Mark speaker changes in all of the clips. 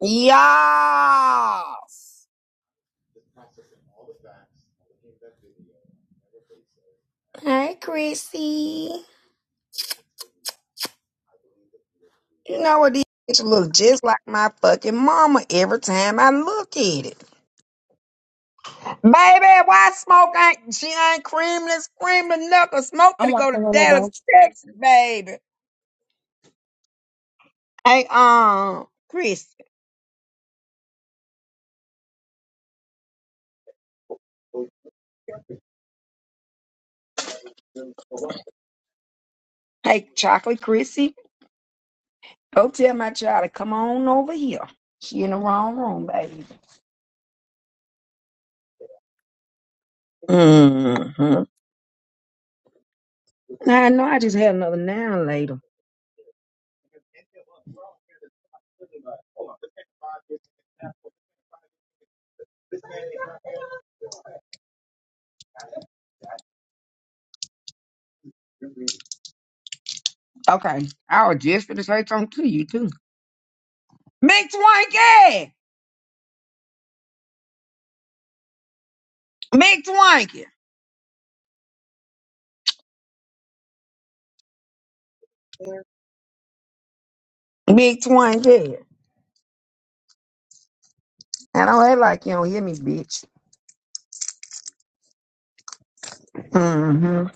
Speaker 1: Yes. Hey, Chrissy. You know what? This bitch look just like my fucking mama every time I look at it. Baby, why smoke ain't she ain't creamless, creamless knuckle smoke
Speaker 2: I'm
Speaker 1: to go to
Speaker 2: walking in the door.
Speaker 1: Dallas, Texas, baby. Hey, um, Chrissy. Hey, chocolate Chrissy. Go tell my child to come on over here. She in the wrong room, baby. Mm-hmm. I know I just had another noun later. Okay. I was just gonna say something to you too. Big Twinkie! Big Twinkie! Big Twinkie. And I ain't like you don't hear me, bitch. Mm-hmm.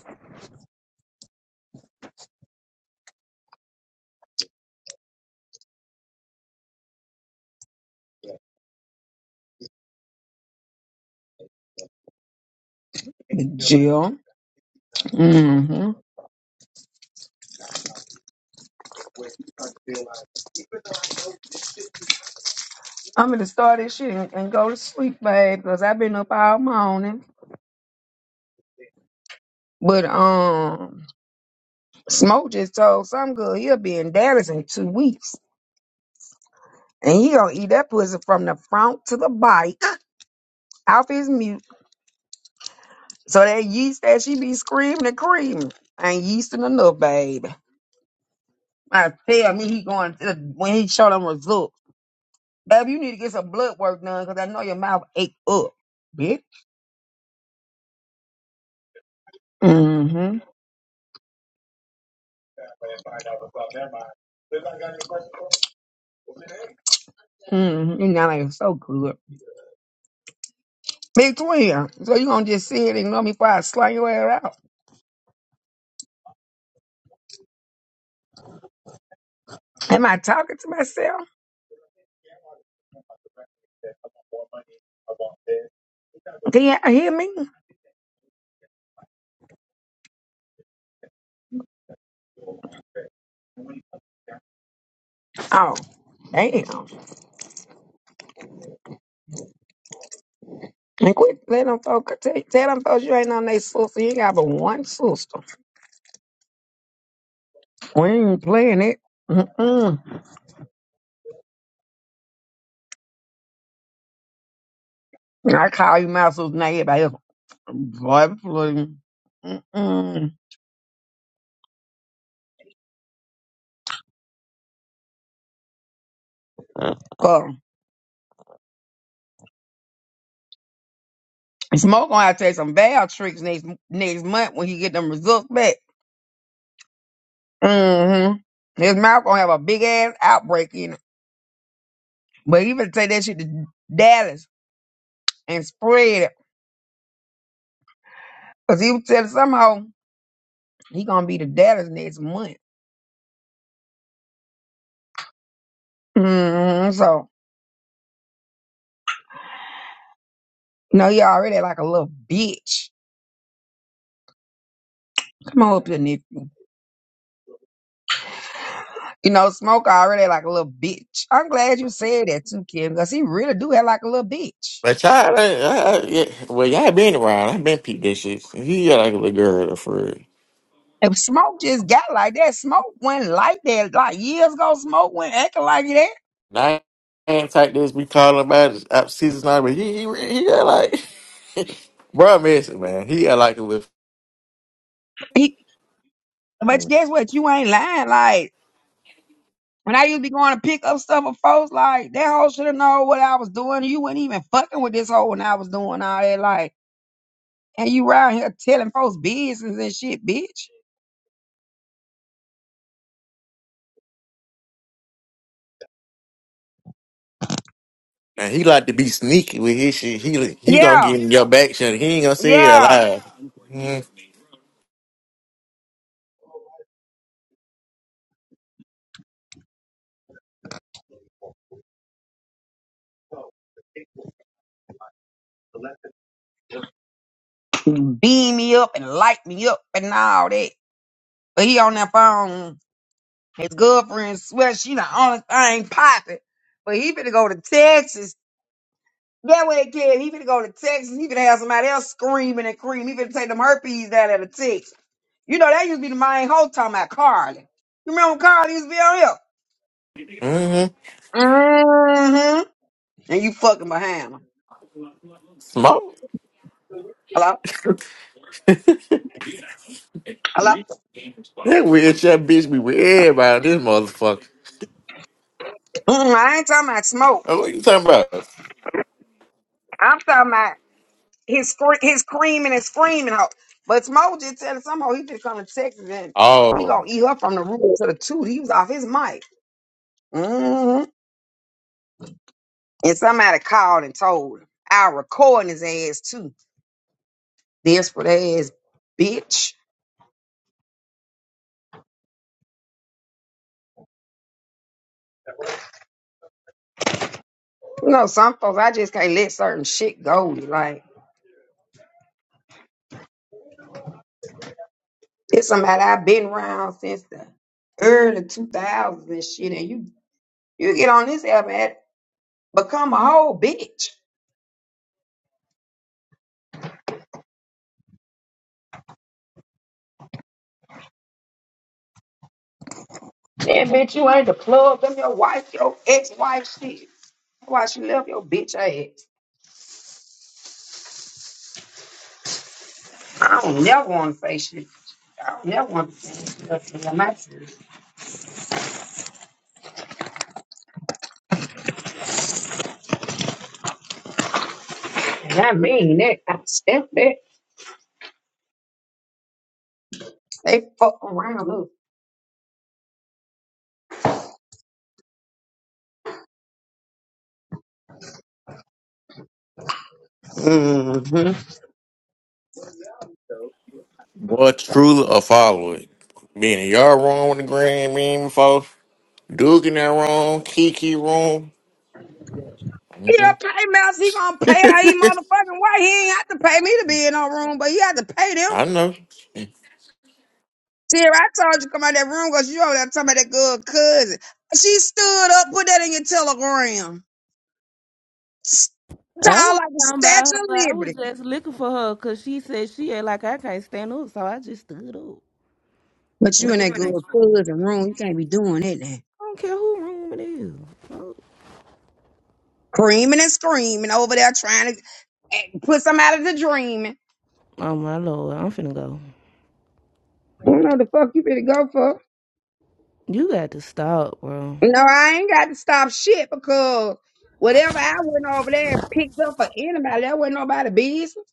Speaker 1: Jill. Mm-hmm. I'm gonna start this shit and, and go to sleep, babe, because I've been up all morning. But um Smoke just told some girl he'll be in Dallas in two weeks. And he gonna eat that pussy from the front to the bike off his mute. So that yeast that she be screaming and creaming ain't yeasting enough, baby. I tell me he going to, when he show them results. Baby, you need to get some blood work done because I know your mouth ache up, bitch. Mm-hmm. Mm-hmm. You know, ain't so good. Big twin. So you gonna just sit and ignore me before I slide your ass out. Am I talking to myself? Can y'all hear me? Oh. Damn. And quit let them folks tell, tell them folks you ain't on They sister. You ain't got but one sister. We ain't playing it. Mm-mm. I call you Master's name, baby. Boy, please. Mm-mm. But Smoke gonna have to take some bad tricks next next month when he get them results back. Mm-hmm. His mouth gonna have a big ass outbreak in it. But he better take that shit to Dallas and spread it. Cause he was telling somehow he gonna be to Dallas next month. Mm-hmm. So, you know, he already like a little bitch. Come on up here, Nick. You know, Smoke already like a little bitch. I'm glad you said that too, Kim, because he really do have like a little bitch.
Speaker 3: But y'all, I, I, I- yeah, well, y'all been around. I've been peeped this shit. He got like a little girl for real.
Speaker 1: If Smoke just got like that, Smoke went like that. Like years ago, Smoke went acting like that.
Speaker 3: Now, I ain't like this. We calling about his up season now, but he, he, he got like, bro, missing man. He got like a little.
Speaker 1: He, but guess what? You ain't lying. Like when I used to be going to pick up stuff for folks, like that hoe should have known what I was doing. You wasn't even fucking with this hoe when I was doing all that. Like, and you round here telling folks business and shit, bitch.
Speaker 3: And he like to be sneaky with his shit. He he gonna
Speaker 1: Yeah,
Speaker 3: get in your back shut. He ain't gonna say it out
Speaker 1: yeah.
Speaker 3: loud. Mm-hmm.
Speaker 1: Beam me up and light me up and all that. But he on that phone. His girlfriend swear she the only thing popping. But he finna go to Texas. That way, kid, he finna go to Texas. He finna have somebody else screaming and cream. He finna take them herpes down at the Texas. You know, that used to be the main hoe talking about Carly. You remember when Carly used to be on here?
Speaker 3: Mm-hmm.
Speaker 1: Mm-hmm. And you fucking behind him.
Speaker 3: Smoke.
Speaker 1: Hello?
Speaker 3: that
Speaker 1: Hello?
Speaker 3: weird shit bitch be with everybody. This motherfucker.
Speaker 1: Mm, I ain't talking about smoke.
Speaker 3: Oh, What you talking about?
Speaker 1: I'm talking about He's scre- he's screaming and screaming. Ho. But Smo just tell somehow he just come to Texas and he gonna
Speaker 3: Oh.
Speaker 1: eat her from the root to the tooth. He was off his mic. hmm And somebody called and told him. I recording his ass too. Desperate ass bitch. You know, some folks I just can't let certain shit go. Like it's somebody I've been around since the early two thousands and shit. And you you get on this app and act- become a whole bitch. Then, bitch, you ain't the plug. Them your wife, your ex-wife shit. That's why she left your bitch ass. I don't never want to say shit. I don't never want to say nothing in my shit. And I mean that. I step that. They fuck around us. Mm-hmm.
Speaker 3: Boy, truly a follower. Being y'all wrong with the grand meme folks. Duke in that wrong, Kiki wrong.
Speaker 1: He
Speaker 3: hmm
Speaker 1: a pay mouse. He gonna pay how he motherfucking way. He ain't have to pay me to be in no room, but he had to pay them.
Speaker 3: I know.
Speaker 1: Tira, I told you come out that room because you over there talking about that good cousin. She stood up, put that in your telegram.
Speaker 4: I
Speaker 1: Tall
Speaker 4: wasn't
Speaker 1: like a
Speaker 4: talking about her.
Speaker 1: statue of
Speaker 4: Like, I was
Speaker 1: liberty.
Speaker 4: just looking for her because she said she act like I can't stand up, so I just stood up.
Speaker 1: But
Speaker 4: And
Speaker 1: you
Speaker 4: But
Speaker 1: in
Speaker 4: so
Speaker 1: that
Speaker 4: you in
Speaker 1: good
Speaker 4: a room.
Speaker 1: cousin room, you can't be doing that. Now.
Speaker 4: I don't care who room it is.
Speaker 1: Creaming and screaming over there trying to eh, put somebody to dreaming.
Speaker 4: Oh my lord, I'm finna go.
Speaker 1: I don't know the fuck you better go for.
Speaker 4: You got to stop, bro.
Speaker 1: No, I ain't got to stop shit because whatever I went over there and picked up for anybody, that wasn't nobody business.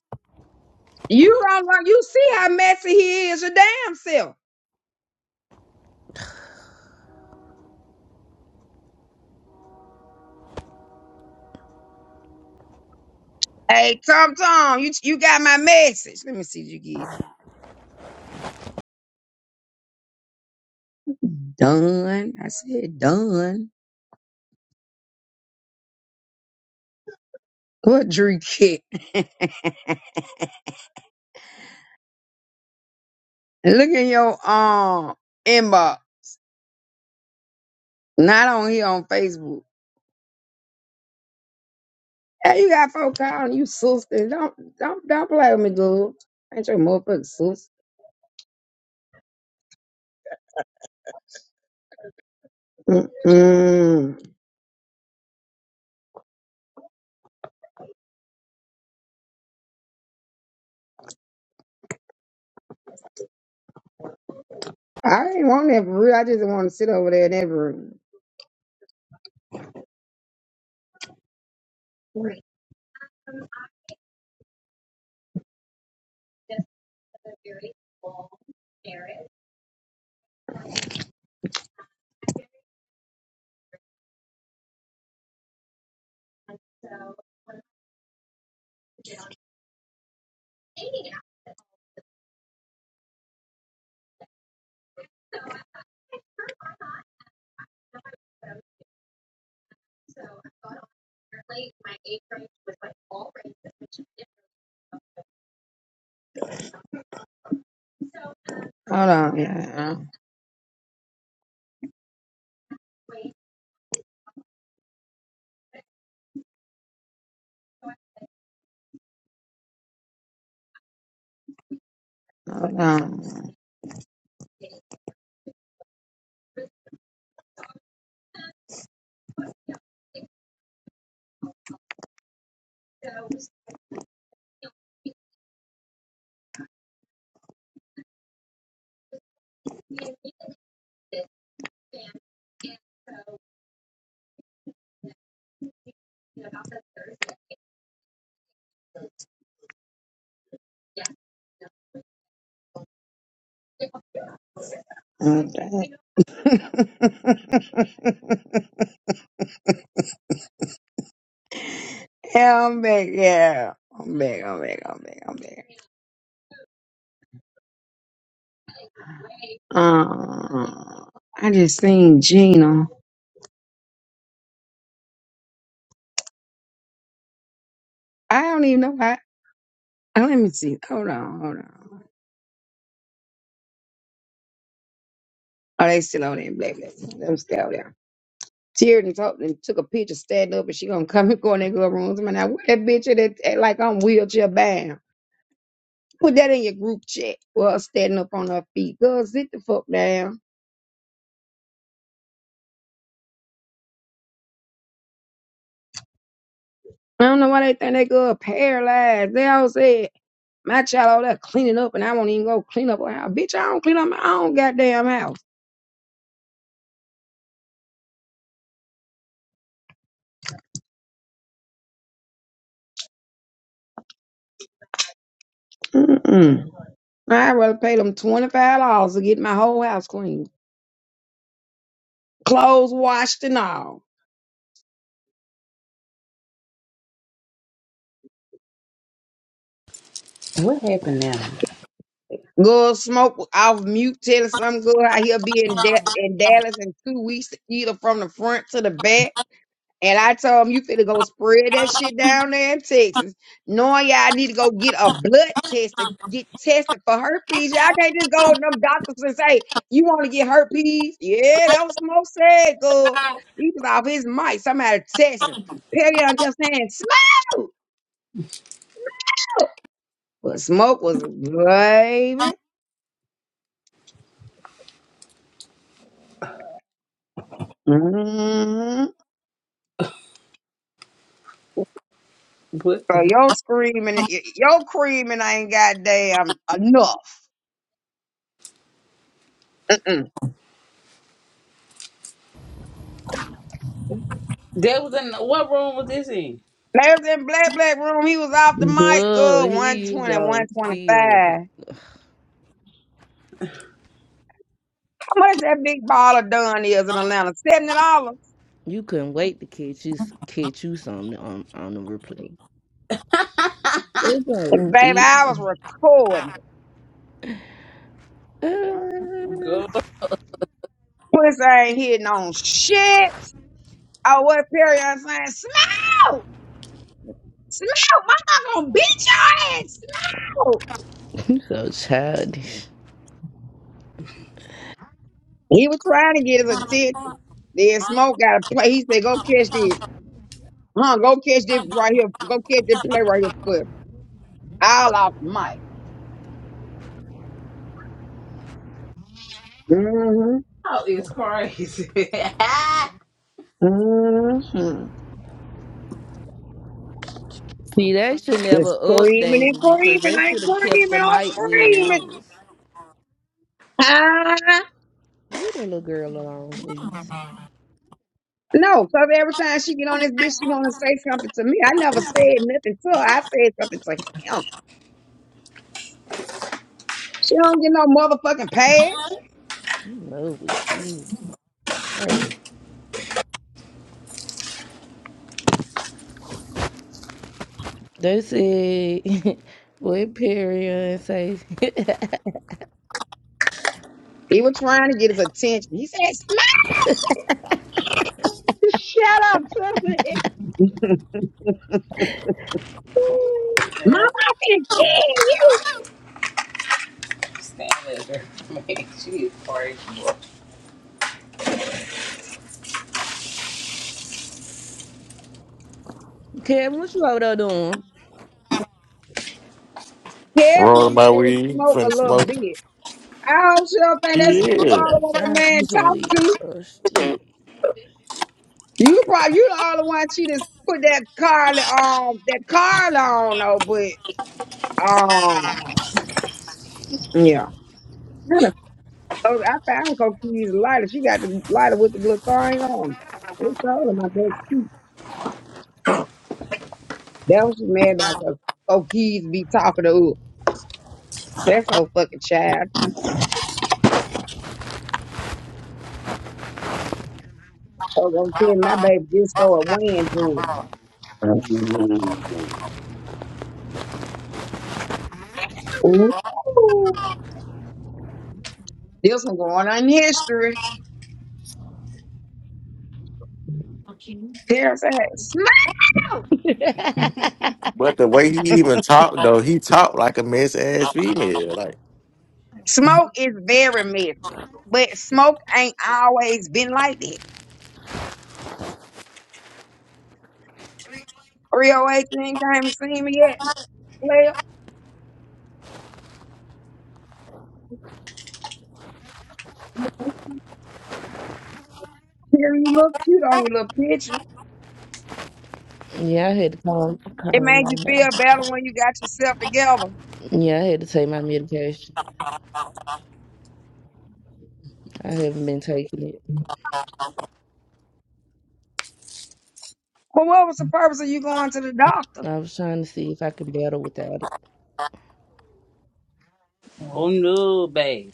Speaker 1: You don't know, you see how messy he is, your damn self. Hey, Tom Tom, you you got my message. Let me see if you get it. Done. I said done. What Drew get? Look in your um inbox, not on here on Facebook. Hey, you got folk calling you sister. Don't don't don't play with me, dude. Ain't your motherfucking sister. Mm-mm. I ain't want that for real. I just want to sit over there in that room. Hold on, yeah. Hold on. Hold yeah, I'm back. Yeah, I'm back. I'm back. I'm back. I'm back. Uh, I just seen Gina. I don't even know. Oh, let me see. Hold on, hold on. Oh, they still on there. Blah, blah, blah. Them still out there. Teared talked and took a picture standing up and she gonna come and go in that girl room. I'm like, where that bitch that at, like I'm wheelchair bound? Put that in your group chat. Well, standing up on her feet. Girl, sit the fuck down. I don't know why they think that girl paralyzed. They all said, my child all there cleaning up and I won't even go clean up her house. Bitch, I don't clean up my own goddamn house. Mm-mm. I'd rather pay them $25 to get my whole house clean. Clothes washed and all.
Speaker 5: What happened now?
Speaker 1: Go smoke off mute, tell some girl how he'll be in da- in Dallas in two weeks, either from the front to the back. And I told him you finna go spread that shit down there in Texas. Knowing y'all need to go get a blood test to get tested for herpes. Y'all can't just go to them doctors and say, you want to get herpes? Yeah, that was Smoke said, girl. He was off his mic. Somebody testing. Perry I kept saying, Smoke! But Smoke was, baby. hmm
Speaker 5: What the
Speaker 1: So
Speaker 5: heck?
Speaker 1: your screaming, y- your creaming ain't goddamn enough. Mm-mm.
Speaker 5: That was in what room was this in?
Speaker 1: They in Black Black Room. He was off the mic, uh,
Speaker 4: Good, here
Speaker 1: one
Speaker 4: you
Speaker 1: twenty,
Speaker 4: go.
Speaker 1: one
Speaker 4: See a replay.
Speaker 1: twenty-five. How much that big baller done is in Atlanta? $70.
Speaker 4: You couldn't wait to catch you catch you something on on the replay. It's go
Speaker 1: And baby,
Speaker 4: deep.
Speaker 1: I was recording. it.
Speaker 5: Girl,
Speaker 1: Pussy ain't hitting on shit. Oh, what Perry I'm saying? Smoke! Smoke! My not gonna beat your ass! Smoke!
Speaker 4: Uh, you so childish.
Speaker 1: He was trying to get his attention. Then Smoke got to play. He said, go catch this. Huh? Go catch this right here. Go catch this play right here, Cliff. All off mic. Mm-hmm.
Speaker 5: it's crazy. Man, I
Speaker 1: Mm-hmm.
Speaker 4: See, they should
Speaker 1: Just
Speaker 4: never
Speaker 1: screaming
Speaker 4: updated
Speaker 1: and
Speaker 4: it because
Speaker 1: screaming.
Speaker 4: they
Speaker 1: I ain't
Speaker 4: should have kept
Speaker 1: screaming.
Speaker 4: the
Speaker 1: I'm
Speaker 4: mic where it
Speaker 1: screaming.
Speaker 4: was.
Speaker 1: Ah.
Speaker 4: Leave that little girl alone, please.
Speaker 1: No, because every time she get on this bitch, she want to say something to me. I never said nothing to her. I said something to him. She don't get no motherfucking pass.
Speaker 4: You know, but she crazy. They said, what Perry and say,
Speaker 1: He was trying to get his attention. He said, smoke.
Speaker 6: Shut up, Twitter.
Speaker 1: Mama, I finna
Speaker 5: can't
Speaker 1: kill
Speaker 5: stand that girl. Man, she is crazy. boy.
Speaker 4: Kevin, what you over there doing?
Speaker 1: you. Kevin
Speaker 3: Rolling
Speaker 1: even
Speaker 3: my
Speaker 1: said,
Speaker 3: weed,
Speaker 1: smoke a
Speaker 3: putting
Speaker 1: little
Speaker 3: smoke.
Speaker 1: bit. I hope she don't think that's
Speaker 4: Man, I
Speaker 1: she don't
Speaker 3: Yeah.
Speaker 1: know
Speaker 4: gotta
Speaker 1: what that
Speaker 4: find
Speaker 1: man
Speaker 4: me some
Speaker 1: talking
Speaker 4: weed.
Speaker 1: to.
Speaker 4: Oh, shit.
Speaker 1: You probably you the only one she just put that Carla on that Carla on though, but um yeah. Kinda- Oh, I found Coquise lighter. She got the lighter with the little thing on. It's showed in my back seat. That was she mad about because Coquise be talking to her. That's so fucking child. So gonna tell my baby just started weighing Jordan. Ooh. This one going on in history. There's that.
Speaker 4: yeah,
Speaker 3: But the way he even talked though, he talked like a mess ass female. Like
Speaker 1: Smoke is very messy, but smoke ain't always been like that. 308 you ain't came and seen me yet. Well, you look cute on your little picture.
Speaker 4: I had to calm,
Speaker 1: It
Speaker 4: calm
Speaker 1: made
Speaker 4: my
Speaker 1: you feel
Speaker 4: health.
Speaker 1: better when you got yourself together.
Speaker 4: Yeah, I had to take my medication. I haven't been taking it.
Speaker 1: But what was the purpose of you going to the doctor?
Speaker 4: I was trying to see if I could battle without it.
Speaker 5: Oh no, babe.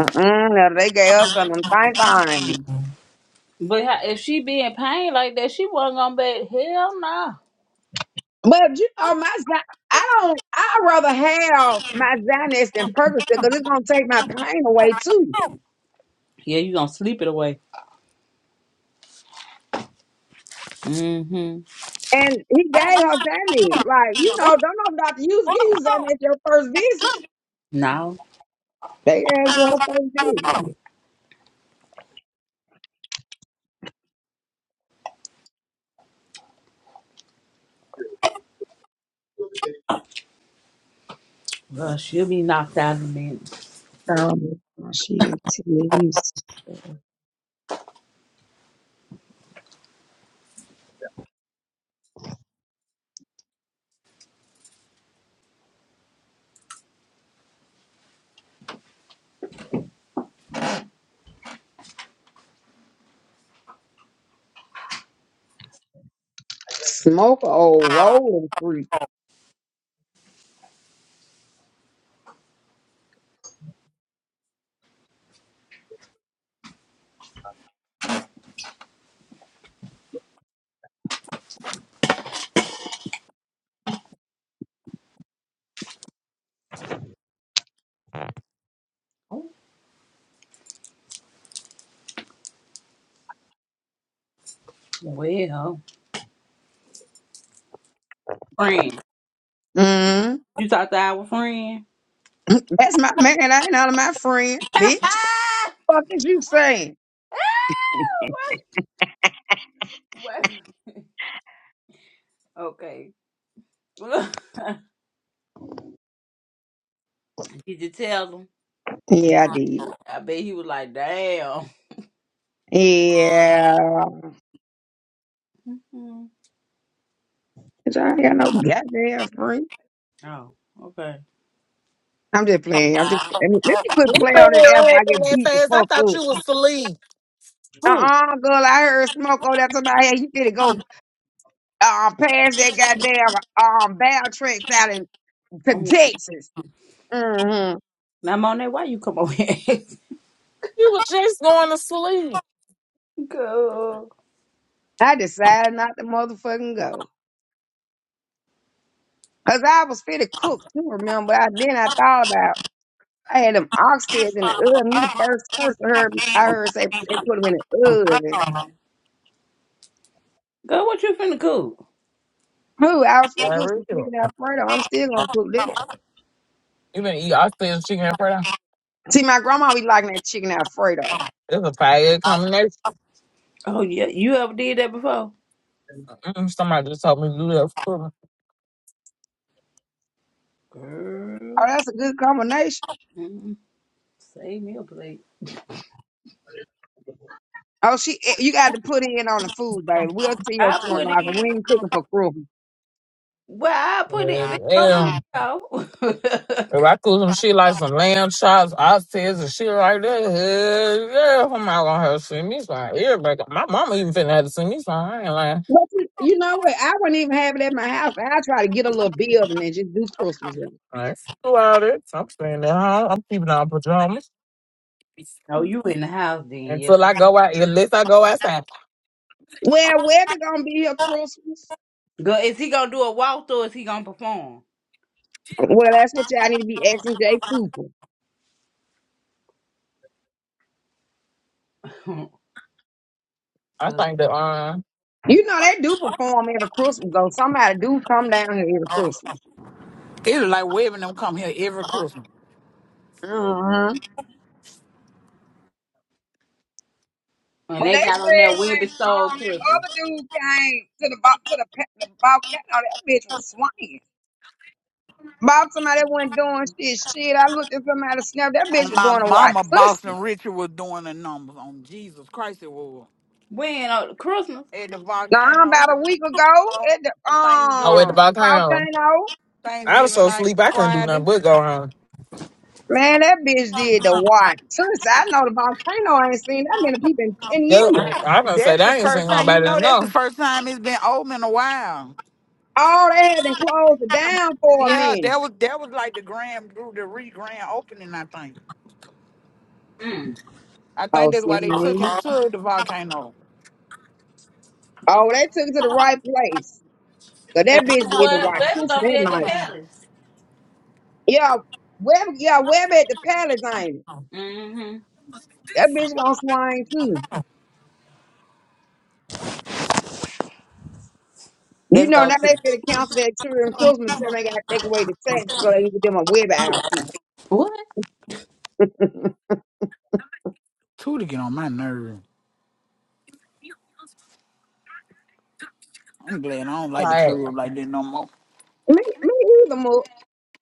Speaker 1: Mm-mm, now they gave us some of them same things.
Speaker 5: But how, if she be in pain like that, she wasn't gonna be. Hell no.
Speaker 1: But you know, my Xan- I don't. I'd rather have my Xanax than Percocet because it's gonna take my pain away too.
Speaker 5: Yeah, you gonna sleep it away. Mm-hmm.
Speaker 1: And he gave her Xanax. Like, you know, don't know Dr. Hughes give you Xanax your first visit.
Speaker 5: No.
Speaker 1: They gave it to her first visit.
Speaker 5: Well, she'll be knocked out in a minute.
Speaker 1: Um, she is you smoke a old rolling freak.
Speaker 5: Oh, Well, friend.
Speaker 1: Mm.
Speaker 5: You talked to our friend?
Speaker 1: That's my man. I ain't out of my friend, bitch. Fuck is you saying?
Speaker 5: What? What? Okay. Did you tell him?
Speaker 1: Yeah, I did.
Speaker 5: I bet he was like, damn.
Speaker 1: Yeah.
Speaker 5: Hmm.
Speaker 1: 'cause I ain't got no goddamn friend.
Speaker 5: Oh, okay.
Speaker 1: I'm just playing. I'm just let me, let me quit
Speaker 7: You
Speaker 1: playing
Speaker 7: said
Speaker 1: on this app.
Speaker 7: what
Speaker 1: I
Speaker 7: happened
Speaker 1: get
Speaker 7: that
Speaker 1: beat the
Speaker 7: fast. I
Speaker 1: fuck
Speaker 7: thought
Speaker 1: up.
Speaker 7: you was asleep.
Speaker 1: Uh
Speaker 5: Who?
Speaker 1: uh girl, I heard smoke on that somebody. Hey, you better go um pass that goddamn um bad tricks out in to
Speaker 5: i
Speaker 1: Texas. hmm
Speaker 5: now, Monet, why you come over here?
Speaker 7: You were just going to sleep.
Speaker 5: Girl.
Speaker 1: I decided not to motherfucking go. Cause I was fit to cook too, remember. I then I thought about I had them oxtails in the oven. You the first person heard I heard say they put them in the oven.
Speaker 5: Girl, what you finna cook?
Speaker 1: Who I was
Speaker 7: Yeah,
Speaker 1: fit to
Speaker 7: I
Speaker 1: cook
Speaker 7: really.
Speaker 1: some
Speaker 7: do.
Speaker 1: chicken alfredo. I'm still gonna cook that.
Speaker 7: You been eat said chicken and fried.
Speaker 1: See, my grandma be liking that chicken alfredo.
Speaker 7: It's a fire combination.
Speaker 5: Oh, yeah. You ever did that before?
Speaker 7: Mm, Somebody just told me to do that for
Speaker 1: Oh,
Speaker 5: Girl.
Speaker 1: that's a good combination.
Speaker 5: Mm-mm. Save me a plate.
Speaker 1: Oh, she, eh, you got to put in on the food, baby. We'll see your
Speaker 5: I
Speaker 1: twin
Speaker 5: put
Speaker 1: like we
Speaker 5: it.
Speaker 1: ain't cooking for crew.
Speaker 5: Well, I put it. Bitch,
Speaker 7: me.
Speaker 5: don't do
Speaker 7: Yeah.
Speaker 5: it, y'all.
Speaker 7: If I cook some shit like some lamb chops, oxtails, and shit like that, hell yeah, I'm not gonna have to see me slime. Everybody, got- my mama even finna have to see me slime. I ain't lying.
Speaker 1: But you, you know what? I wouldn't even have it at my house. I try to get a little building and just do Christmas. in it.
Speaker 7: I ain't do all that. I'm staying at home. I'm keeping on pajamas
Speaker 5: no, you in the house then, yeah.
Speaker 7: until I go out, unless I go outside.
Speaker 1: Well, Webby gonna be here Christmas.
Speaker 5: Girl, is he gonna do a walkthrough or is he gonna perform?
Speaker 1: Well, that's what y'all need to be asking Jay Cooper.
Speaker 7: I
Speaker 5: Cause.
Speaker 7: think that um,
Speaker 1: You know they do perform every Christmas though. Somebody do come down here every Christmas.
Speaker 8: It's like Webbing them come here every Christmas.
Speaker 1: Uh-huh.
Speaker 5: And
Speaker 1: But
Speaker 5: they
Speaker 1: they
Speaker 5: got on
Speaker 1: said
Speaker 5: that
Speaker 1: when
Speaker 5: Webby Soul
Speaker 1: um the other
Speaker 5: Christmas.
Speaker 1: dude came to the bo- to the pa- the volcano, that bitch was swinging. About somebody that wasn't doing shit. Shit, I looked at somebody snap. That bitch
Speaker 8: And
Speaker 1: was
Speaker 8: my
Speaker 1: doing a white
Speaker 8: mama,
Speaker 1: pussy.
Speaker 8: Boston Richard, was doing the numbers on Jesus Christ it was.
Speaker 5: When on Christmas?
Speaker 8: At the
Speaker 1: Nah,
Speaker 8: volcano
Speaker 1: about a week ago
Speaker 8: on
Speaker 1: at the
Speaker 7: I went
Speaker 1: um
Speaker 8: Thanksgiving,
Speaker 7: about town.
Speaker 1: volcano.
Speaker 7: I was
Speaker 8: Thanksgiving
Speaker 7: so
Speaker 8: night,
Speaker 7: sleep I couldn't do
Speaker 8: Friday.
Speaker 7: nothing but go home.
Speaker 1: Man, that bitch did the watch. Since I know the volcano ain't seen that many people in ten years.
Speaker 7: That- uh, I done say
Speaker 8: That's
Speaker 7: that
Speaker 8: the
Speaker 7: I ain't seen
Speaker 8: first time. You
Speaker 7: nobody
Speaker 8: know, that's
Speaker 7: enough.
Speaker 8: the first time it's been open in a while.
Speaker 1: All they had and closed it down for a
Speaker 8: Yeah,
Speaker 1: minute.
Speaker 8: that was that was like the grand, the re-grand opening. I think.
Speaker 5: Mm.
Speaker 8: I
Speaker 1: Oh,
Speaker 8: think that's
Speaker 1: see,
Speaker 8: why
Speaker 1: what
Speaker 8: they
Speaker 1: I
Speaker 8: took
Speaker 1: mean,
Speaker 8: him to the volcano.
Speaker 1: oh, they took it to the right place. So that bitch did the
Speaker 5: What they
Speaker 1: watch
Speaker 5: was
Speaker 1: since
Speaker 5: gonna be
Speaker 1: that
Speaker 5: at the
Speaker 1: night.
Speaker 5: palace.
Speaker 1: Yeah, Web, yeah, Web at the palace ain't it?
Speaker 5: mm hmm
Speaker 1: That bitch gonna swing too. You
Speaker 5: Let's
Speaker 1: know,
Speaker 5: go
Speaker 1: now they
Speaker 5: to.
Speaker 1: finna cancel that children Christmas until they got to take away the tax so they can get them a Web outfit. Me,
Speaker 5: What?
Speaker 8: Two to get on my nerves. I'm glad I don't like the
Speaker 7: Like,
Speaker 8: club like that no more.
Speaker 1: me either, Mo.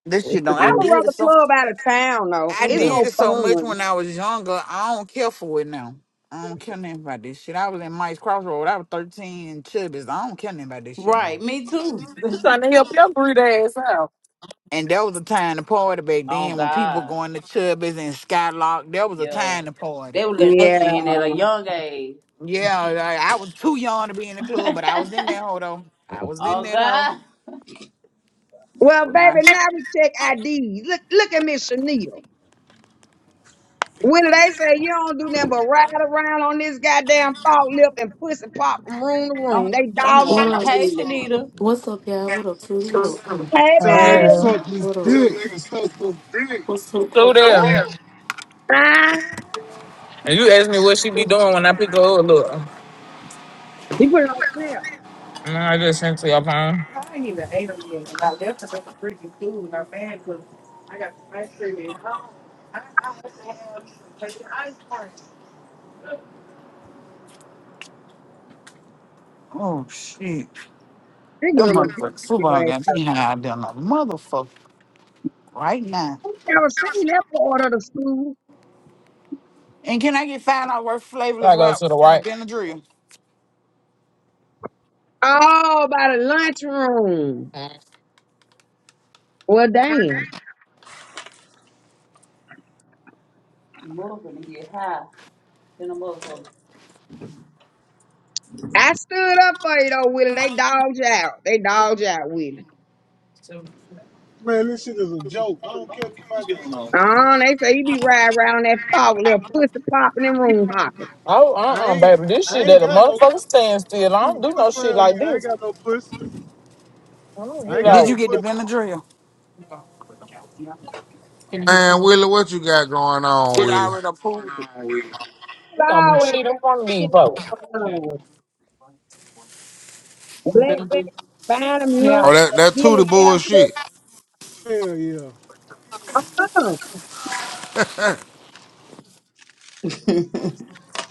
Speaker 8: This
Speaker 7: what's
Speaker 8: shit
Speaker 7: the
Speaker 8: don't.
Speaker 1: I
Speaker 8: I
Speaker 1: would
Speaker 7: news?
Speaker 8: did it.
Speaker 1: rather
Speaker 8: so
Speaker 1: club out of town though.
Speaker 8: I
Speaker 1: It's
Speaker 7: I'm
Speaker 1: more
Speaker 8: did it so much
Speaker 1: fun.
Speaker 8: when I was younger. I don't care for it now. I don't care nothing about this shit. I was in Mike's Crossroad. I was 13 and Chubbies. I don't care nothing about this shit now.
Speaker 5: Right, me too.
Speaker 7: trying to help your breed ass out.
Speaker 8: And there was a time to party back
Speaker 5: Oh
Speaker 8: then when people were
Speaker 5: God.
Speaker 8: going to Chubbies and Skylock. There was a
Speaker 5: Yeah.
Speaker 8: time to party.
Speaker 5: They were letting us
Speaker 1: Yeah.
Speaker 5: in at a young age.
Speaker 8: Yeah, I, I was too young to be in the club, but I was in that hoe though. I was in
Speaker 5: Oh
Speaker 8: that hoe
Speaker 5: God.
Speaker 1: Well,
Speaker 8: with my
Speaker 1: baby, now we check IDs. Look, look at Miss Chanel. When they say you don't do nothing but ride around on this goddamn fault lip and pussy pop from room to
Speaker 5: I'm,
Speaker 1: room, they
Speaker 5: I'm
Speaker 1: dogs
Speaker 9: What
Speaker 5: going. To,
Speaker 1: out
Speaker 9: up?
Speaker 5: hey,
Speaker 1: with it.
Speaker 5: Shanita.
Speaker 9: What's up, y'all? What up, Trudy? What up?
Speaker 1: Hey,
Speaker 10: Tell them they can
Speaker 7: Uh,
Speaker 1: baby.
Speaker 10: suck this
Speaker 9: What up?
Speaker 10: dick.
Speaker 9: What's up?
Speaker 7: so them.
Speaker 5: What?
Speaker 1: Ah.
Speaker 7: And you asked me what she be doing when I pick her up. Look,
Speaker 1: He put it on there.
Speaker 7: mm, I just sent to your phone.
Speaker 8: oh shit.
Speaker 1: They
Speaker 8: Them
Speaker 1: good look
Speaker 8: motherfuckers
Speaker 1: good.
Speaker 8: football
Speaker 1: Right?
Speaker 8: got me high than a motherfucker right now.
Speaker 1: I never seen that part of the school.
Speaker 8: And can I get five dollars worth of flavorless
Speaker 7: I go to the
Speaker 8: wraps and a
Speaker 7: right.
Speaker 8: Benadryl?
Speaker 1: Oh, by the lunchroom. Well, damn.
Speaker 5: Mother gonna get high. Then a motherfucker.
Speaker 1: I stood up for you though, Willie. They dogged you out. They dogged you out, Willie.
Speaker 10: Man, this shit is a joke. I don't care about this
Speaker 1: Oh, they say you be riding around that fog, little pussy popping and room hopping.
Speaker 7: Oh,
Speaker 10: I
Speaker 7: uh uh
Speaker 10: ain't
Speaker 7: baby. This
Speaker 10: I
Speaker 7: shit
Speaker 10: ain't
Speaker 7: at a
Speaker 10: got no
Speaker 7: motherfucker standstill. I don't
Speaker 10: dude
Speaker 7: do no
Speaker 10: quit playing
Speaker 7: shit
Speaker 10: on me.
Speaker 7: like
Speaker 10: I ain't
Speaker 7: this.
Speaker 10: got no pussy.
Speaker 7: I don't
Speaker 10: I
Speaker 7: get
Speaker 10: ain't got
Speaker 8: Did
Speaker 10: no
Speaker 7: out.
Speaker 8: you get the
Speaker 10: pussy.
Speaker 8: Benadryl?
Speaker 11: Man, Willie, what you got going on,
Speaker 8: It
Speaker 11: Willie?
Speaker 8: already approved it.
Speaker 1: You
Speaker 7: We don't do
Speaker 1: always
Speaker 7: shit
Speaker 1: got
Speaker 7: in front of
Speaker 1: shit
Speaker 7: these folks.
Speaker 1: going on. Black, black, buying him
Speaker 11: Oh,
Speaker 8: Yeah.
Speaker 1: lunch,
Speaker 11: that
Speaker 1: or
Speaker 11: that
Speaker 1: getting
Speaker 11: tootie
Speaker 1: after.
Speaker 11: bullshit.
Speaker 10: Hell yeah.
Speaker 1: Uh-uh.
Speaker 11: what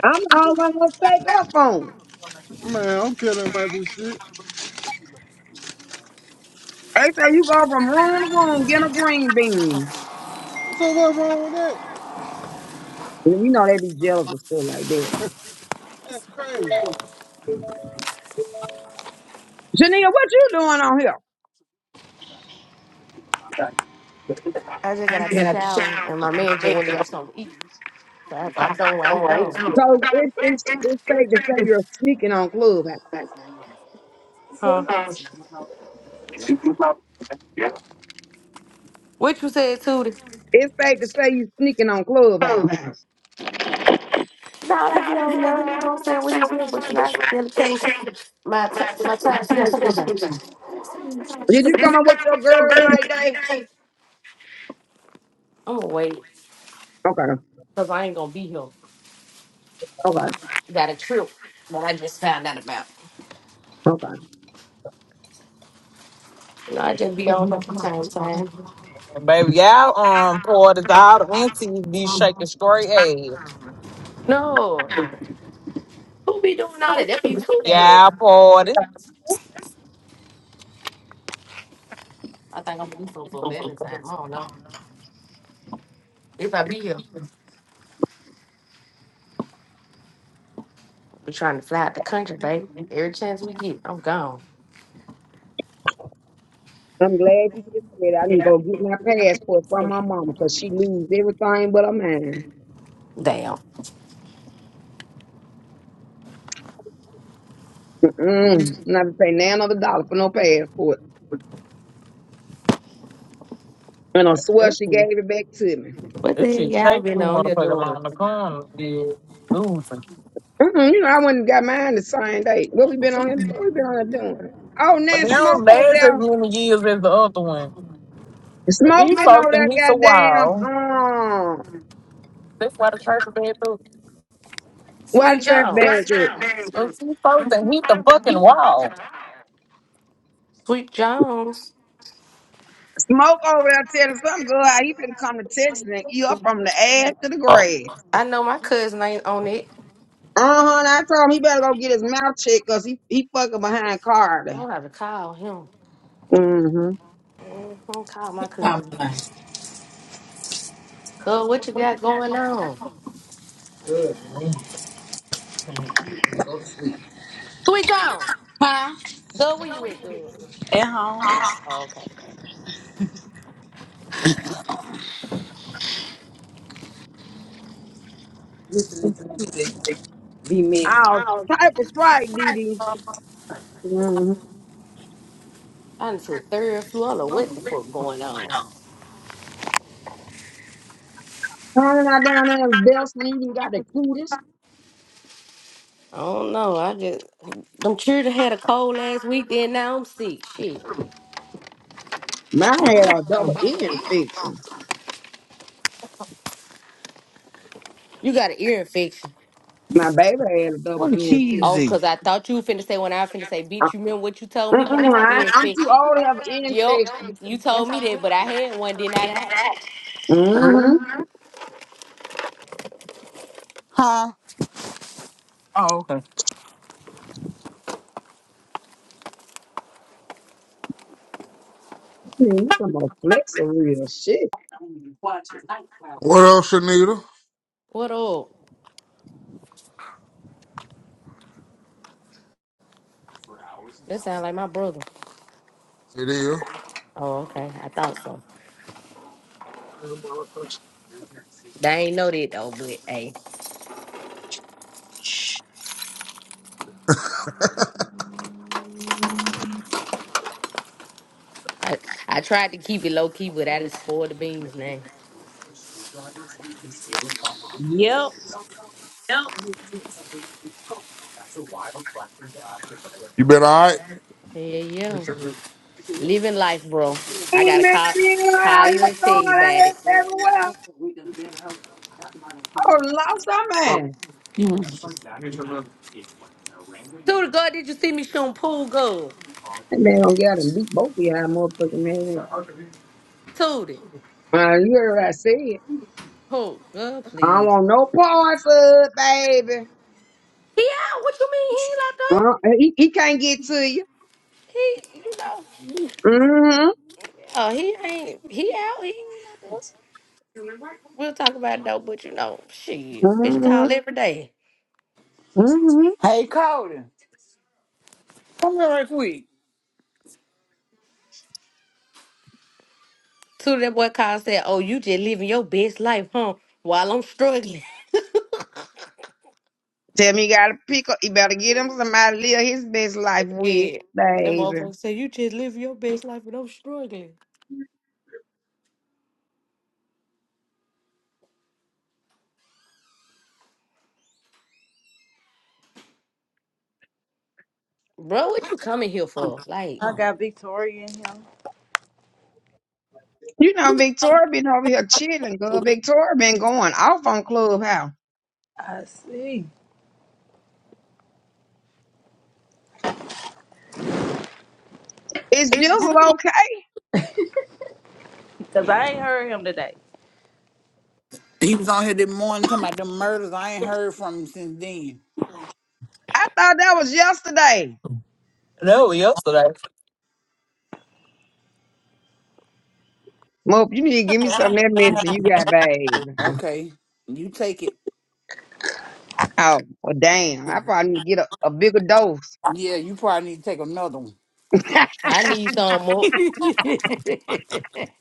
Speaker 1: I'm the only one gonna take up on 'em.
Speaker 10: Man, I don't care nothing about this shit.
Speaker 1: They say you go from room to room getting a green bean.
Speaker 10: So what's wrong with that?
Speaker 1: And you know they be jealous of stuff like that.
Speaker 10: That's crazy.
Speaker 1: Janine, what you doing on here?
Speaker 9: I just got out the shower and my man just went and got something to eat. So I popped on while he gone.
Speaker 1: Because it's it's it's safe to say you're sneaking on Clubhouse.
Speaker 9: Huh? What you said, Trudy?
Speaker 1: It's safe to say you sneaking on Clubhouse.
Speaker 9: No, like you don't know, you know what I'm saying? What he's here, but you know, I still can't. My, t- my time's gonna take a job.
Speaker 1: Did you come up with your girls night day?
Speaker 9: I'm gonna wait
Speaker 1: Okay,
Speaker 9: because I ain't gonna be here.
Speaker 1: okay,
Speaker 9: Got a trip that I just found out about.
Speaker 1: okay.
Speaker 9: You know, I just be on here from time to time.
Speaker 7: Baby, y'all um parties all the aunties be shaking straight head.
Speaker 9: No, who be doing all that? That be too bad.
Speaker 7: Y'all parties.
Speaker 9: I think I'm gonna do something for Valentine's. I don't know if I be here. We trying to fly out the country, baby. Every chance we get, I'm gone.
Speaker 1: I'm glad you just said I need to go get my passport from my mama because she lose everything but her mind.
Speaker 9: Damn.
Speaker 1: Mm-mm. Not to pay none of the dollar for no passport. And I swear
Speaker 7: That
Speaker 1: she
Speaker 7: shit,
Speaker 1: gave it back to me.
Speaker 9: What the
Speaker 7: that
Speaker 9: hell
Speaker 7: shit
Speaker 9: y'all
Speaker 7: take two
Speaker 9: been on here
Speaker 7: motherfuckers
Speaker 9: doing?
Speaker 7: along the corner. Yeah, losing.
Speaker 1: Mm-mm, you know, I went and got mine the same day. What we been on here? What we been on here doing? Oh, now
Speaker 7: But they
Speaker 1: Smoke
Speaker 7: don't
Speaker 1: over
Speaker 7: last as
Speaker 1: there.
Speaker 7: many years as the other one.
Speaker 1: Smoke
Speaker 7: These
Speaker 1: been
Speaker 7: folks
Speaker 1: over there,
Speaker 7: think he's a
Speaker 1: goddamn.
Speaker 7: wall.
Speaker 1: Um,
Speaker 7: That's why the church is bad through.
Speaker 1: why the
Speaker 9: Sweet
Speaker 1: trash bag
Speaker 9: Jones.
Speaker 1: up?
Speaker 7: These folks think he's the fucking wall.
Speaker 9: Sweet Jones.
Speaker 1: Smoke over there telling something good. How he finna come to Texas and eat up from the ass to the
Speaker 7: Oh.
Speaker 1: grave.
Speaker 9: I know my cousin ain't on it.
Speaker 1: Uh huh. I told him he better go get his mouth checked because he, he fucking behind
Speaker 9: I
Speaker 1: Cardi.
Speaker 9: don't have to call him.
Speaker 1: Mm-hmm.
Speaker 9: mm not Call my
Speaker 5: I'm
Speaker 9: cousin.
Speaker 5: like,
Speaker 9: Cuz, what you got going on?
Speaker 5: good. man.
Speaker 9: Sweet Jones.
Speaker 5: Huh?
Speaker 9: Go where you at, girl?
Speaker 5: At home.
Speaker 9: Oh, okay.
Speaker 5: Listening to Tupac be mixed.
Speaker 1: All
Speaker 9: I don't.
Speaker 1: type of sprite, DD. Mm-hmm.
Speaker 9: I done took third floor. I don't know what the fuck going on.
Speaker 1: Turning out down there in Belson, he even got the cutest.
Speaker 9: I don't know. I just them children had a cold last week. Then now I'm sick. Shit.
Speaker 1: My hair a double ear infection.
Speaker 9: You got an ear infection.
Speaker 1: My baby had a double
Speaker 8: What a
Speaker 1: ear infection.
Speaker 9: Oh,
Speaker 8: cheesy.
Speaker 9: cause I thought you finna say when I finna say,
Speaker 1: Uh,
Speaker 9: bitch, you remember what you told me about
Speaker 1: Mm-mm,
Speaker 9: my
Speaker 1: I,
Speaker 9: ear
Speaker 1: ain't- I'm too
Speaker 9: infection?
Speaker 1: old to have an ear
Speaker 9: Yep,
Speaker 1: infection.
Speaker 9: you told me that, but I had one, didn't I? not?
Speaker 1: Mm-hmm.
Speaker 8: Huh? Oh, okay.
Speaker 1: Man, you talking about flex of real shit.
Speaker 11: up, Shanita?
Speaker 9: What up? That sound like my brother.
Speaker 11: It is.
Speaker 9: Oh, okay. I thought so. They ain't know that though, but hey, I, I tried to keep it low key, but I done spoiled the beans now.
Speaker 5: Yep.
Speaker 11: You been all right?
Speaker 9: Yeah, yeah. Living life, bro. I
Speaker 1: Amen.
Speaker 9: gotta call call
Speaker 1: I
Speaker 9: you
Speaker 1: have
Speaker 9: and
Speaker 1: gone.
Speaker 9: tell you
Speaker 1: I
Speaker 9: about
Speaker 1: ass
Speaker 9: it.
Speaker 1: everywhere. Oh, lost our man.
Speaker 9: Tootie, God, did you see me shooting pool goal?
Speaker 1: That man don't get him. Beat both of y'all motherfucking hands.
Speaker 9: Tootie,
Speaker 1: Uh, you heard what I said.
Speaker 9: pool God,
Speaker 1: I don't
Speaker 9: please.
Speaker 1: want no parts of it, baby.
Speaker 9: Yeah, what you mean he ain't locked up?
Speaker 1: Uh, he, he can't get to you.
Speaker 9: He, you know,
Speaker 1: Mm-hmm.
Speaker 9: yeah, he ain't he out. He ain't locked up. We'll talk about it though, but you know, shit, bitch
Speaker 1: Mm-hmm.
Speaker 9: call every day.
Speaker 1: Mm-hmm.
Speaker 8: Hey, Cody. Come here. right quick.
Speaker 9: So that boy called said, "Oh, you just living your best life, huh? While I'm struggling."
Speaker 1: Tell me you gotta pick up. You better get him somebody to live his best life with,
Speaker 9: Yeah, that
Speaker 1: baby.
Speaker 9: motherfucker said, "You just living your best life, and I'm struggling." Bro, what you coming here for? Like,
Speaker 5: I got Victoria in him.
Speaker 1: You know, Victoria been over here chilling, girl. Victoria been going off on Clubhouse.
Speaker 5: I see.
Speaker 1: It's just okay.
Speaker 5: Because I ain't heard him today.
Speaker 8: He was on here this morning talking about them murders. I ain't heard from him since then.
Speaker 1: I thought that was yesterday.
Speaker 7: No, yesterday.
Speaker 1: Mo, you need to give me some of that medicine you got, babe.
Speaker 8: Okay. You take it.
Speaker 1: Oh, well, damn. I probably need to get a, a bigger dose.
Speaker 8: Yeah, you probably need to take another
Speaker 1: uh, shit,
Speaker 9: I need some
Speaker 8: one.
Speaker 9: more.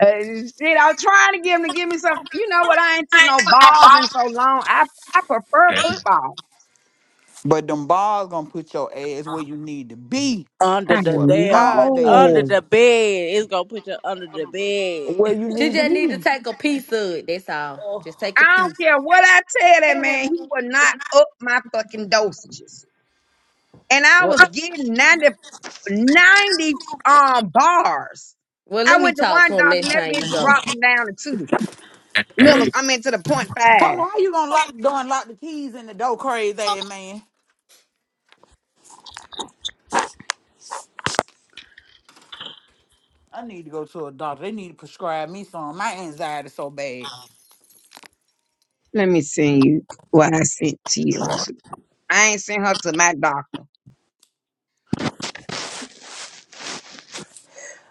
Speaker 1: I was trying to get him to give me some. You know what? I ain't took no balls in so long. I, I prefer
Speaker 7: Man,
Speaker 1: football.
Speaker 8: But them bars gonna put your ass where you need to be. I
Speaker 5: Under
Speaker 1: I
Speaker 5: the
Speaker 8: swear to
Speaker 5: damn,
Speaker 8: God they
Speaker 5: under
Speaker 8: is.
Speaker 1: know.
Speaker 5: the bed. It's going to put you under the
Speaker 8: Where
Speaker 5: bed.
Speaker 8: you
Speaker 9: She
Speaker 8: need to
Speaker 9: just need to
Speaker 8: be.
Speaker 9: take a piece of it. That's all.
Speaker 5: Oh.
Speaker 9: Just take a
Speaker 1: I don't
Speaker 9: piece.
Speaker 1: care what I tell that man. He will not up my fucking dosages. And I
Speaker 9: Well,
Speaker 1: was getting 90 90 um, bars.
Speaker 9: well, let
Speaker 1: I
Speaker 9: me
Speaker 1: went to
Speaker 9: talk
Speaker 1: one
Speaker 9: to him
Speaker 1: doctor
Speaker 9: next
Speaker 1: and that
Speaker 9: time you
Speaker 1: bitch
Speaker 9: go.
Speaker 1: dropped him down to two. Miller, I mean to the point
Speaker 8: So
Speaker 1: five.
Speaker 8: how you gonna lock the door and lock the keys in the door, crazy ass man? I need to go to a doctor. They need to prescribe me some. My anxiety so bad.
Speaker 1: Let me send you what I sent to you. too. I ain't sent her to my doctor.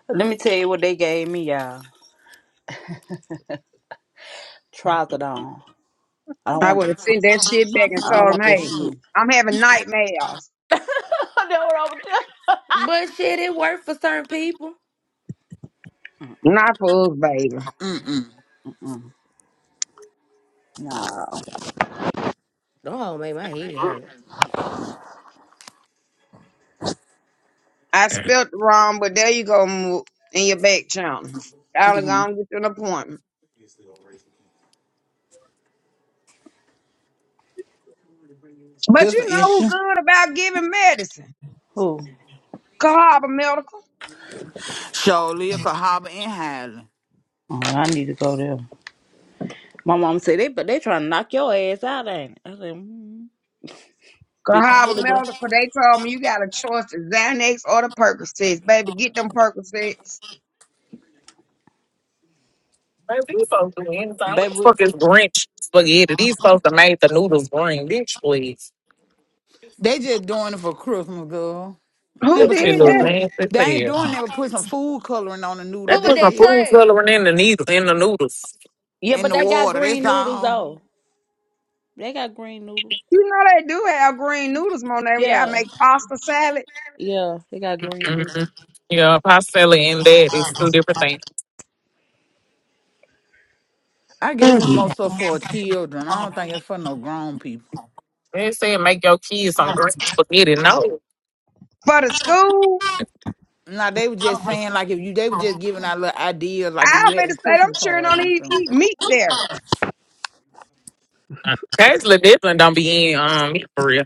Speaker 5: Let me tell you what they gave me, y'all. Trazodone. I don't
Speaker 1: I
Speaker 5: want
Speaker 1: would have
Speaker 5: this.
Speaker 1: sent that shit back and
Speaker 5: I don't
Speaker 1: told him,
Speaker 5: want this
Speaker 1: hey,
Speaker 5: shit.
Speaker 1: I'm having nightmares.
Speaker 5: I know what I would
Speaker 9: But shit, it worked for certain people.
Speaker 1: Not for us, baby.
Speaker 5: doing. Mm, nah.
Speaker 9: Don't make my head hurt.
Speaker 1: I spelt it wrong, but there you go mo- in your back channel. I'll go
Speaker 8: hmm
Speaker 1: and get you an appointment. But
Speaker 8: This
Speaker 1: you
Speaker 8: an
Speaker 1: know who
Speaker 8: issue.
Speaker 1: good about giving medicine?
Speaker 5: Who?
Speaker 1: Cahaba Medical.
Speaker 8: Surely, Cahaba and Highland.
Speaker 5: Oh, I need to go there. My mom said they, but they trying to knock your ass out, ain't it? I said, mm, 50
Speaker 1: Cahaba
Speaker 5: milligrams,
Speaker 1: Medical, they told me you got a choice the Xanax or the Percocets. Baby, get them Percocets.
Speaker 7: these folks do anything. What the
Speaker 5: baby.
Speaker 7: fuck is Grinch spaghetti? These folks that made the noodles green. Bitch, please.
Speaker 8: They just doing it for Christmas, girl.
Speaker 1: Who
Speaker 7: That
Speaker 8: Remember some
Speaker 7: shit
Speaker 1: did
Speaker 7: look
Speaker 1: that?
Speaker 8: food.
Speaker 7: nasty as
Speaker 8: They
Speaker 7: hell.
Speaker 8: ain't doing that, but put some food coloring on the
Speaker 7: They
Speaker 8: noodles.
Speaker 9: Who with
Speaker 7: put
Speaker 8: That's
Speaker 7: some
Speaker 9: that
Speaker 8: it.
Speaker 7: food
Speaker 9: trail?
Speaker 7: coloring in the needle in the noodles.
Speaker 5: Yeah,
Speaker 9: Oh,
Speaker 8: In
Speaker 5: but
Speaker 8: the
Speaker 5: they got
Speaker 8: water.
Speaker 9: that's
Speaker 8: That's
Speaker 5: green
Speaker 9: not-
Speaker 5: noodles
Speaker 8: all.
Speaker 5: though. They got green noodles.
Speaker 1: You know they do have green noodles, Monet. We all
Speaker 5: Yeah,
Speaker 1: make pasta salad
Speaker 5: Yeah, they got green boots.
Speaker 7: Mm-hmm. Yeah, pastilla and that is two different things.
Speaker 8: I guess it's
Speaker 1: Mm.
Speaker 8: more so for children. I don't think it's for no grown people.
Speaker 7: They said make your kids some green spaghetti. No,
Speaker 1: for the school.
Speaker 8: Now they were just saying like if you they were just giving out little ideas like if
Speaker 1: I
Speaker 8: you
Speaker 1: better
Speaker 8: having
Speaker 1: say them
Speaker 8: Christmas
Speaker 1: children
Speaker 8: parties
Speaker 1: don't
Speaker 8: and
Speaker 1: even
Speaker 8: stuff.
Speaker 1: eat meat there.
Speaker 7: uh, Casually Dippin don't be in um meat for real.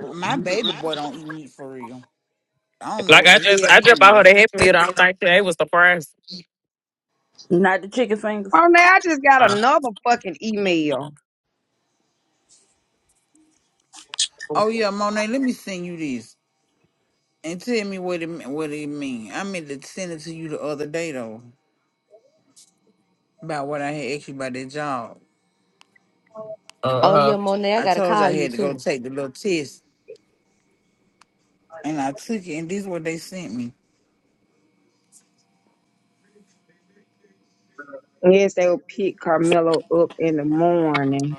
Speaker 8: My baby boy don't eat meat for real. I don't know
Speaker 7: Like
Speaker 8: what the
Speaker 7: I just
Speaker 8: hell
Speaker 7: I just
Speaker 8: he
Speaker 7: bought her
Speaker 8: is.
Speaker 7: the happy meal. I don't think they was surprised.
Speaker 5: Not the chicken fingers.
Speaker 1: Monet, I just got
Speaker 7: Uh,
Speaker 1: another fucking email.
Speaker 8: Oh yeah, Monet, let me send you this and tell me what it me- what it mean. I meant to send it to you the other day though about what I had asked you about that job.
Speaker 9: oh,
Speaker 7: uh,
Speaker 9: yeah, Monet, I
Speaker 8: I
Speaker 9: gotta
Speaker 8: told you
Speaker 9: call
Speaker 8: I
Speaker 9: you
Speaker 8: had to go
Speaker 9: too.
Speaker 8: take the little test and I took it and this is what they sent me.
Speaker 1: Yes, they will pick Carmelo up in the morning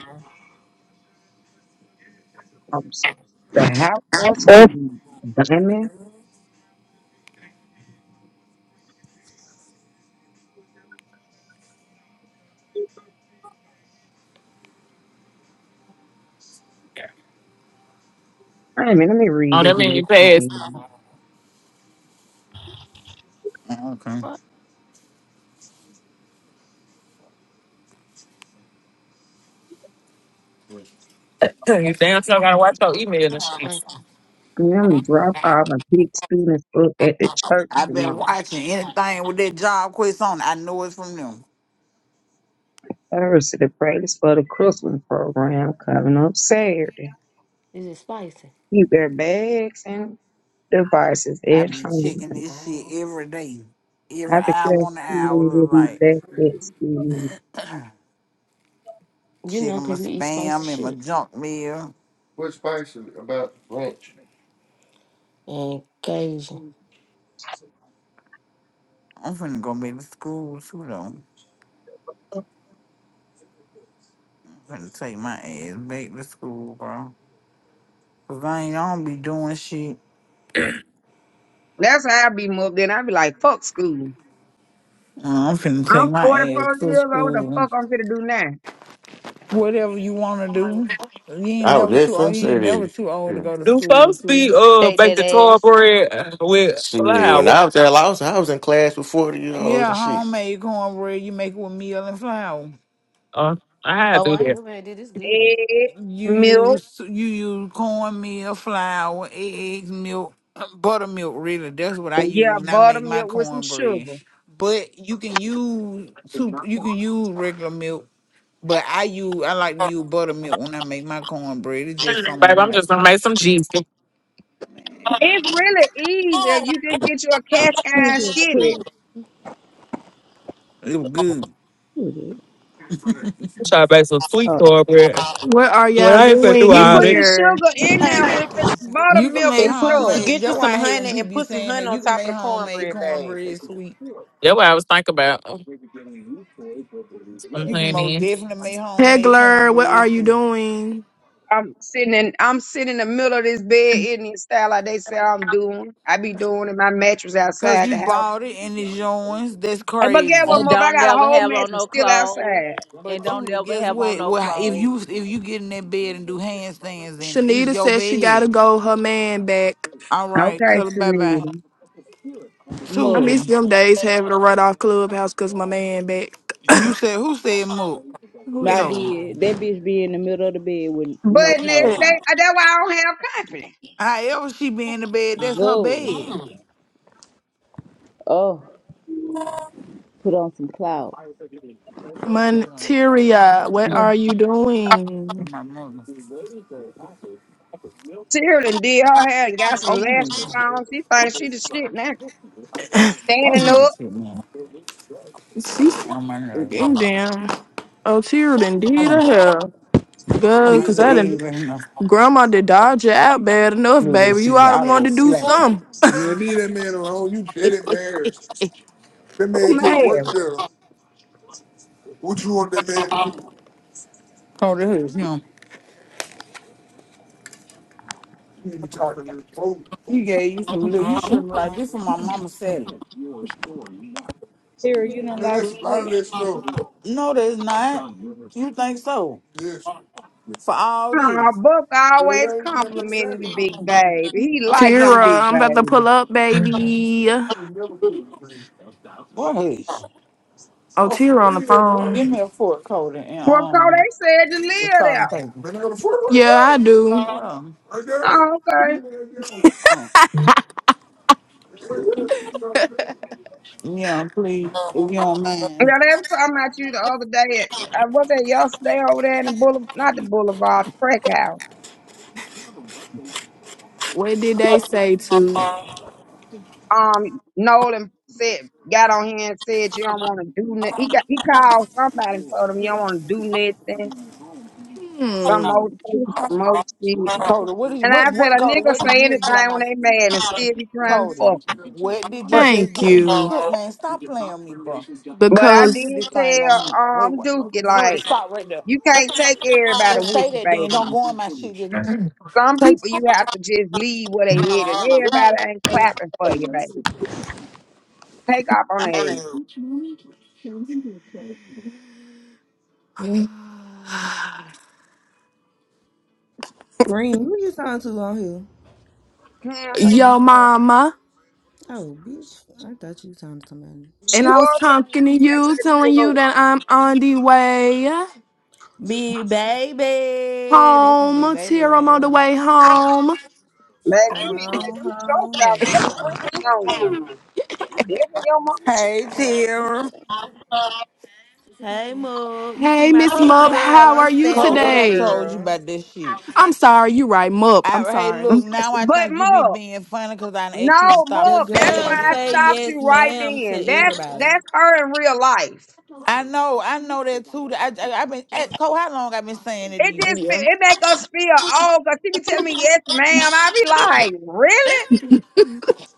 Speaker 1: from s- the house or
Speaker 5: That's
Speaker 1: school. Damn it. Wait a minute, let me read
Speaker 7: oh,
Speaker 1: this
Speaker 7: that mean
Speaker 1: message
Speaker 7: you passed.
Speaker 1: again.
Speaker 8: Oh, Okay.
Speaker 7: you damn sure gotta watch your email and shit.
Speaker 9: Like,
Speaker 1: Them drop off and pick students up at the church
Speaker 8: I've been
Speaker 1: tomorrow.
Speaker 8: watching anything with that job quest on. I know it's from them.
Speaker 1: Thursday, the practice for the Christmas program coming up Saturday.
Speaker 9: is it spicy?
Speaker 1: Keep their bags and devices
Speaker 8: I've
Speaker 1: at
Speaker 8: been
Speaker 1: home.
Speaker 8: checking this shit
Speaker 9: Oh,
Speaker 8: every day. Every
Speaker 1: I think
Speaker 8: hour
Speaker 1: that
Speaker 8: on the hour
Speaker 1: school will
Speaker 8: look
Speaker 1: be
Speaker 8: like
Speaker 1: back at school.
Speaker 9: you know,
Speaker 8: checking my
Speaker 9: cause you eat spicy
Speaker 8: spam and my
Speaker 9: shit.
Speaker 8: junk mail.
Speaker 9: And Cajun.
Speaker 8: I'm finna go back to school too though. I'm finna take my ass back to school, bro. Cause I ain't gonna be doing shit.
Speaker 1: That's how I be moved in. I be like, fuck school.
Speaker 8: Uh, I'm finna
Speaker 1: I'm
Speaker 8: take my ass
Speaker 1: 44
Speaker 8: to
Speaker 1: years old. The
Speaker 8: school.
Speaker 1: fuck I'm gonna do now?
Speaker 8: Whatever you wanna do. You ain't
Speaker 3: I was
Speaker 8: never
Speaker 3: just
Speaker 8: too old.
Speaker 3: finna
Speaker 8: You
Speaker 3: say
Speaker 8: ain't never
Speaker 3: that.
Speaker 8: too old to
Speaker 3: Yeah.
Speaker 8: go to
Speaker 7: Do
Speaker 8: school,
Speaker 7: folks
Speaker 8: too.
Speaker 7: be uh
Speaker 9: Take
Speaker 7: bake
Speaker 9: that
Speaker 7: the tall
Speaker 9: ass.
Speaker 7: bread uh, with
Speaker 3: Shit, when
Speaker 7: flour?
Speaker 3: I was at Los, I was in class with forty year olds
Speaker 8: Yeah,
Speaker 3: and shit.
Speaker 8: homemade cornbread. You make it with meal and flour.
Speaker 7: Uh, I had
Speaker 9: Oh,
Speaker 7: to do
Speaker 9: I ain't
Speaker 7: that.
Speaker 9: never had this. This good.
Speaker 1: Egg,
Speaker 8: You
Speaker 1: milk,
Speaker 8: use you use cornmeal, flour, eggs, milk, buttermilk. Really, that's what I
Speaker 1: yeah,
Speaker 8: use when I make my
Speaker 1: buttermilk with some
Speaker 8: cornbread.
Speaker 1: sugar.
Speaker 8: But you can use soup. You can use regular milk, but I use I like to use buttermilk when I make my cornbread. It's just something
Speaker 7: Babe, I'm
Speaker 8: about
Speaker 7: just
Speaker 8: it.
Speaker 7: gonna make some cheese.
Speaker 1: It's really easy. You just get you a cast iron skillet.
Speaker 8: It was good.
Speaker 7: I'm trying to make some sweet cornbread.
Speaker 12: What are
Speaker 7: When
Speaker 12: y'all
Speaker 7: I ain't finna do
Speaker 12: doing
Speaker 1: You
Speaker 12: in
Speaker 7: all
Speaker 1: put
Speaker 7: that.
Speaker 1: the
Speaker 12: here?
Speaker 1: sugar in there
Speaker 13: Hey,
Speaker 1: with the
Speaker 13: Cookies.
Speaker 8: You can
Speaker 1: buttermilk
Speaker 8: make
Speaker 1: and
Speaker 14: And put you
Speaker 1: stuff.
Speaker 8: homemade.
Speaker 14: get you
Speaker 8: That's
Speaker 14: some
Speaker 8: why I hate when
Speaker 14: honey
Speaker 8: people
Speaker 14: and
Speaker 8: be
Speaker 14: put some
Speaker 8: saying
Speaker 14: honey
Speaker 8: that
Speaker 14: on
Speaker 8: you can
Speaker 14: top of
Speaker 8: make
Speaker 14: the
Speaker 8: homemade
Speaker 14: cornbread, baby.
Speaker 8: cornbread sweet.
Speaker 7: That's what I was thinking about. I'm
Speaker 8: You can
Speaker 7: playing
Speaker 8: most
Speaker 7: in.
Speaker 8: definitely make homemade
Speaker 12: Hegler, what are
Speaker 8: cornbread
Speaker 12: you
Speaker 8: sweet.
Speaker 12: doing?
Speaker 1: I'm sitting in I'm sitting in the middle of this bed Indian style like they say I'm doing. I be doing in my mattress
Speaker 8: Cause
Speaker 1: outside the
Speaker 8: you
Speaker 1: house.
Speaker 8: bought it and it's yours. That's
Speaker 1: Hey, but get one
Speaker 8: crazy.
Speaker 5: And
Speaker 1: more, but I
Speaker 5: don't
Speaker 1: got a
Speaker 5: never
Speaker 1: whole
Speaker 5: have on
Speaker 1: mattress
Speaker 5: no
Speaker 1: still
Speaker 5: clothes.
Speaker 1: outside.
Speaker 5: And
Speaker 8: But
Speaker 5: don't
Speaker 8: Tudor,
Speaker 5: never
Speaker 8: guess
Speaker 5: have on
Speaker 8: what?
Speaker 5: no
Speaker 8: Well, if
Speaker 5: clothes.
Speaker 8: you if you get in that bed and do handstands, then it's
Speaker 12: Shanita
Speaker 8: your
Speaker 12: said she gotta
Speaker 8: bed.
Speaker 12: go her man back.
Speaker 8: All right,
Speaker 1: Okay,
Speaker 8: tell her bye bye.
Speaker 1: Shanita.
Speaker 12: I
Speaker 5: Mug.
Speaker 12: miss
Speaker 8: Tudor,
Speaker 12: them days having to run off clubhouse cause my man back.
Speaker 8: you said who said move?
Speaker 12: Who
Speaker 5: I
Speaker 12: is
Speaker 8: Ever.
Speaker 5: did. That bitch be in the middle of the bed with no
Speaker 1: But Nick,
Speaker 5: clothes
Speaker 12: it?
Speaker 5: on.
Speaker 1: they, uh, that's why I don't have company.
Speaker 8: However she be in the bed, that's her bed.
Speaker 5: Good. Oh, put on some clothes.
Speaker 8: Hold on,
Speaker 12: Monteria, what
Speaker 7: Mm.
Speaker 12: are you doing?
Speaker 8: my mother.
Speaker 1: Tyrell did her hair and got some
Speaker 8: Open it.
Speaker 1: lashes on. She thinks she the shit now.
Speaker 8: Open
Speaker 1: Standing
Speaker 8: that
Speaker 1: up.
Speaker 8: shit now.
Speaker 12: She's
Speaker 8: On my nerves.
Speaker 12: getting down. Oh, Tira done did her
Speaker 8: Mm.
Speaker 12: hair. Good, cause
Speaker 8: Somebody
Speaker 12: I didn't.
Speaker 8: even know
Speaker 12: Grandma did dodge you out bad enough,
Speaker 8: knew that
Speaker 12: baby.
Speaker 8: she
Speaker 12: You
Speaker 8: be
Speaker 12: oughta
Speaker 8: out of her
Speaker 12: wanted to do
Speaker 8: slap.
Speaker 12: something.
Speaker 8: Man, leave that man alone. You get it, man. That
Speaker 1: Who
Speaker 8: man just
Speaker 1: mad?
Speaker 8: worked there. What you want that man to do? Oh, that is him. You talking to folks. He gave you some little. You should have been like, this is my mama selling.
Speaker 5: Here, you done
Speaker 8: Man,
Speaker 5: lost
Speaker 8: that's a lot of that
Speaker 5: weight.
Speaker 8: stuff. No, there's not. You think so? Yes. For all
Speaker 1: Aw,
Speaker 8: this?
Speaker 1: Buck
Speaker 8: Well,
Speaker 1: always
Speaker 8: that ain't never been
Speaker 1: complimenting you,
Speaker 8: selling.
Speaker 1: big baby. He like him,
Speaker 12: Tira,
Speaker 1: big
Speaker 12: I'm about to pull
Speaker 1: baby.
Speaker 12: up, baby.
Speaker 8: You never quit the brand. Boys,
Speaker 12: Oh,
Speaker 8: Oh, for
Speaker 12: Tira on the
Speaker 8: real, bro. give
Speaker 12: phone.
Speaker 8: me a fork coating and
Speaker 1: Well, Cole,
Speaker 8: um,
Speaker 1: they said you
Speaker 8: the
Speaker 1: live
Speaker 8: salt and
Speaker 1: there.
Speaker 8: pepper. Man, I got a foot
Speaker 12: Yeah,
Speaker 8: right
Speaker 12: I
Speaker 8: down.
Speaker 12: do.
Speaker 8: Well, Right there. You
Speaker 1: Oh, okay.
Speaker 8: right down. um, where's the- salt and pepper? yeah, please, if you don't mind.
Speaker 1: Yeah, they were talking about you the other day. At, I was there yesterday over there in the boulevard, not the boulevard, the crack house.
Speaker 12: What did they say to?
Speaker 1: Um, Nolan said, got on here and said you don't want to do nothing. He got, he called somebody and told him you don't want to do nothing. Some old
Speaker 12: Hmm.
Speaker 1: thing, some old shit.
Speaker 8: Coda, what did you,
Speaker 1: And I
Speaker 8: what
Speaker 1: said
Speaker 8: what
Speaker 1: a
Speaker 8: Coda?
Speaker 1: nigga
Speaker 8: What did
Speaker 1: say
Speaker 8: you just get out
Speaker 1: anything when
Speaker 8: my
Speaker 1: they mad and still be trying to
Speaker 8: Coda?
Speaker 1: fuck
Speaker 8: What
Speaker 1: 'em.
Speaker 8: did you just
Speaker 12: Thank
Speaker 8: get?
Speaker 12: you.
Speaker 8: Look, man, stop playing with me, bro.
Speaker 1: But I
Speaker 8: Let me put
Speaker 12: Because
Speaker 1: did
Speaker 8: this thing
Speaker 1: tell
Speaker 8: on mute. Wait,
Speaker 1: um
Speaker 8: what?
Speaker 1: Dookie
Speaker 8: For real,
Speaker 1: like
Speaker 8: stop right there.
Speaker 1: you can't take everybody
Speaker 8: Just
Speaker 1: with
Speaker 8: say
Speaker 1: you,
Speaker 8: that, then
Speaker 1: baby.
Speaker 8: don't go on my shit. Just
Speaker 1: Some people you have to just leave where they at, and everybody ain't clapping for you, baby. Take off on that.
Speaker 4: Green, who you talking to on here?
Speaker 1: Hmm.
Speaker 4: Are
Speaker 12: yo
Speaker 4: you talking?
Speaker 12: mama.
Speaker 4: Oh, bitch. I thought you was talking to somebody.
Speaker 12: And
Speaker 1: She
Speaker 12: I was
Speaker 1: was on you.
Speaker 12: talking to
Speaker 1: She said she
Speaker 12: you,
Speaker 1: could pull
Speaker 12: telling you
Speaker 1: up.
Speaker 12: that I'm on the way
Speaker 4: Big baby. That's my big
Speaker 12: home.
Speaker 4: baby
Speaker 12: Tira,
Speaker 4: right
Speaker 12: I'm on the
Speaker 4: there.
Speaker 12: way home.
Speaker 1: Man, you
Speaker 4: Come
Speaker 1: need to take
Speaker 4: on
Speaker 1: them shorts
Speaker 4: home,
Speaker 1: off. That
Speaker 4: baby.
Speaker 1: print showing. You definitely your mama
Speaker 8: hey,
Speaker 1: child. eh?
Speaker 8: Tara,
Speaker 4: Hey, Mook. You see
Speaker 12: Hey,
Speaker 4: my
Speaker 12: Miss
Speaker 4: picture,
Speaker 12: Mup,
Speaker 4: girl?
Speaker 12: how
Speaker 4: I'm
Speaker 12: are you
Speaker 4: standing
Speaker 8: Cole, what
Speaker 4: up,
Speaker 8: I
Speaker 12: today?
Speaker 8: told you
Speaker 4: girl.
Speaker 8: about this shit?
Speaker 12: I'm sorry, you right, Mup.
Speaker 8: I
Speaker 12: I'm
Speaker 8: hey,
Speaker 12: sorry.
Speaker 8: look, now
Speaker 1: Mm.
Speaker 8: I
Speaker 1: But
Speaker 8: think you be
Speaker 1: Mub,
Speaker 8: being funny because I done asked you to
Speaker 1: no
Speaker 8: stop
Speaker 4: The
Speaker 1: Mub. That's why
Speaker 4: girl
Speaker 8: saying
Speaker 1: I
Speaker 8: it.
Speaker 4: say
Speaker 1: stopped
Speaker 4: yes,
Speaker 1: you right
Speaker 4: ma'am, to
Speaker 1: then. That's
Speaker 4: everybody.
Speaker 1: that's her in real life.
Speaker 8: I know, I know that too. I I, I been eh, Cole. How long I been saying it to
Speaker 1: It
Speaker 8: you?
Speaker 1: just fe-
Speaker 12: Yeah.
Speaker 1: it make us feel old because she be telling me yes, ma'am. I be like, really?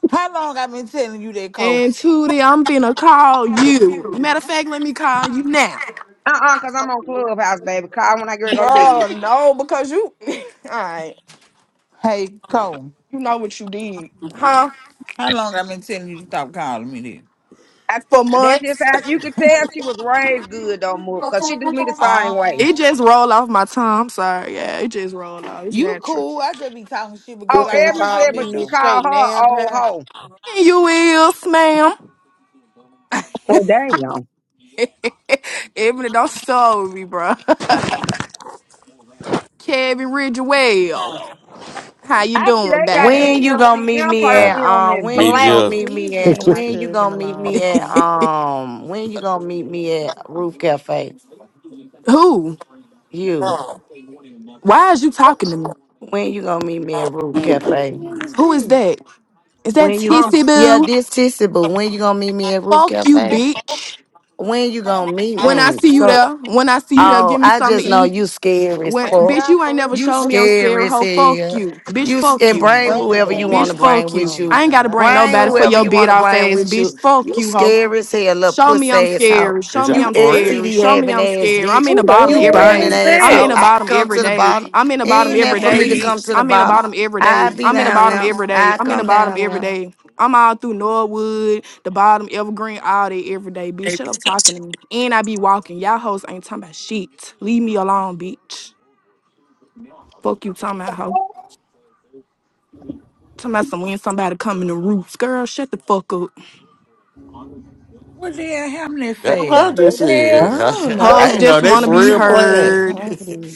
Speaker 8: How long I been telling you that, Cole?
Speaker 12: And Tootie, I'm finna call you. Matter of fact, let me call you now.
Speaker 1: Uh uh because I'm on Clubhouse, baby. Call when I get ready to go to bed.
Speaker 12: Bruh, no, because you, alright,
Speaker 8: Hey, Cole.
Speaker 12: you know what you did, huh?
Speaker 8: How long I been telling you to stop calling me
Speaker 1: I,
Speaker 12: For
Speaker 1: that's just
Speaker 12: months.
Speaker 1: how you could tell she was raised good, don't move, because she do me the
Speaker 8: then?
Speaker 1: same way.
Speaker 12: It
Speaker 8: Um,
Speaker 12: just roll off my tongue. I'm sorry, yeah, it just roll off. It's
Speaker 8: you
Speaker 12: natural.
Speaker 8: cool. I just be talking shit, but
Speaker 1: Oh,
Speaker 8: girl,
Speaker 14: Bitch
Speaker 8: I
Speaker 14: ain't
Speaker 1: Evan
Speaker 8: don't
Speaker 14: called
Speaker 1: said,
Speaker 8: like
Speaker 14: me
Speaker 1: but
Speaker 8: that
Speaker 1: she
Speaker 14: Miss
Speaker 8: though.
Speaker 14: Shay
Speaker 1: called her
Speaker 14: now
Speaker 1: a old
Speaker 14: time.
Speaker 1: hoe.
Speaker 12: And you will, ma'am.
Speaker 1: Well, damn.
Speaker 12: Even if don't start with me, bruh. Kevin Ridgewell, how you
Speaker 1: I see
Speaker 12: doing,
Speaker 1: they got this
Speaker 12: babe?
Speaker 15: When you gonna meet
Speaker 1: MCM
Speaker 15: me
Speaker 3: I'd
Speaker 15: at
Speaker 1: perfume
Speaker 15: um
Speaker 1: in
Speaker 15: when
Speaker 3: be
Speaker 15: you
Speaker 1: black.
Speaker 15: gonna
Speaker 3: jealous.
Speaker 15: meet me
Speaker 4: Please
Speaker 15: at
Speaker 4: leave my
Speaker 15: when you
Speaker 4: cousin
Speaker 15: gonna meet me
Speaker 4: alone,
Speaker 15: at
Speaker 4: please.
Speaker 15: um when you gonna meet me at Roof Cafe?
Speaker 12: Who?
Speaker 15: You
Speaker 12: Why is you talking to me?
Speaker 15: when you gonna meet me at Roof
Speaker 4: Who the
Speaker 15: Cafe?
Speaker 4: hell is
Speaker 12: Who is
Speaker 4: this?
Speaker 12: that? Is that
Speaker 15: When you
Speaker 1: Um,
Speaker 12: Tissy
Speaker 15: yeah,
Speaker 12: Boo?
Speaker 15: this tissy, but when you gonna meet me at Roof
Speaker 12: Fuck you,
Speaker 15: Cafe?
Speaker 12: bitch.
Speaker 15: When you gonna meet
Speaker 12: When I
Speaker 15: me?
Speaker 12: see you
Speaker 4: What
Speaker 15: So
Speaker 12: there, when I see you there,
Speaker 15: Oh,
Speaker 12: give me
Speaker 15: I
Speaker 12: something
Speaker 15: just
Speaker 12: to
Speaker 15: know
Speaker 12: eat.
Speaker 15: you scary as
Speaker 12: When
Speaker 14: Oh
Speaker 15: fuck.
Speaker 12: bitch,
Speaker 14: y'all
Speaker 12: you ain't
Speaker 14: for
Speaker 12: never
Speaker 14: real?
Speaker 15: You
Speaker 12: showed
Speaker 14: That's
Speaker 12: me I'm
Speaker 14: for
Speaker 12: scared,
Speaker 15: scary
Speaker 14: real?
Speaker 15: as
Speaker 12: hoe. Fuck
Speaker 15: hell.
Speaker 12: you, bitch.
Speaker 15: You s-
Speaker 12: Fuck
Speaker 15: and
Speaker 4: the-
Speaker 12: you,
Speaker 15: bring
Speaker 4: hmm.
Speaker 15: whoever you want
Speaker 12: bitch.
Speaker 15: to bring
Speaker 12: Fuck you.
Speaker 15: with
Speaker 14: Oh my
Speaker 15: you.
Speaker 12: I ain't gotta
Speaker 14: god, I
Speaker 12: bring
Speaker 14: thought
Speaker 15: Bring
Speaker 12: nobody
Speaker 14: y'all
Speaker 12: for
Speaker 14: were
Speaker 15: whoever
Speaker 12: your
Speaker 15: you
Speaker 14: just
Speaker 12: bit
Speaker 15: want to
Speaker 12: off
Speaker 15: bring
Speaker 12: ass,
Speaker 15: with you.
Speaker 12: bitch. Fuck
Speaker 15: You
Speaker 12: you, hoe.
Speaker 15: scary as hell, little
Speaker 12: Show me I'm
Speaker 15: pussy ass out.
Speaker 12: scared.
Speaker 3: Is
Speaker 12: Show me
Speaker 15: You
Speaker 3: that
Speaker 12: I'm
Speaker 3: for real?
Speaker 12: scared.
Speaker 15: STD
Speaker 12: Show me
Speaker 15: having
Speaker 12: I'm
Speaker 15: ass
Speaker 12: scared. I'm
Speaker 15: bitch.
Speaker 12: in the
Speaker 7: What the
Speaker 12: bottom
Speaker 15: You
Speaker 12: every
Speaker 7: hell
Speaker 15: burning
Speaker 12: day.
Speaker 7: is
Speaker 15: ass
Speaker 12: I'm in
Speaker 15: out.
Speaker 12: the
Speaker 7: this?
Speaker 15: I
Speaker 12: bottom
Speaker 15: come
Speaker 12: every
Speaker 15: to the
Speaker 12: day.
Speaker 15: bottom.
Speaker 12: I'm in the bottom
Speaker 15: Ain't
Speaker 8: What
Speaker 12: every
Speaker 15: that for
Speaker 12: day,
Speaker 15: me to
Speaker 8: happened?
Speaker 15: come
Speaker 12: bitch.
Speaker 15: to the
Speaker 12: I'm in the
Speaker 15: bottom.
Speaker 12: bottom every
Speaker 15: I
Speaker 12: day.
Speaker 15: be
Speaker 12: I'm in the
Speaker 15: down
Speaker 12: bottom
Speaker 15: now.
Speaker 12: every day.
Speaker 15: I
Speaker 12: I'm in the
Speaker 15: come
Speaker 12: bottom
Speaker 15: down
Speaker 12: every
Speaker 15: now.
Speaker 12: day. I'm all through Norwood, the bottom, Evergreen, all day, every day, bitch. Shut up talking to me. And I be walking. Y'all hoes ain't talking about shit. Leave me alone, bitch. Fuck you talking about, hoe. Talking about some when somebody come in the roots. Girl, shut the fuck up.
Speaker 8: What the hell happened that
Speaker 3: That's what
Speaker 7: What
Speaker 3: I
Speaker 8: fast?
Speaker 7: the
Speaker 3: just
Speaker 4: I
Speaker 7: hell?
Speaker 3: said.
Speaker 4: don't
Speaker 3: I, I
Speaker 12: Hoes
Speaker 3: ain't know
Speaker 12: just
Speaker 4: know.
Speaker 3: they
Speaker 12: wanna
Speaker 4: man.
Speaker 3: for
Speaker 4: I
Speaker 12: be
Speaker 4: am not know
Speaker 3: real
Speaker 4: if I
Speaker 3: playing.
Speaker 12: heard.
Speaker 4: time for this.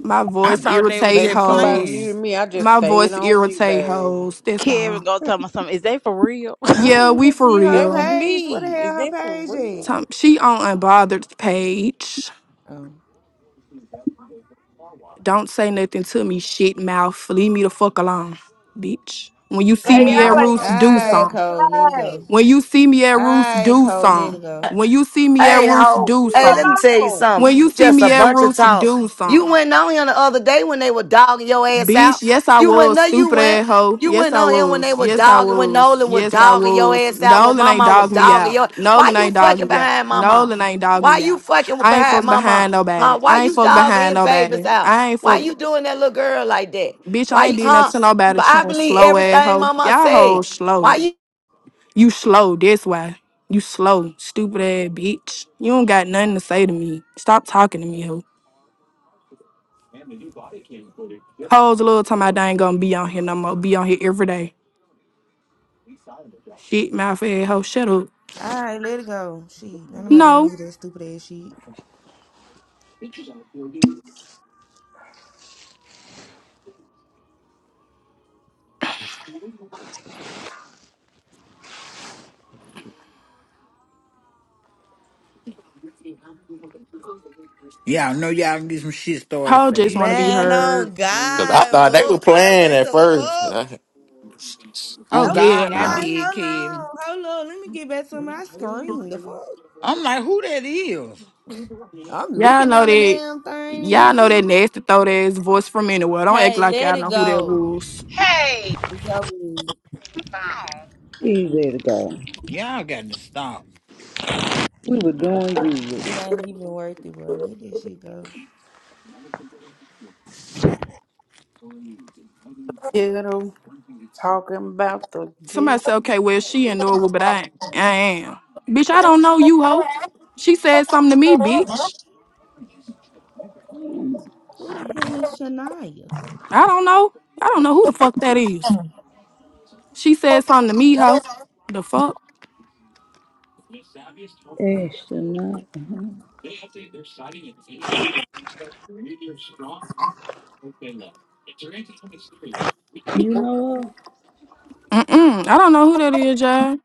Speaker 12: My
Speaker 8: I
Speaker 12: voice
Speaker 8: thought they were
Speaker 12: irritate
Speaker 14: baby,
Speaker 8: just
Speaker 14: somebody
Speaker 8: playing.
Speaker 14: muted
Speaker 12: hoes.
Speaker 14: me. I just
Speaker 12: My
Speaker 14: stayed
Speaker 12: voice
Speaker 14: on mute,
Speaker 12: irritate
Speaker 14: baby.
Speaker 12: hoes. That's
Speaker 5: Karen
Speaker 12: all.
Speaker 5: gonna tell me something. Is they for real?
Speaker 4: I
Speaker 12: Yeah,
Speaker 4: don't
Speaker 12: we
Speaker 4: even
Speaker 12: for
Speaker 4: see her
Speaker 14: That was
Speaker 12: real.
Speaker 4: page. What the
Speaker 14: me.
Speaker 4: hell
Speaker 14: Is
Speaker 4: her
Speaker 14: that for
Speaker 4: page is?
Speaker 14: real?
Speaker 12: Tom, she on unbothered page.
Speaker 4: Oh.
Speaker 12: Don't say nothing to me, shit mouth. Leave me the fuck alone, bitch. When you
Speaker 4: All
Speaker 12: see
Speaker 1: hey,
Speaker 12: me at
Speaker 1: y'all
Speaker 4: right.
Speaker 1: ain't
Speaker 12: Roost,
Speaker 1: gonna do
Speaker 12: do
Speaker 1: that,
Speaker 4: All right,
Speaker 12: something.
Speaker 4: Cole. Let it go.
Speaker 1: okay?
Speaker 12: When you see me at
Speaker 4: All
Speaker 12: Roost,
Speaker 4: right,
Speaker 12: do
Speaker 4: Cole, let
Speaker 12: something.
Speaker 4: it go.
Speaker 12: When you see me at
Speaker 15: Hey,
Speaker 12: Roost,
Speaker 1: Oh,
Speaker 15: ho.
Speaker 12: do
Speaker 1: leave me
Speaker 15: Hey, let me
Speaker 12: something.
Speaker 15: tell you
Speaker 1: alone.
Speaker 12: When
Speaker 15: something.
Speaker 12: you
Speaker 15: You
Speaker 12: see
Speaker 15: just a
Speaker 12: me at
Speaker 15: bunch of
Speaker 12: Roost,
Speaker 15: talk.
Speaker 12: do
Speaker 15: You
Speaker 12: something.
Speaker 15: went on here the other day when they were dogging your ass
Speaker 12: Bitch,
Speaker 15: out.
Speaker 12: yes I
Speaker 15: You went,
Speaker 12: was,
Speaker 15: no, you
Speaker 12: stupid ass
Speaker 15: went.
Speaker 12: hoe.
Speaker 15: You
Speaker 12: Yes
Speaker 15: went
Speaker 12: I
Speaker 15: on here when they
Speaker 12: was.
Speaker 15: were
Speaker 12: Yes I
Speaker 15: dogging, when
Speaker 12: was.
Speaker 15: Nolan was
Speaker 12: Yes I
Speaker 15: dogging your
Speaker 12: was.
Speaker 15: ass out, when
Speaker 12: Nolan ain't
Speaker 15: Mama was
Speaker 12: dogged me
Speaker 15: dogging
Speaker 12: out.
Speaker 15: your. Why
Speaker 12: Nolan
Speaker 15: you
Speaker 12: ain't dogged
Speaker 15: fucking
Speaker 12: me out.
Speaker 15: behind Mama?
Speaker 12: Nolan ain't dogged
Speaker 15: Why
Speaker 12: me
Speaker 15: you
Speaker 12: out.
Speaker 15: fucking
Speaker 12: I ain't
Speaker 15: behind
Speaker 12: fuck behind
Speaker 15: Mama?
Speaker 12: nobody.
Speaker 15: Huh? Why
Speaker 12: I ain't
Speaker 15: you
Speaker 12: fuck
Speaker 15: dogging
Speaker 12: behind
Speaker 15: his babies
Speaker 12: nobody.
Speaker 15: out?
Speaker 12: I ain't
Speaker 15: Why
Speaker 12: fuck
Speaker 15: you doing that little girl like that?
Speaker 12: bitch,
Speaker 15: Why
Speaker 12: I ain't
Speaker 15: you,
Speaker 12: did
Speaker 15: huh?
Speaker 12: nothing to nobody
Speaker 15: But I
Speaker 12: trying
Speaker 15: believe
Speaker 12: slow ass
Speaker 15: everything
Speaker 12: hoe.
Speaker 15: Mama
Speaker 12: Y'all
Speaker 15: said.
Speaker 12: hoes
Speaker 15: Why
Speaker 12: slow.
Speaker 15: you
Speaker 12: You slow, that's why. You slow, stupid ass bitch. You don't got nothing to say to me. Stop talking to me, hoe. Hoes a little time I ain't gonna be on here no more. Be on here every day. Shit, mouth ass hoe. Shut up.
Speaker 4: All right, let it go. She, don't nobody want
Speaker 12: No,
Speaker 4: to hear that stupid ass shit.
Speaker 8: Yeah, I know y'all can get some shit started
Speaker 12: Ho just
Speaker 8: fast.
Speaker 12: want to be
Speaker 4: Man, oh
Speaker 12: heard.
Speaker 3: Cause I
Speaker 4: God,
Speaker 3: thought they were
Speaker 4: up. Like,
Speaker 3: playing
Speaker 4: what
Speaker 3: at
Speaker 4: the
Speaker 3: first.
Speaker 4: fuck?
Speaker 3: I-
Speaker 12: Oh
Speaker 8: On
Speaker 4: That's what
Speaker 12: hell
Speaker 8: God, I
Speaker 12: no.
Speaker 4: I'm like,
Speaker 8: did,
Speaker 4: hold on,
Speaker 8: Kevin.
Speaker 4: hold on. Let me get back to my screen. The fuck?
Speaker 8: I'm like, who that is?
Speaker 4: I'm
Speaker 12: Y'all
Speaker 4: looking
Speaker 12: know
Speaker 4: on the
Speaker 12: that.
Speaker 4: damn thing and
Speaker 12: Y'all know that
Speaker 4: shit.
Speaker 12: nasty throat ass voice from anywhere. Don't act
Speaker 4: Hey,
Speaker 12: like
Speaker 4: let
Speaker 12: y'all
Speaker 4: it
Speaker 12: know who that
Speaker 4: go.
Speaker 12: was.
Speaker 16: Hey,
Speaker 4: It's over with.
Speaker 16: phone.
Speaker 5: Easy to go.
Speaker 8: Y'all got to stop.
Speaker 5: We were doing you.
Speaker 4: It ain't even worth it, bro. Let that shit go.
Speaker 14: Ghetto talking about the ghetto.
Speaker 12: Somebody said, okay, well she in Norwood, but I, ain't- I am. Bitch, I don't know you, ho. She said something to me, bitch.
Speaker 4: Who the hell is Shania?
Speaker 12: I don't know. I don't know who the fuck that is. She said something to me, ho. The fuck?
Speaker 5: Ashton, you know what?
Speaker 12: Mm-mm. I don't know who that is, y'all.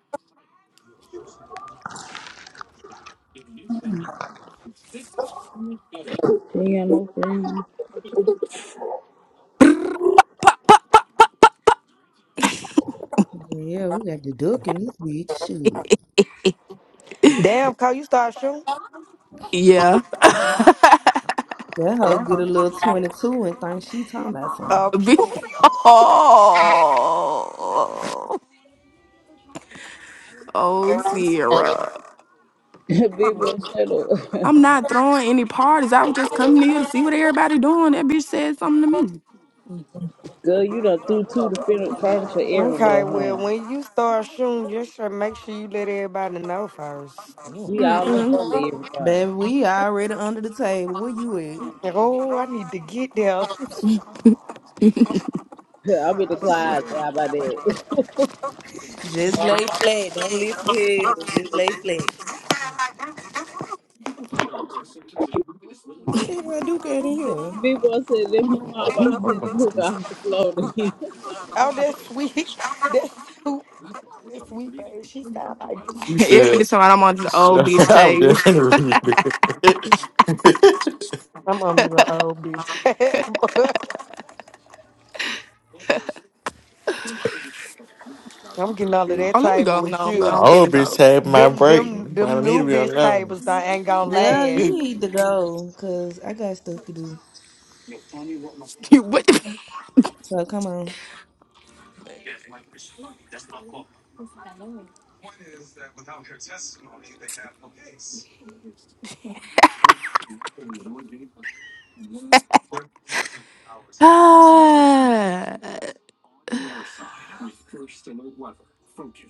Speaker 5: She ain't got no friends.
Speaker 4: Yeah, we got the duck in this bitch. Shit.
Speaker 17: Damn, Kyle, you start shooting?
Speaker 12: Yeah.
Speaker 4: That hoe get a little 22 and think she talking about
Speaker 17: Uh,
Speaker 4: something.
Speaker 12: Be-
Speaker 17: pew pew.
Speaker 12: oh, oh, Sierra.
Speaker 5: Big boy, shut
Speaker 12: I'm
Speaker 5: up.
Speaker 12: not throwing any parties. I was just coming here to see what everybody doing. That bitch said something to me.
Speaker 5: Girl, you done threw two to fin- furniture
Speaker 17: Okay,
Speaker 5: everywhere,
Speaker 17: well,
Speaker 5: honey.
Speaker 17: when you start shooting, just sure make sure you let everybody know first. Damn.
Speaker 5: We all up
Speaker 12: Mm-mm.
Speaker 5: under everything.
Speaker 4: Baby, we already under the table. Where you at?
Speaker 17: Oh, I need to get there.
Speaker 5: I'm in the closet. How about that?
Speaker 4: Just lay flat. Don't lift your head up. Just lay flat. What the hell Duke at in
Speaker 5: Big
Speaker 4: here?
Speaker 5: Big boy said, let me mop my look off the floor. then."
Speaker 17: oh, that's sweet. That's sweet. That's sweet, babe. She sound like
Speaker 3: You said
Speaker 12: Every time I'm on the old bitch
Speaker 3: I was
Speaker 12: table.
Speaker 3: just finna read it.
Speaker 17: I'm under the old bitch. table. I'm getting under that
Speaker 12: Oh, let me
Speaker 17: table
Speaker 12: go.
Speaker 17: with
Speaker 12: No, where
Speaker 3: The
Speaker 17: you.
Speaker 12: I'm finna
Speaker 3: old bitch
Speaker 12: go.
Speaker 3: had my
Speaker 17: Them,
Speaker 3: break. I
Speaker 17: them, them
Speaker 3: don't need
Speaker 17: new
Speaker 3: to be on
Speaker 17: bitch
Speaker 3: that
Speaker 17: tables that ain't gonna
Speaker 4: Yeah,
Speaker 17: last.
Speaker 4: you
Speaker 3: one.
Speaker 4: need to go because I got stuff to do.
Speaker 12: You what? the-
Speaker 4: So come on.
Speaker 12: Ah.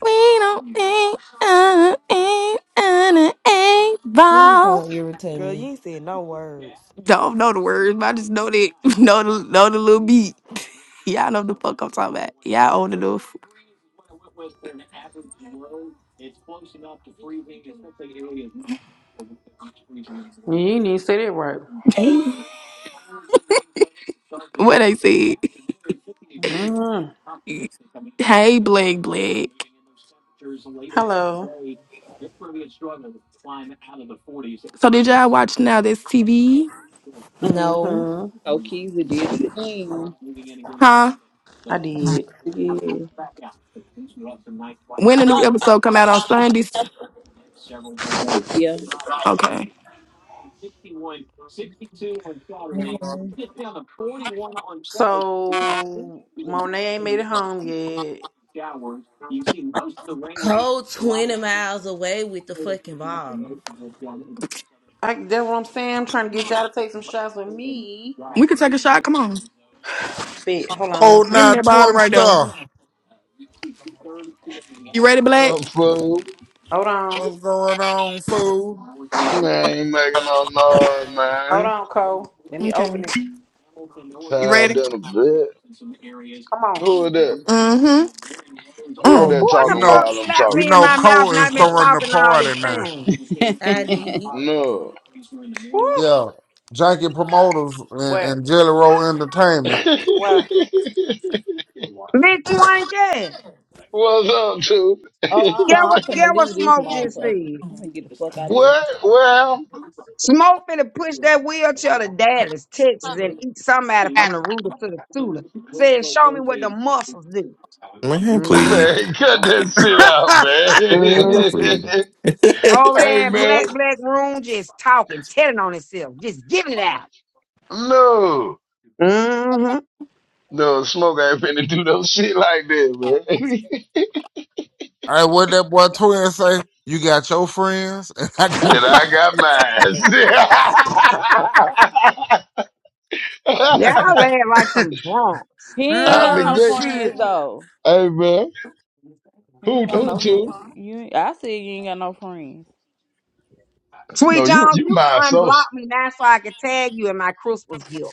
Speaker 12: we don't think uh, ain't an eight
Speaker 4: Please
Speaker 12: ball.
Speaker 4: don't irritate
Speaker 17: Girl, you
Speaker 4: me.
Speaker 17: ain't said no words.
Speaker 12: Don't know the words, but I just know that know the know the little beat. Y'all know the fuck I'm talking about. Y'all old enough.
Speaker 14: You ain't even say that right.
Speaker 12: what they said.
Speaker 14: hmm
Speaker 12: hey, Blake, Blake.
Speaker 14: Hello.
Speaker 12: So did y'all watch now this TV?
Speaker 4: No.
Speaker 14: hmm
Speaker 5: oh, Keezy did it again.
Speaker 12: Huh?
Speaker 14: I did.
Speaker 5: Yeah.
Speaker 12: When the new episode come out on Sundays?
Speaker 5: Yeah.
Speaker 12: Okay.
Speaker 14: So Monet ain't made it home yet.
Speaker 4: Cold 20 miles away with the fucking bottle.
Speaker 12: We
Speaker 14: I, that's what I'm saying. I'm trying to get y'all to take some shots with me.
Speaker 12: can take a shot. Come on.
Speaker 14: Bitch, hold on, let me
Speaker 11: Oh,
Speaker 14: see
Speaker 12: Give me
Speaker 11: now
Speaker 14: some.
Speaker 12: that bottle
Speaker 11: Twim
Speaker 12: right there.
Speaker 11: Star.
Speaker 12: You ready, Black?
Speaker 18: up, fool?
Speaker 14: Hold on,
Speaker 11: What's going on, fool?
Speaker 18: Man, ain't making no noise,
Speaker 14: hold
Speaker 18: man.
Speaker 14: on, Cole. Let me
Speaker 12: Okay.
Speaker 14: open it.
Speaker 12: You
Speaker 18: Tired
Speaker 12: ready?
Speaker 18: in a bit.
Speaker 14: Come on.
Speaker 18: Who is that?
Speaker 12: Mm-hmm.
Speaker 18: Who is
Speaker 11: Oh,
Speaker 1: Who
Speaker 18: that
Speaker 12: Mm.
Speaker 1: in
Speaker 11: you
Speaker 1: the
Speaker 18: talking
Speaker 1: fuck
Speaker 11: know,
Speaker 18: while I'm
Speaker 1: slapped
Speaker 11: you
Speaker 18: talking?
Speaker 1: me in
Speaker 11: know,
Speaker 1: my mouth
Speaker 11: Cole
Speaker 1: and
Speaker 11: is
Speaker 1: I've been
Speaker 11: throwing the
Speaker 1: talking all
Speaker 11: party
Speaker 1: this
Speaker 11: now.
Speaker 1: time?
Speaker 4: I did.
Speaker 18: No.
Speaker 14: Woo!
Speaker 11: Yeah, Janky Promoters and,
Speaker 14: What?
Speaker 11: and Jelly Roll Entertainment.
Speaker 14: What?
Speaker 1: Bitch, one can.
Speaker 18: What's up, too?
Speaker 5: Oh,
Speaker 1: Get
Speaker 5: uh-uh, I'm
Speaker 1: what, get
Speaker 5: finna
Speaker 1: what
Speaker 5: leave this
Speaker 1: Smoke just
Speaker 5: motherfucker.
Speaker 1: said.
Speaker 5: I'm finna get the fuck out
Speaker 18: what? Well,
Speaker 1: Smoke finna push that wheelchair to Dallas, Texas, and eat somebody from the rooter to the suitor. Said, show me what the muscles do.
Speaker 3: Man,
Speaker 1: mm
Speaker 3: please.
Speaker 18: man, cut that shit out, man.
Speaker 1: mm.
Speaker 3: Man, please. I
Speaker 1: Over there
Speaker 18: hey,
Speaker 1: in
Speaker 18: man.
Speaker 1: Black Black Room, just talking, telling on itself, just giving it out.
Speaker 18: No.
Speaker 1: Mm-hmm.
Speaker 18: No, smoke ain't finna do no shit like that, man.
Speaker 11: Hey, what that boy Twin say? You got your friends, and I got.
Speaker 18: and
Speaker 5: this.
Speaker 18: I got
Speaker 1: Yeah, I
Speaker 18: mine.
Speaker 1: laugh like some drunks.
Speaker 5: He ain't
Speaker 18: I'm
Speaker 5: got
Speaker 18: the
Speaker 5: no
Speaker 11: Oh
Speaker 18: gate.
Speaker 11: shit!
Speaker 5: friends though.
Speaker 18: Hey man,
Speaker 5: He
Speaker 18: who
Speaker 5: ain't got
Speaker 18: who
Speaker 5: no
Speaker 18: to?
Speaker 5: friends. You, I said you ain't got no friends.
Speaker 18: You
Speaker 1: Sweet
Speaker 18: know you
Speaker 1: Jones,
Speaker 18: you
Speaker 1: you can
Speaker 18: my
Speaker 1: unblock
Speaker 18: associate.
Speaker 1: me now so I can tag you in my Christmas gift.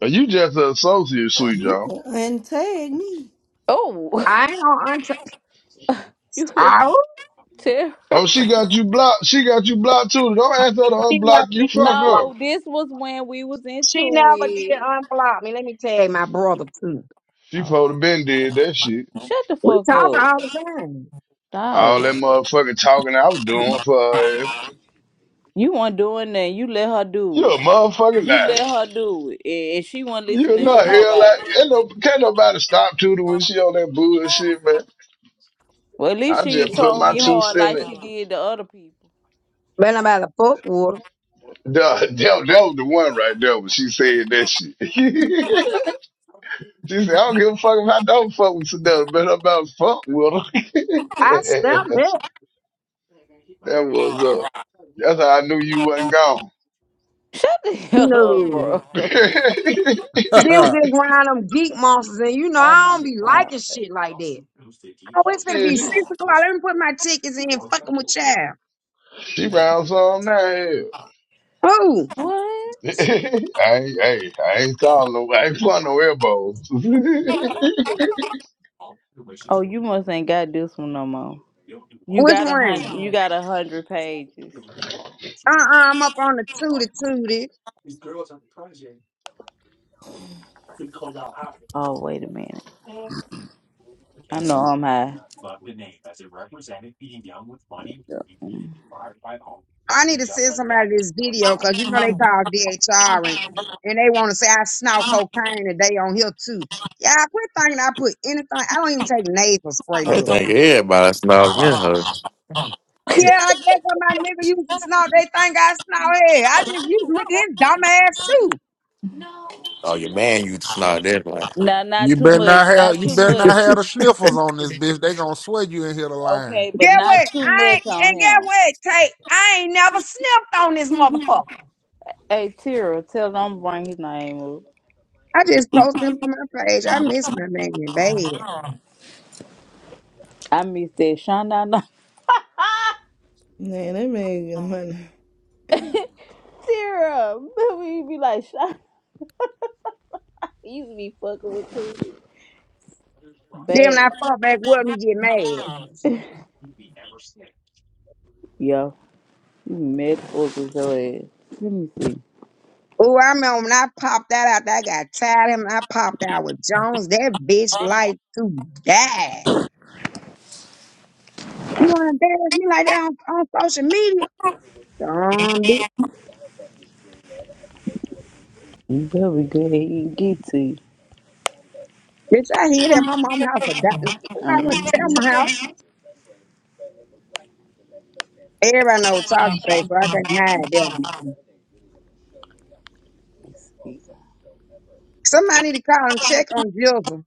Speaker 18: You just an associate, sweet
Speaker 4: You
Speaker 18: John.
Speaker 4: can untag me.
Speaker 5: Oh,
Speaker 1: I ain't gonna unta-
Speaker 5: you here
Speaker 1: I
Speaker 5: too?
Speaker 18: Oh, she got you blocked. She got you blocked too. Don't ask her to unblock you. Fuck her.
Speaker 5: No, this was when we was
Speaker 1: She
Speaker 5: into
Speaker 1: never did
Speaker 5: it.
Speaker 1: unblock me. Let me tell my brother too.
Speaker 18: She
Speaker 5: Hold
Speaker 18: supposed to been did that shit.
Speaker 5: on. Shut the
Speaker 1: We
Speaker 5: fuck
Speaker 1: talk
Speaker 5: up,
Speaker 1: all the time.
Speaker 18: All
Speaker 5: dog.
Speaker 18: that motherfucking talking I was doing for her. ass.
Speaker 5: You weren't doing that. You let her
Speaker 18: You
Speaker 5: do it.
Speaker 18: a motherfucking
Speaker 5: You
Speaker 18: lie.
Speaker 5: let her do it, and and she wasn't
Speaker 18: You
Speaker 5: listening to
Speaker 18: not here
Speaker 5: nobody.
Speaker 18: like ain't no, can't nobody stop Tudor when she on that bullshit, man.
Speaker 5: Well, at least
Speaker 18: I
Speaker 5: she ain't
Speaker 18: just put
Speaker 5: told
Speaker 18: my
Speaker 5: me
Speaker 18: two
Speaker 5: hard
Speaker 18: cents in.
Speaker 5: like
Speaker 18: it.
Speaker 5: she did to other people.
Speaker 1: But nobody fuck with her.
Speaker 18: Duh, That, that was the one right there when she said that shit. She said, I don't give a fuck if I don't fuck with Sedona, but I'm about to fuck with her.
Speaker 1: I stopped that.
Speaker 18: that was up. That's how I knew you wasn't gone.
Speaker 5: Shut the hell up,
Speaker 1: No.
Speaker 5: bro.
Speaker 1: She was just around them geek monsters, and you know
Speaker 5: Oh
Speaker 1: I
Speaker 5: my
Speaker 1: don't be
Speaker 5: god.
Speaker 1: liking shit like that. Oh, it's gonna
Speaker 18: Shit,
Speaker 1: be
Speaker 18: she,
Speaker 1: six o'clock. Let me put my tickets in. Fucking with child.
Speaker 18: she found something now. hell.
Speaker 1: Who?
Speaker 5: What?
Speaker 18: I ain't, hey, I ain't calling no, I ain't pulling no elbows. Ain't
Speaker 5: Oh, you must ain't got this one no more. You
Speaker 1: Which
Speaker 5: got a
Speaker 1: one?
Speaker 5: hundred. You got a hundred pages.
Speaker 1: Uh, uh-uh, I'm up on the tootie tootie.
Speaker 5: Oh wait a minute. I know I'm high.
Speaker 1: I need to send somebody this video because you know they call DHR and, and they want to say I snort cocaine and they on here too. Yeah, I quit thinking I put anything. I don't even take nasal spray, love.
Speaker 3: think everybody snogged this hoe.
Speaker 1: Yeah, I guess when my nigga used to snort. They think I snort head. I just used to look at his dumb ass too.
Speaker 3: Oh, your man, you snogged that one.
Speaker 5: No, not
Speaker 11: You
Speaker 5: too
Speaker 11: better
Speaker 5: much.
Speaker 11: not have
Speaker 5: Not
Speaker 11: you
Speaker 5: too
Speaker 11: better not
Speaker 5: much.
Speaker 11: have the sniffles on this bitch. They gonna swear you in here the line.
Speaker 5: Okay, but
Speaker 1: Get
Speaker 5: not
Speaker 1: what?
Speaker 5: too
Speaker 1: I ain't,
Speaker 5: much on
Speaker 1: and get
Speaker 5: him.
Speaker 1: what, Tate? I ain't never sniffed on this motherfucker.
Speaker 5: Hey, Tira, tell them bring his name up.
Speaker 1: I just post him on my page. I miss my man bad.
Speaker 5: I miss that. Shana, no.
Speaker 4: Man, that man get money.
Speaker 5: Tira, we be like, Shana. He used to be fucking with you.
Speaker 1: Then when
Speaker 5: Babe.
Speaker 1: I fuck back with him, he get mad.
Speaker 5: Yo, you mad fuck with your ass. Let me see.
Speaker 1: Oh, I remember when I popped that out, I got tired of him. I popped out with Jones. That bitch like to die. You want to dance me like that on, on social media? Dumb bitch.
Speaker 5: You better go ahead and get to you.
Speaker 1: Bitch, I hear that my mom house for dying. I
Speaker 5: Mhm.
Speaker 1: went to tell my house. Everybody know what talk today, so I can not hide them. Somebody need to call and check on Jill.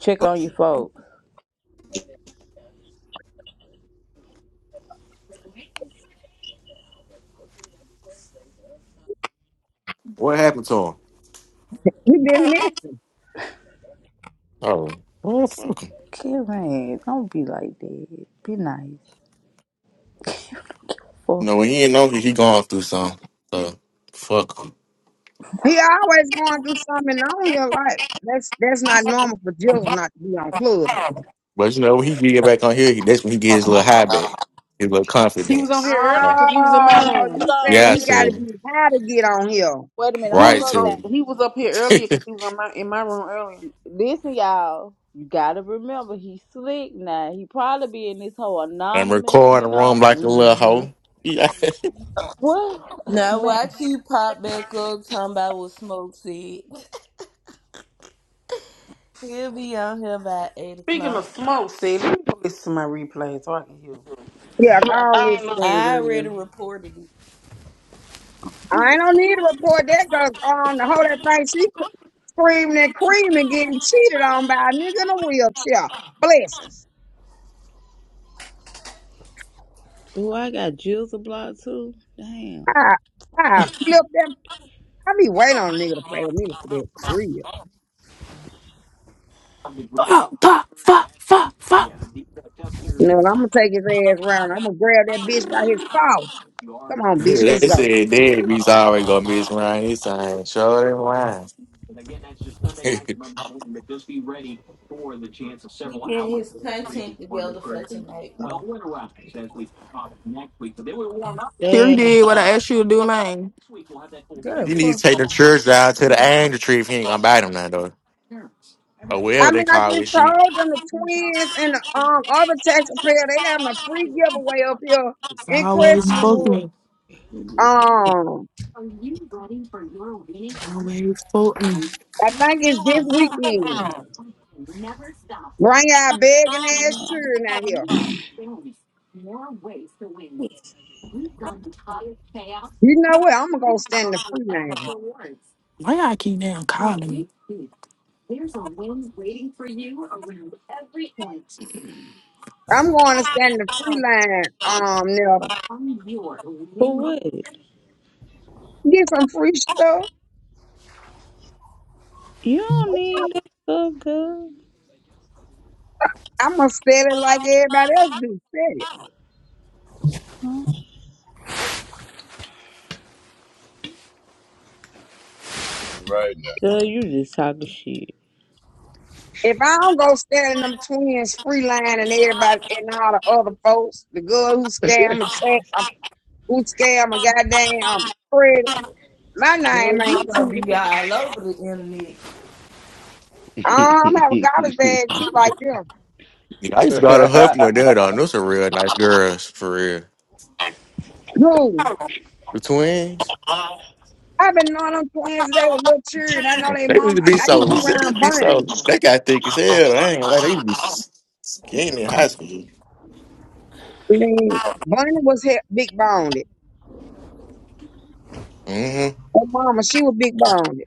Speaker 5: Check on your folks.
Speaker 3: what happened to him?
Speaker 1: You didn't miss it.
Speaker 3: Oh, well, fuck him.
Speaker 5: Karen, don't be like that. Be nice. Fuck.
Speaker 3: No, when he ain't know he, he going through something. So, fuck him.
Speaker 1: He always going through something on in your life. That's that's not normal for Jill not to be on club.
Speaker 3: But you know, when he get back on here, that's when he gets his little high back, his little
Speaker 14: He was on
Speaker 3: confidence.
Speaker 14: here
Speaker 3: You
Speaker 14: earlier
Speaker 3: know?
Speaker 14: because he was in my
Speaker 1: Oh, so
Speaker 5: Hold
Speaker 14: room.
Speaker 1: you
Speaker 5: on,
Speaker 1: saying
Speaker 3: Yeah,
Speaker 5: wait
Speaker 1: he
Speaker 5: a
Speaker 3: to
Speaker 1: got to
Speaker 5: minute.
Speaker 3: him.
Speaker 1: be high to get on here?
Speaker 5: Wait a minute.
Speaker 14: He
Speaker 3: Right
Speaker 5: Hold
Speaker 14: was
Speaker 5: up
Speaker 3: to
Speaker 14: going.
Speaker 5: now.
Speaker 3: him.
Speaker 14: He was up here earlier because he was on my in my room earlier.
Speaker 5: Listen, y'all. You gotta remember, he slick now. He probably be in this whole
Speaker 3: and
Speaker 5: anonymous,
Speaker 3: record in
Speaker 5: you
Speaker 3: the room
Speaker 5: know?
Speaker 3: like a little
Speaker 14: hmm
Speaker 3: hoe. Yeah.
Speaker 5: What?
Speaker 4: Now
Speaker 5: Man,
Speaker 4: watch he pop back up talking about what Smoke said. He'll be on here by 8
Speaker 14: Speaking
Speaker 4: o'clock.
Speaker 14: of smoke, see, let me go listen to my replay so I can hear.
Speaker 1: Yeah, all this thing,
Speaker 4: I already
Speaker 1: girl.
Speaker 4: reported it.
Speaker 5: you
Speaker 1: I don't need to report that because um, the whole that thing she cr- screaming and creaming, getting cheated on by a nigga in a wheelchair. Blessings.
Speaker 5: Ooh, I got Jill's a block too. Damn.
Speaker 1: I I flip them. I be waiting on a nigga to play with me for that for real. You
Speaker 12: Fuck, fuck, fuck, fuck, fuck.
Speaker 1: No, I'm gonna take his ass around. I'm gonna grab that bitch by his collar. Come on, bitch, let's
Speaker 3: they
Speaker 1: go.
Speaker 3: said deadbeats always gonna be his
Speaker 5: Oh
Speaker 3: line. He's saying, show them line. he
Speaker 4: He getting his content together for tonight.
Speaker 12: Terry
Speaker 5: damn.
Speaker 12: did what I asked you to do, man.
Speaker 4: Girl,
Speaker 3: need to
Speaker 4: fuck.
Speaker 3: take the church down to the angel tree if he ain't gonna buy them now though. Or whatever
Speaker 1: I
Speaker 3: they
Speaker 1: mean, I
Speaker 3: call
Speaker 1: just
Speaker 3: this shit.
Speaker 1: told them the twins and the um all other taxpayer they having a free giveaway up here
Speaker 12: It's
Speaker 1: in
Speaker 12: always fuck
Speaker 1: Crestwood.
Speaker 12: me.
Speaker 1: Um,
Speaker 12: Always fuck me.
Speaker 1: I think it's this weekend. Bring our begging ass children out here. You know what? I'm gonna go stand in the free line.
Speaker 12: Why y'all keep damn calling me?
Speaker 1: I'm going to stand in the free line. Um, Nelda,
Speaker 5: For what?
Speaker 1: get some free stuff.
Speaker 5: You don't need that stuff, girl.
Speaker 1: I'm gonna sell it like everybody else do. Sell it.
Speaker 5: Huh?
Speaker 18: right now.
Speaker 5: Girl, you just talking shit.
Speaker 1: If I don't go standing them twins free line and everybody and all the other folks, the girl who scam and tech, uh, who scam a goddamn credit, my
Speaker 4: you.
Speaker 1: name
Speaker 4: Girl,
Speaker 1: ain't
Speaker 4: you gonna
Speaker 1: Tudor.
Speaker 4: be all over the internet.
Speaker 1: Um, I have a garbage bag too, like them.
Speaker 3: Yeah, I used to go to Huffman there though. and Those are real nice girls for real.
Speaker 1: Who?
Speaker 3: The twins.
Speaker 1: I've been knowing them twins they were little children. I know they
Speaker 3: They need
Speaker 1: mom.
Speaker 3: to
Speaker 1: I,
Speaker 3: be
Speaker 1: I used to
Speaker 3: so.
Speaker 1: be
Speaker 3: They need to
Speaker 1: around
Speaker 3: be
Speaker 1: Bunny.
Speaker 3: so. They got thick as hell. I ain't gonna lie. They used to be s- skinny in high school.
Speaker 1: I mean, Bunny was he- big boned. Her
Speaker 3: hmm
Speaker 1: mama, she was big boned.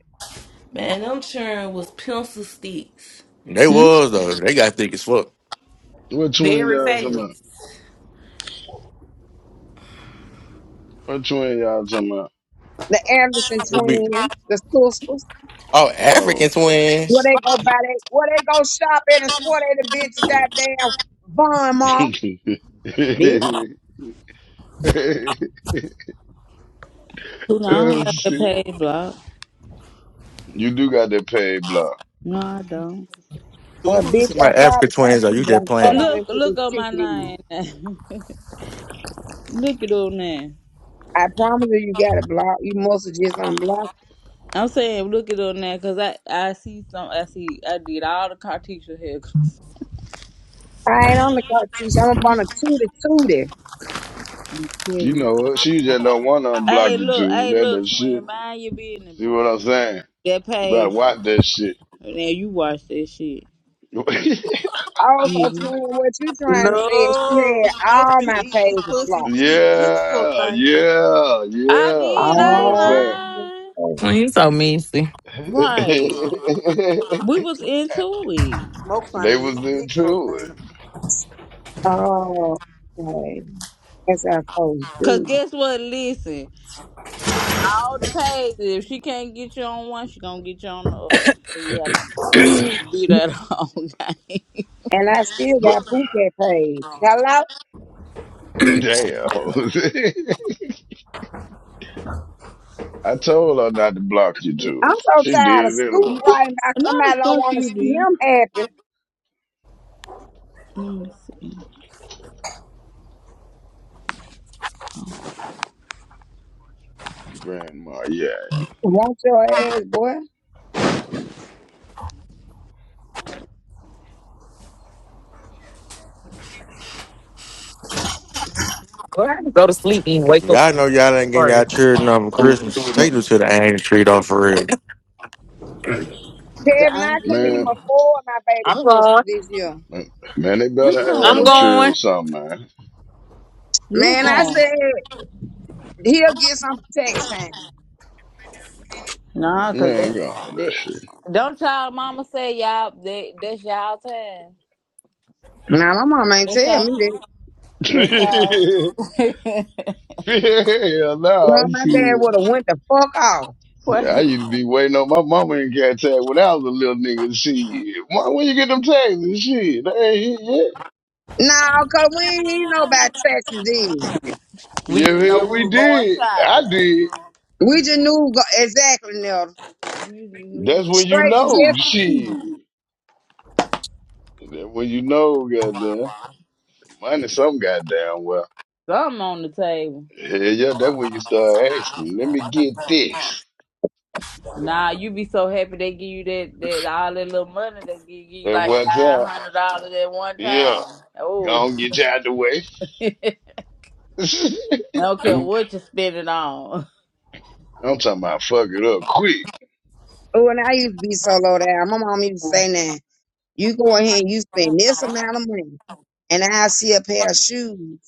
Speaker 4: Man, them children was pencil sticks.
Speaker 3: They
Speaker 5: Hmm?
Speaker 3: was though. They got thick as fuck.
Speaker 18: what twin
Speaker 4: Very
Speaker 18: y'all talking about?
Speaker 4: fast.
Speaker 18: What twin y'all talking about?
Speaker 1: The Anderson
Speaker 3: It'd Be,
Speaker 1: twins, the sisters.
Speaker 3: oh,
Speaker 18: Oh.
Speaker 3: African
Speaker 1: Where
Speaker 3: twins.
Speaker 1: they go buy they, where they go shop at and swore they the bitch goddamn Von Mar. Bitch.
Speaker 5: Who know, I don't
Speaker 18: oh
Speaker 5: have the
Speaker 18: shit.
Speaker 5: page block.
Speaker 18: You do got that paid block.
Speaker 5: No, I don't.
Speaker 1: Well,
Speaker 3: Who who you
Speaker 1: bitch,
Speaker 3: talking
Speaker 1: I
Speaker 3: about? African
Speaker 1: probably got
Speaker 3: twins? Are
Speaker 1: you
Speaker 3: you that
Speaker 1: blocked. Hold on,
Speaker 3: playing?
Speaker 5: Look,
Speaker 1: let's get
Speaker 5: look
Speaker 1: this
Speaker 5: on my
Speaker 1: ticket in.
Speaker 5: name. look it on there.
Speaker 1: I promise you, you got it blocked. You must have just unblocked.
Speaker 5: I'm saying look it on there because I, I see some. I see. I did all the Cartesia haircuts.
Speaker 1: I ain't on the car, competition. I'm up on a tootie tootie.
Speaker 5: You
Speaker 18: You
Speaker 5: kidding.
Speaker 18: know it. She just don't want to
Speaker 5: Hey,
Speaker 18: unblock you
Speaker 5: look.
Speaker 18: too.
Speaker 5: Hey,
Speaker 18: That the
Speaker 5: look,
Speaker 18: shit.
Speaker 5: twin. Mind your business,
Speaker 18: See
Speaker 5: bro.
Speaker 18: what I'm saying?
Speaker 5: That
Speaker 18: You better
Speaker 5: page.
Speaker 18: watch that shit.
Speaker 5: Now you watch that shit.
Speaker 1: Also,
Speaker 5: Yeah.
Speaker 1: twin, what you trying to say is she
Speaker 14: No,
Speaker 1: had
Speaker 14: smoke
Speaker 1: all
Speaker 14: finna
Speaker 1: my
Speaker 14: eat some
Speaker 1: pages
Speaker 14: pussy and
Speaker 1: blocked.
Speaker 14: get his dick sucked.
Speaker 18: yeah,
Speaker 14: Ain't it?
Speaker 18: yeah,
Speaker 5: I
Speaker 18: yeah.
Speaker 5: did.
Speaker 18: See what
Speaker 5: I
Speaker 18: I'm
Speaker 5: ain't
Speaker 1: Oh,
Speaker 18: saying?
Speaker 7: Well, you so messy.
Speaker 5: lying. Right. We was into it.
Speaker 14: Smoke trying to
Speaker 18: they
Speaker 14: get
Speaker 18: was
Speaker 14: his dick sucked.
Speaker 18: into
Speaker 14: Ain't it?
Speaker 18: it,
Speaker 1: oh, okay. That's what I supposed
Speaker 5: Cause
Speaker 1: to
Speaker 5: guess what? Listen, all the pages. If she can't get you on one, she gonna get you on the other. So you have to do
Speaker 1: do.
Speaker 5: that all game.
Speaker 1: And I still
Speaker 18: but
Speaker 1: got Phuket page. Hello?
Speaker 18: damn. I told her not to block you too.
Speaker 1: I'm
Speaker 18: She
Speaker 1: so tired of
Speaker 18: did it anyway.
Speaker 1: Scoop writing about
Speaker 5: No, the
Speaker 1: somebody don't
Speaker 5: fuck
Speaker 1: want to
Speaker 5: you
Speaker 1: see
Speaker 5: did.
Speaker 1: him happy.
Speaker 5: Let me see.
Speaker 18: Grandma, yeah,
Speaker 1: Want your ass, boy.
Speaker 7: Well, I can go to sleep and
Speaker 3: If
Speaker 7: wake up
Speaker 3: y'all know y'all ain't getting y'all
Speaker 7: first.
Speaker 3: children up for Christmas, take them
Speaker 5: The
Speaker 3: to the annual tree though for real.
Speaker 1: Kevin, I couldn't even
Speaker 5: angel.
Speaker 18: man,
Speaker 1: afford my baby
Speaker 7: I'm
Speaker 1: Christmas
Speaker 7: going.
Speaker 1: this year.
Speaker 18: man, they
Speaker 5: You
Speaker 18: better have
Speaker 5: come
Speaker 7: I'm
Speaker 18: them
Speaker 5: where?
Speaker 18: cheering
Speaker 7: going.
Speaker 18: something, man.
Speaker 5: You
Speaker 1: Man, I
Speaker 5: going?
Speaker 1: said he'll get some tax time.
Speaker 5: Nah, cause
Speaker 18: Man, got all that
Speaker 5: they,
Speaker 18: shit.
Speaker 5: they don't y'all mama say y'all they that's y'all time.
Speaker 1: Now my mom ain't
Speaker 5: That's
Speaker 1: tell
Speaker 5: y'all
Speaker 1: me that.
Speaker 5: that's
Speaker 18: yeah,
Speaker 5: y'all
Speaker 1: Well,
Speaker 18: no,
Speaker 1: my dad
Speaker 18: shit.
Speaker 1: would have went the fuck off.
Speaker 18: I
Speaker 5: Wait.
Speaker 18: used to be waiting on my mama and get tagged when I was a little nigga. Shit, when, when you get them tags and shit, they ain't hit yet.
Speaker 1: Nah, cause we ain't even know about taxes then.
Speaker 5: We
Speaker 18: Yeah,
Speaker 5: just know
Speaker 18: hell,
Speaker 5: we
Speaker 18: we
Speaker 5: were going
Speaker 18: did. I
Speaker 5: shopping.
Speaker 18: did.
Speaker 1: We just knew go- exactly now.
Speaker 5: We just knew
Speaker 18: That's when you
Speaker 1: Straight to
Speaker 18: know,
Speaker 1: Jeffrey. Keith.
Speaker 18: shit. That's when you know, goddamn. Money, some goddamn well.
Speaker 5: something on the table.
Speaker 18: Hell yeah, that's when you start asking. Let me get this
Speaker 5: Nah, you be so happy they give you that, that all that little money they give you
Speaker 18: at
Speaker 5: like
Speaker 18: one
Speaker 5: five
Speaker 18: time.
Speaker 5: hundred dollars at one
Speaker 18: Yeah,
Speaker 5: time.
Speaker 18: go
Speaker 5: Oh
Speaker 18: on, get you out the way.
Speaker 5: I don't care what you spend it on.
Speaker 18: I'm talking about fuck it up
Speaker 1: Oh, and I used to be so low down. My mom used to say that. You go ahead and you spend this amount of money, and I see a pair of shoes,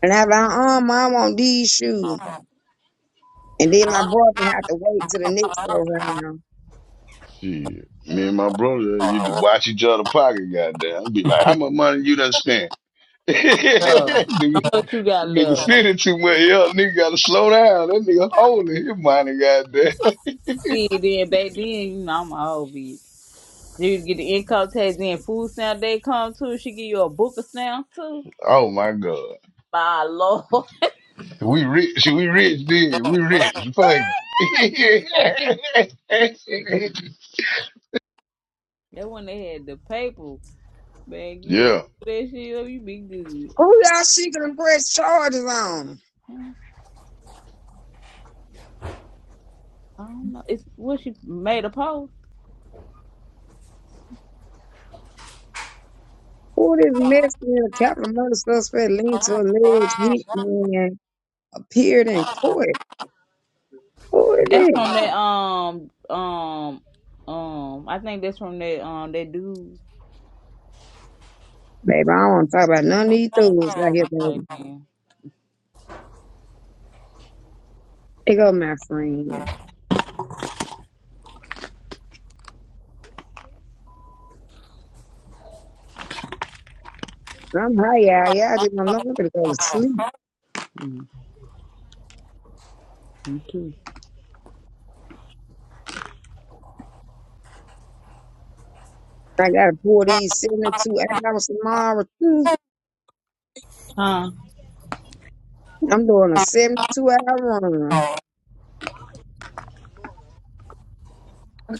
Speaker 1: and I'm like, oh, mom, I want these shoes. And then my brother had to wait till the next go around.
Speaker 18: Shit. Me and my brother, uh, you to watch each other pocket, goddamn. Be like, how much money you done spent?
Speaker 5: Uh,
Speaker 18: nigga,
Speaker 5: what you got
Speaker 18: nigga
Speaker 5: left?
Speaker 18: spending too much. Yo, nigga gotta slow down. That nigga holding his money, goddamn.
Speaker 5: See, then back then, you know, I'm a old bitch. You get the income tax and food stamp they come too. She give you a book of stamps too.
Speaker 18: Oh my god.
Speaker 5: By Lord,
Speaker 18: We rich. We rich, dude. We rich. Fuck. it.
Speaker 5: that when they had the paper, man, you a book
Speaker 18: yeah.
Speaker 5: that shit up, you be good.
Speaker 1: Who y'all she gonna press charges on?
Speaker 5: Hmm, I don't know. It's what she made a post.
Speaker 1: Who this Mexican capital murder suspect linked to alleged hitman appeared in court? Who is
Speaker 5: That's from
Speaker 1: this?
Speaker 5: that um um um. I think that's from that um that dude.
Speaker 1: Baby, I don't want to talk about none of these dudes out here, baby. They go, my friend. I'm high out. Yeah, I just don't know. I'm gonna go to sleep.
Speaker 5: Mm, you do.
Speaker 1: I gotta pour these 72 hours tomorrow too.
Speaker 5: Huh?
Speaker 1: I'm doing a 72 hour run.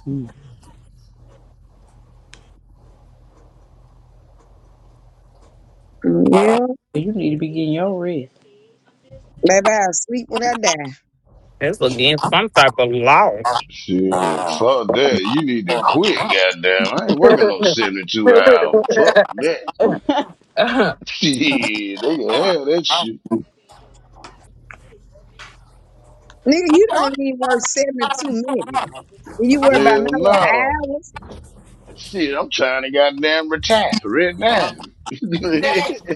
Speaker 5: Mm.
Speaker 1: Yeah.
Speaker 5: You need to be getting your rest.
Speaker 1: Baby, I'll sleep when I die.
Speaker 7: That's against some type of law.
Speaker 18: Shit. Fuck that. You need to quit, goddamn. I ain't working no 72 hours. Fuck that. Shit. They can have that shit.
Speaker 1: Nigga, you don't even work 72 minutes. You worry about
Speaker 18: Hell
Speaker 1: my
Speaker 18: no.
Speaker 1: little hours.
Speaker 18: Shit, I'm trying to goddamn retire right now.
Speaker 4: Fast.
Speaker 18: Shit,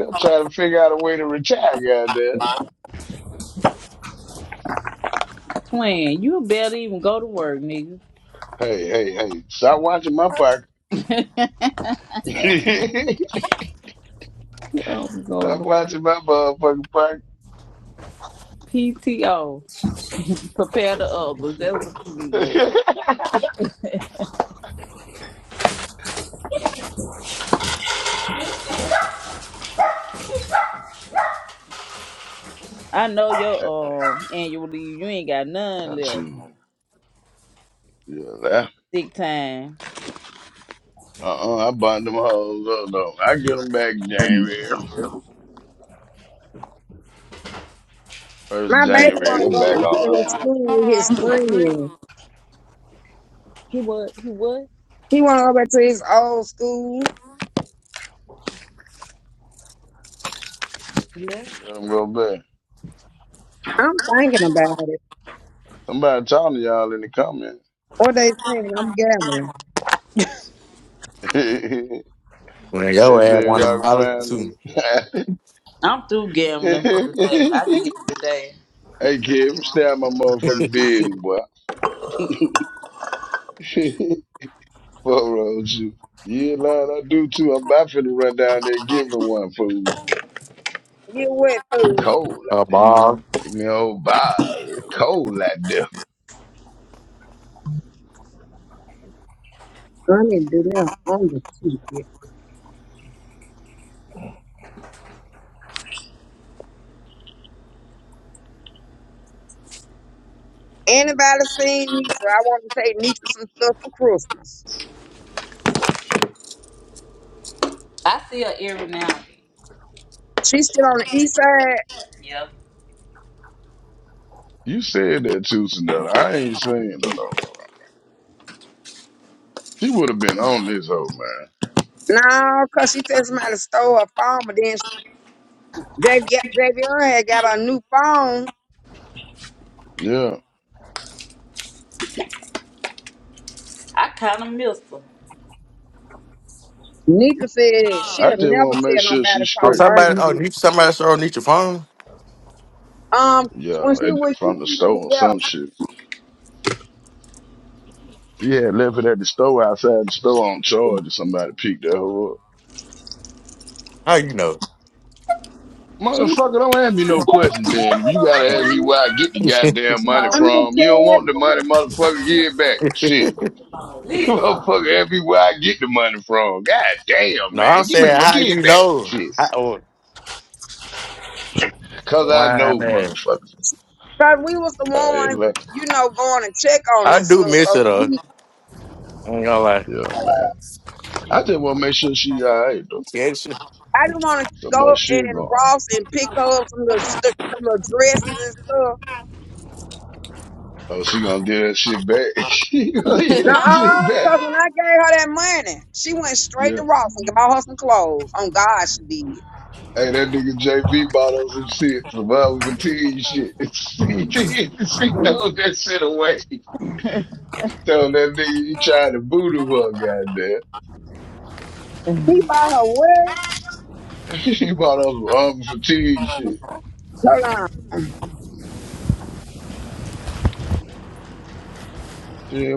Speaker 18: I'm trying to figure out a way to retire, goddamn.
Speaker 5: Twin, you better even go to work, nigga.
Speaker 18: Hey, hey, hey, stop watching my park. stop
Speaker 5: oh, go to
Speaker 18: watching my motherfucking park.
Speaker 5: PTO. Prepare the others. That's what you be doing. I know your um annual leave. You ain't got none
Speaker 18: That's
Speaker 5: left.
Speaker 18: you. Yeah, that.
Speaker 5: Sick time.
Speaker 18: Uh-uh, I bought them hoes up, though. I get them back January. First
Speaker 1: My baby
Speaker 18: January,
Speaker 1: wanna
Speaker 18: they
Speaker 1: go back
Speaker 18: back on
Speaker 1: to
Speaker 18: them.
Speaker 1: his school with his friends.
Speaker 5: He what? He what?
Speaker 1: He wanna go back to his old school.
Speaker 5: You
Speaker 18: Let them go back.
Speaker 1: I'm thinking about it.
Speaker 18: Somebody talking to y'all in the comments.
Speaker 1: What they think, I'm gambling.
Speaker 18: they
Speaker 3: When
Speaker 18: say
Speaker 3: your ass
Speaker 18: if
Speaker 3: want a
Speaker 18: y'all
Speaker 5: what?
Speaker 18: can
Speaker 3: bottle
Speaker 18: find
Speaker 3: too,
Speaker 18: it.
Speaker 5: I'm through
Speaker 18: hey
Speaker 5: gambling for the day. I did it today.
Speaker 18: kid, stab my motherfucking beard, boy. Fuck wrong with you. Yeah, Lord, I do too. I'm about finna run down there and give me one food.
Speaker 1: Get wet
Speaker 18: It's
Speaker 1: fool?
Speaker 18: cold. out-
Speaker 3: a ball.
Speaker 18: Give me a whole bottle. It's cold out there.
Speaker 1: I need to do that on the ticket. Anybody seen Nitra? I want to take Nitra some stuff for Christmas.
Speaker 5: I see her every now and then.
Speaker 1: She still on the east side?
Speaker 5: Yep.
Speaker 18: You said that too, Sonella. I ain't saying it though. She would have been on this old man.
Speaker 1: No, because she said somebody stole her phone, but then Jav- Javion had got her new phone.
Speaker 18: Yeah.
Speaker 5: I kind of miss her.
Speaker 1: Nika said
Speaker 18: I
Speaker 1: she'll
Speaker 18: just
Speaker 1: never
Speaker 18: want to make
Speaker 1: tell
Speaker 18: sure
Speaker 1: nobody
Speaker 18: she's
Speaker 1: from
Speaker 3: Oh,
Speaker 1: the
Speaker 18: straight.
Speaker 3: somebody. Oh, you
Speaker 1: Birmingham.
Speaker 3: somebody saw on your phone.
Speaker 1: Um,
Speaker 18: Yeah,
Speaker 1: when she
Speaker 18: at the-
Speaker 1: was
Speaker 18: from the
Speaker 1: kicking them,
Speaker 18: store or
Speaker 1: yeah,
Speaker 18: some shit. She had left it at the store outside the store on charge and somebody picked that hoe up.
Speaker 3: How you know?
Speaker 1: she, she
Speaker 18: Motherfucker, don't ask me
Speaker 1: kept in
Speaker 18: no questions
Speaker 1: touch
Speaker 18: then. If
Speaker 1: with
Speaker 18: you
Speaker 1: her
Speaker 18: gotta ask me
Speaker 1: twin.
Speaker 18: where I get the goddamn money
Speaker 1: I mean,
Speaker 18: from, you don't want the
Speaker 1: because
Speaker 18: money, motherfucker, give it back. Shit. motherfucker, ask me where I get the money from. God damn,
Speaker 3: No,
Speaker 18: man.
Speaker 3: I'm
Speaker 18: Give me the
Speaker 3: saying how
Speaker 18: give it
Speaker 3: you
Speaker 18: back.
Speaker 3: know.
Speaker 18: Shit.
Speaker 3: How, oh,
Speaker 18: Cause I know
Speaker 3: lying ass.
Speaker 18: motherfuckers.
Speaker 1: we was the
Speaker 18: Man,
Speaker 1: ones,
Speaker 18: like-
Speaker 1: you know, going to check on
Speaker 3: I
Speaker 1: this
Speaker 3: do
Speaker 1: stuff.
Speaker 3: miss
Speaker 1: So
Speaker 3: it though.
Speaker 1: we,
Speaker 3: I ain't gonna lie.
Speaker 18: Yeah, man. I just wanna make sure she alright though.
Speaker 3: Yeah, shit.
Speaker 1: I didn't want to
Speaker 18: So
Speaker 1: go
Speaker 18: much
Speaker 1: in
Speaker 18: shit going on.
Speaker 1: Ross and pick her up some little, st- some little dresses and stuff.
Speaker 18: Oh, she gonna do that shit back. she gonna get
Speaker 1: No,
Speaker 18: that shit back.
Speaker 1: because when I gave her that money, she went straight
Speaker 18: Yeah.
Speaker 1: to Ross and bought her some clothes. On God, she did.
Speaker 18: Hey, that nigga JV bought us some shit, survival fatigue shit. she, did. she throw that shit away. Tell that nigga he tried to voodoo her, goddamn.
Speaker 1: He bought her what?
Speaker 18: She bought us some um, fatigue shit.
Speaker 1: Hold on.
Speaker 18: Shit,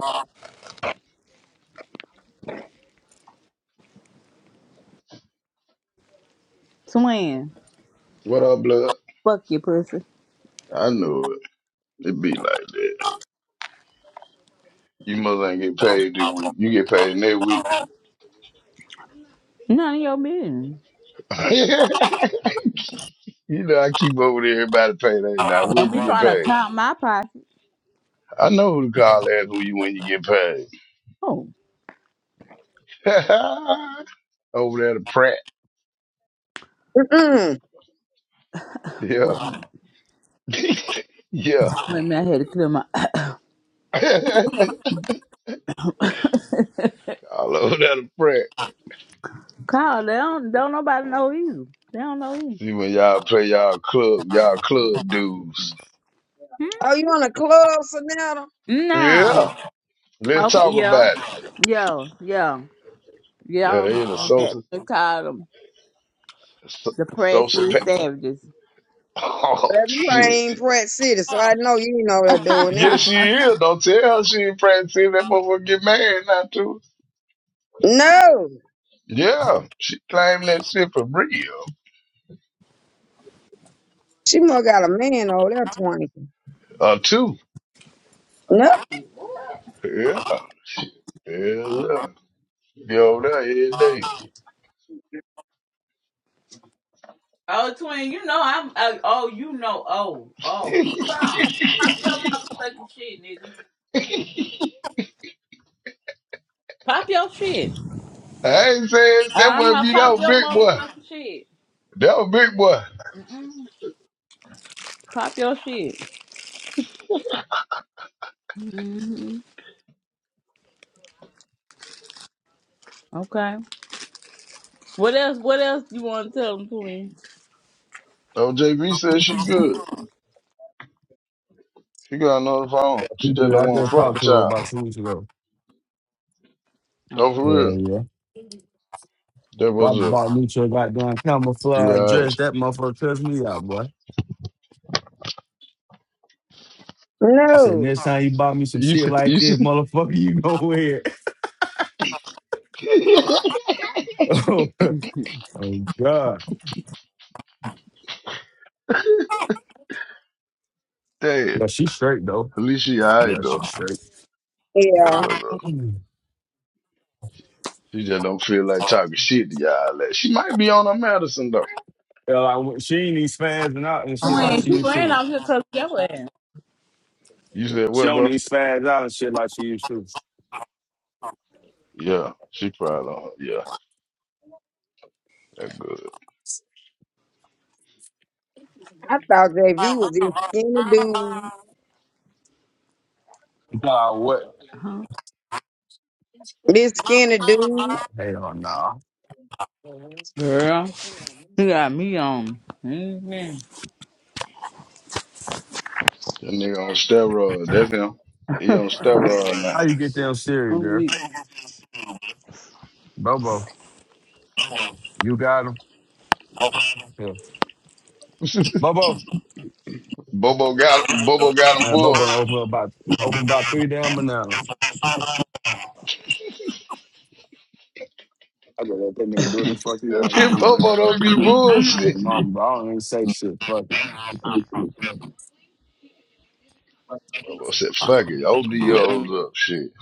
Speaker 5: Swing.
Speaker 18: what up, blood?
Speaker 5: Fuck you, pussy.
Speaker 18: I know it. It be like that. You must ain't get paid this week. You get paid next week.
Speaker 5: None of your business.
Speaker 18: you know, I keep up with everybody payday now. When
Speaker 5: Don't be
Speaker 18: you get
Speaker 5: trying to
Speaker 18: paid?
Speaker 5: count my pocket.
Speaker 18: I know who to call ask who you when you get paid.
Speaker 5: Oh,
Speaker 18: Over there to Pratt.
Speaker 1: Mm-mm.
Speaker 18: Yeah.
Speaker 5: wait,
Speaker 18: yeah.
Speaker 5: wait a minute. I had to clear my
Speaker 18: I love that a prank.
Speaker 5: call. They don't, don't nobody know you. They don't know you.
Speaker 18: See when y'all play y'all club, y'all club dudes.
Speaker 1: Oh, you on a club, Sonata?
Speaker 5: Hmm? No.
Speaker 18: Yeah. Let's
Speaker 5: Okay,
Speaker 18: talk
Speaker 5: yeah.
Speaker 18: about it.
Speaker 5: Yeah, yeah. Yeah,
Speaker 18: Yeah,
Speaker 5: I'm,
Speaker 18: they in a
Speaker 5: I'm
Speaker 18: social, so-
Speaker 5: Suppress
Speaker 18: social
Speaker 5: these
Speaker 18: pack.
Speaker 5: savages.
Speaker 18: Oh,
Speaker 1: Baby, you
Speaker 18: shit.
Speaker 1: ain't Pratt City, so I know you ain't over there doing that.
Speaker 18: Yes, she is. Don't tell her she ain't practicing that motherfucker get married now, too.
Speaker 1: No.
Speaker 18: Yeah. She claimed that shit for real.
Speaker 1: She must got a man over there twanking.
Speaker 18: Uh, too.
Speaker 1: No,
Speaker 5: What? What?
Speaker 18: Yeah. Yeah, yeah. Be over there every day.
Speaker 5: Oh, twin, you know I'm. Uh, oh, you know. Oh, oh. Pop your motherfucking shit, nigga. Pop your shit. Uh
Speaker 18: I ain't saying that wasn't
Speaker 5: huh.
Speaker 18: be that
Speaker 5: Pop
Speaker 18: was
Speaker 5: your
Speaker 18: big boy.
Speaker 5: motherfucking shit.
Speaker 18: That was big boy.
Speaker 5: Pop your shit. hmm Okay. What else? What else you want to tell them, twin?
Speaker 18: Oh, JB said she good. She got another phone.
Speaker 19: He
Speaker 18: She just
Speaker 19: good.
Speaker 18: don't
Speaker 19: I
Speaker 18: want to
Speaker 19: just
Speaker 18: fuck
Speaker 19: talked
Speaker 18: with
Speaker 19: to her
Speaker 18: y'all.
Speaker 19: about two weeks ago.
Speaker 18: Don't
Speaker 5: Okay.
Speaker 18: for
Speaker 19: Yeah,
Speaker 18: real.
Speaker 19: yeah.
Speaker 18: That
Speaker 19: Why
Speaker 18: was a
Speaker 19: bought Nutra goddamn
Speaker 18: she
Speaker 19: camouflage
Speaker 18: alright.
Speaker 19: dress? That motherfucker cussed me out, boy. He said,
Speaker 1: no.
Speaker 19: next time you buy me some
Speaker 18: You
Speaker 19: shit
Speaker 18: said
Speaker 19: like
Speaker 18: you
Speaker 19: this,
Speaker 18: said
Speaker 19: motherfucker, you know where. oh, God.
Speaker 18: Damn.
Speaker 19: Yeah, she's straight, though.
Speaker 18: At least she alright
Speaker 19: Yeah,
Speaker 18: though.
Speaker 19: she's straight.
Speaker 18: That
Speaker 1: Yeah.
Speaker 18: was up.
Speaker 19: yeah,
Speaker 18: She just don't feel like talking shit to y'all. Like, she might be on her medicine though.
Speaker 19: like, when- she ain't even spazzing out and shit
Speaker 5: Twin,
Speaker 19: like
Speaker 5: Um,
Speaker 19: she
Speaker 5: she
Speaker 19: used
Speaker 5: ran
Speaker 19: to.
Speaker 5: out here here 'cause your ass.
Speaker 18: You said
Speaker 19: She
Speaker 18: what,
Speaker 19: don't
Speaker 18: bro?
Speaker 19: even spazz out and shit like she used to.
Speaker 18: Yeah, she probably on her. Yeah, that good.
Speaker 1: I thought JV was this skinny dude.
Speaker 19: Nah, what?
Speaker 5: huh?
Speaker 1: This skinny dude.
Speaker 19: Hell nah.
Speaker 5: Girl, you got me on. Mhm.
Speaker 18: That nigga on steroids. That's him. He on steroids now.
Speaker 19: How you get down Siri,
Speaker 5: I'm
Speaker 19: girl?
Speaker 5: weak.
Speaker 19: Bobo, you got him. Yeah. Bobo,
Speaker 18: Bobo got Bobo got him
Speaker 19: man, Bobo
Speaker 18: bull.
Speaker 19: done open up about open about three damn bananas. I gotta let that nigga do what the fuck he
Speaker 18: If
Speaker 19: want to do, bro.
Speaker 18: Bobo don't be
Speaker 19: I'm
Speaker 18: bullshit.
Speaker 19: like, mom, bro, I don't even say shit. Fuck
Speaker 18: Bobo
Speaker 19: it.
Speaker 18: said, fuck it, open these hoes up, shit.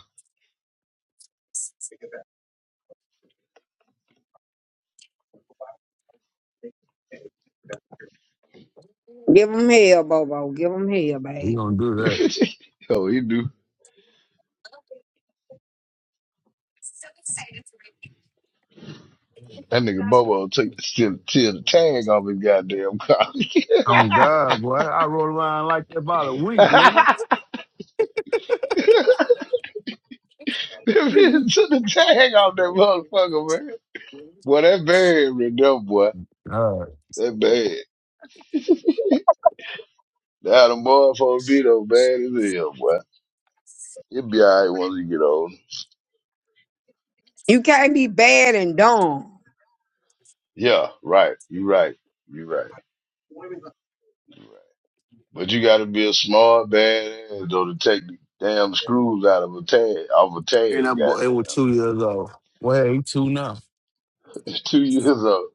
Speaker 1: Give him hell, Bobo. Give him hell,
Speaker 19: He
Speaker 1: baby.
Speaker 19: gonna do that.
Speaker 18: Yo, he do. That nigga Bobo take the steal, tear the tag off his goddamn car.
Speaker 19: Oh God, boy, I rode around like that about a week, nigga.
Speaker 18: Bitch Took the tag off that motherfucker, man. Boy, that bad, Rendell, boy.
Speaker 19: God.
Speaker 18: That bad. That the motherfucker Vito bad as hell, boy. You'll be alright once you get old.
Speaker 1: You can't be bad and dumb.
Speaker 18: Yeah, right. You right. You right. You right. But you gotta be a smart badass though to take the damn screws out of a tag off a
Speaker 19: And that
Speaker 18: tag,
Speaker 19: boy, it
Speaker 18: goddamn.
Speaker 19: was two years old. Well, he two now.
Speaker 18: two years old.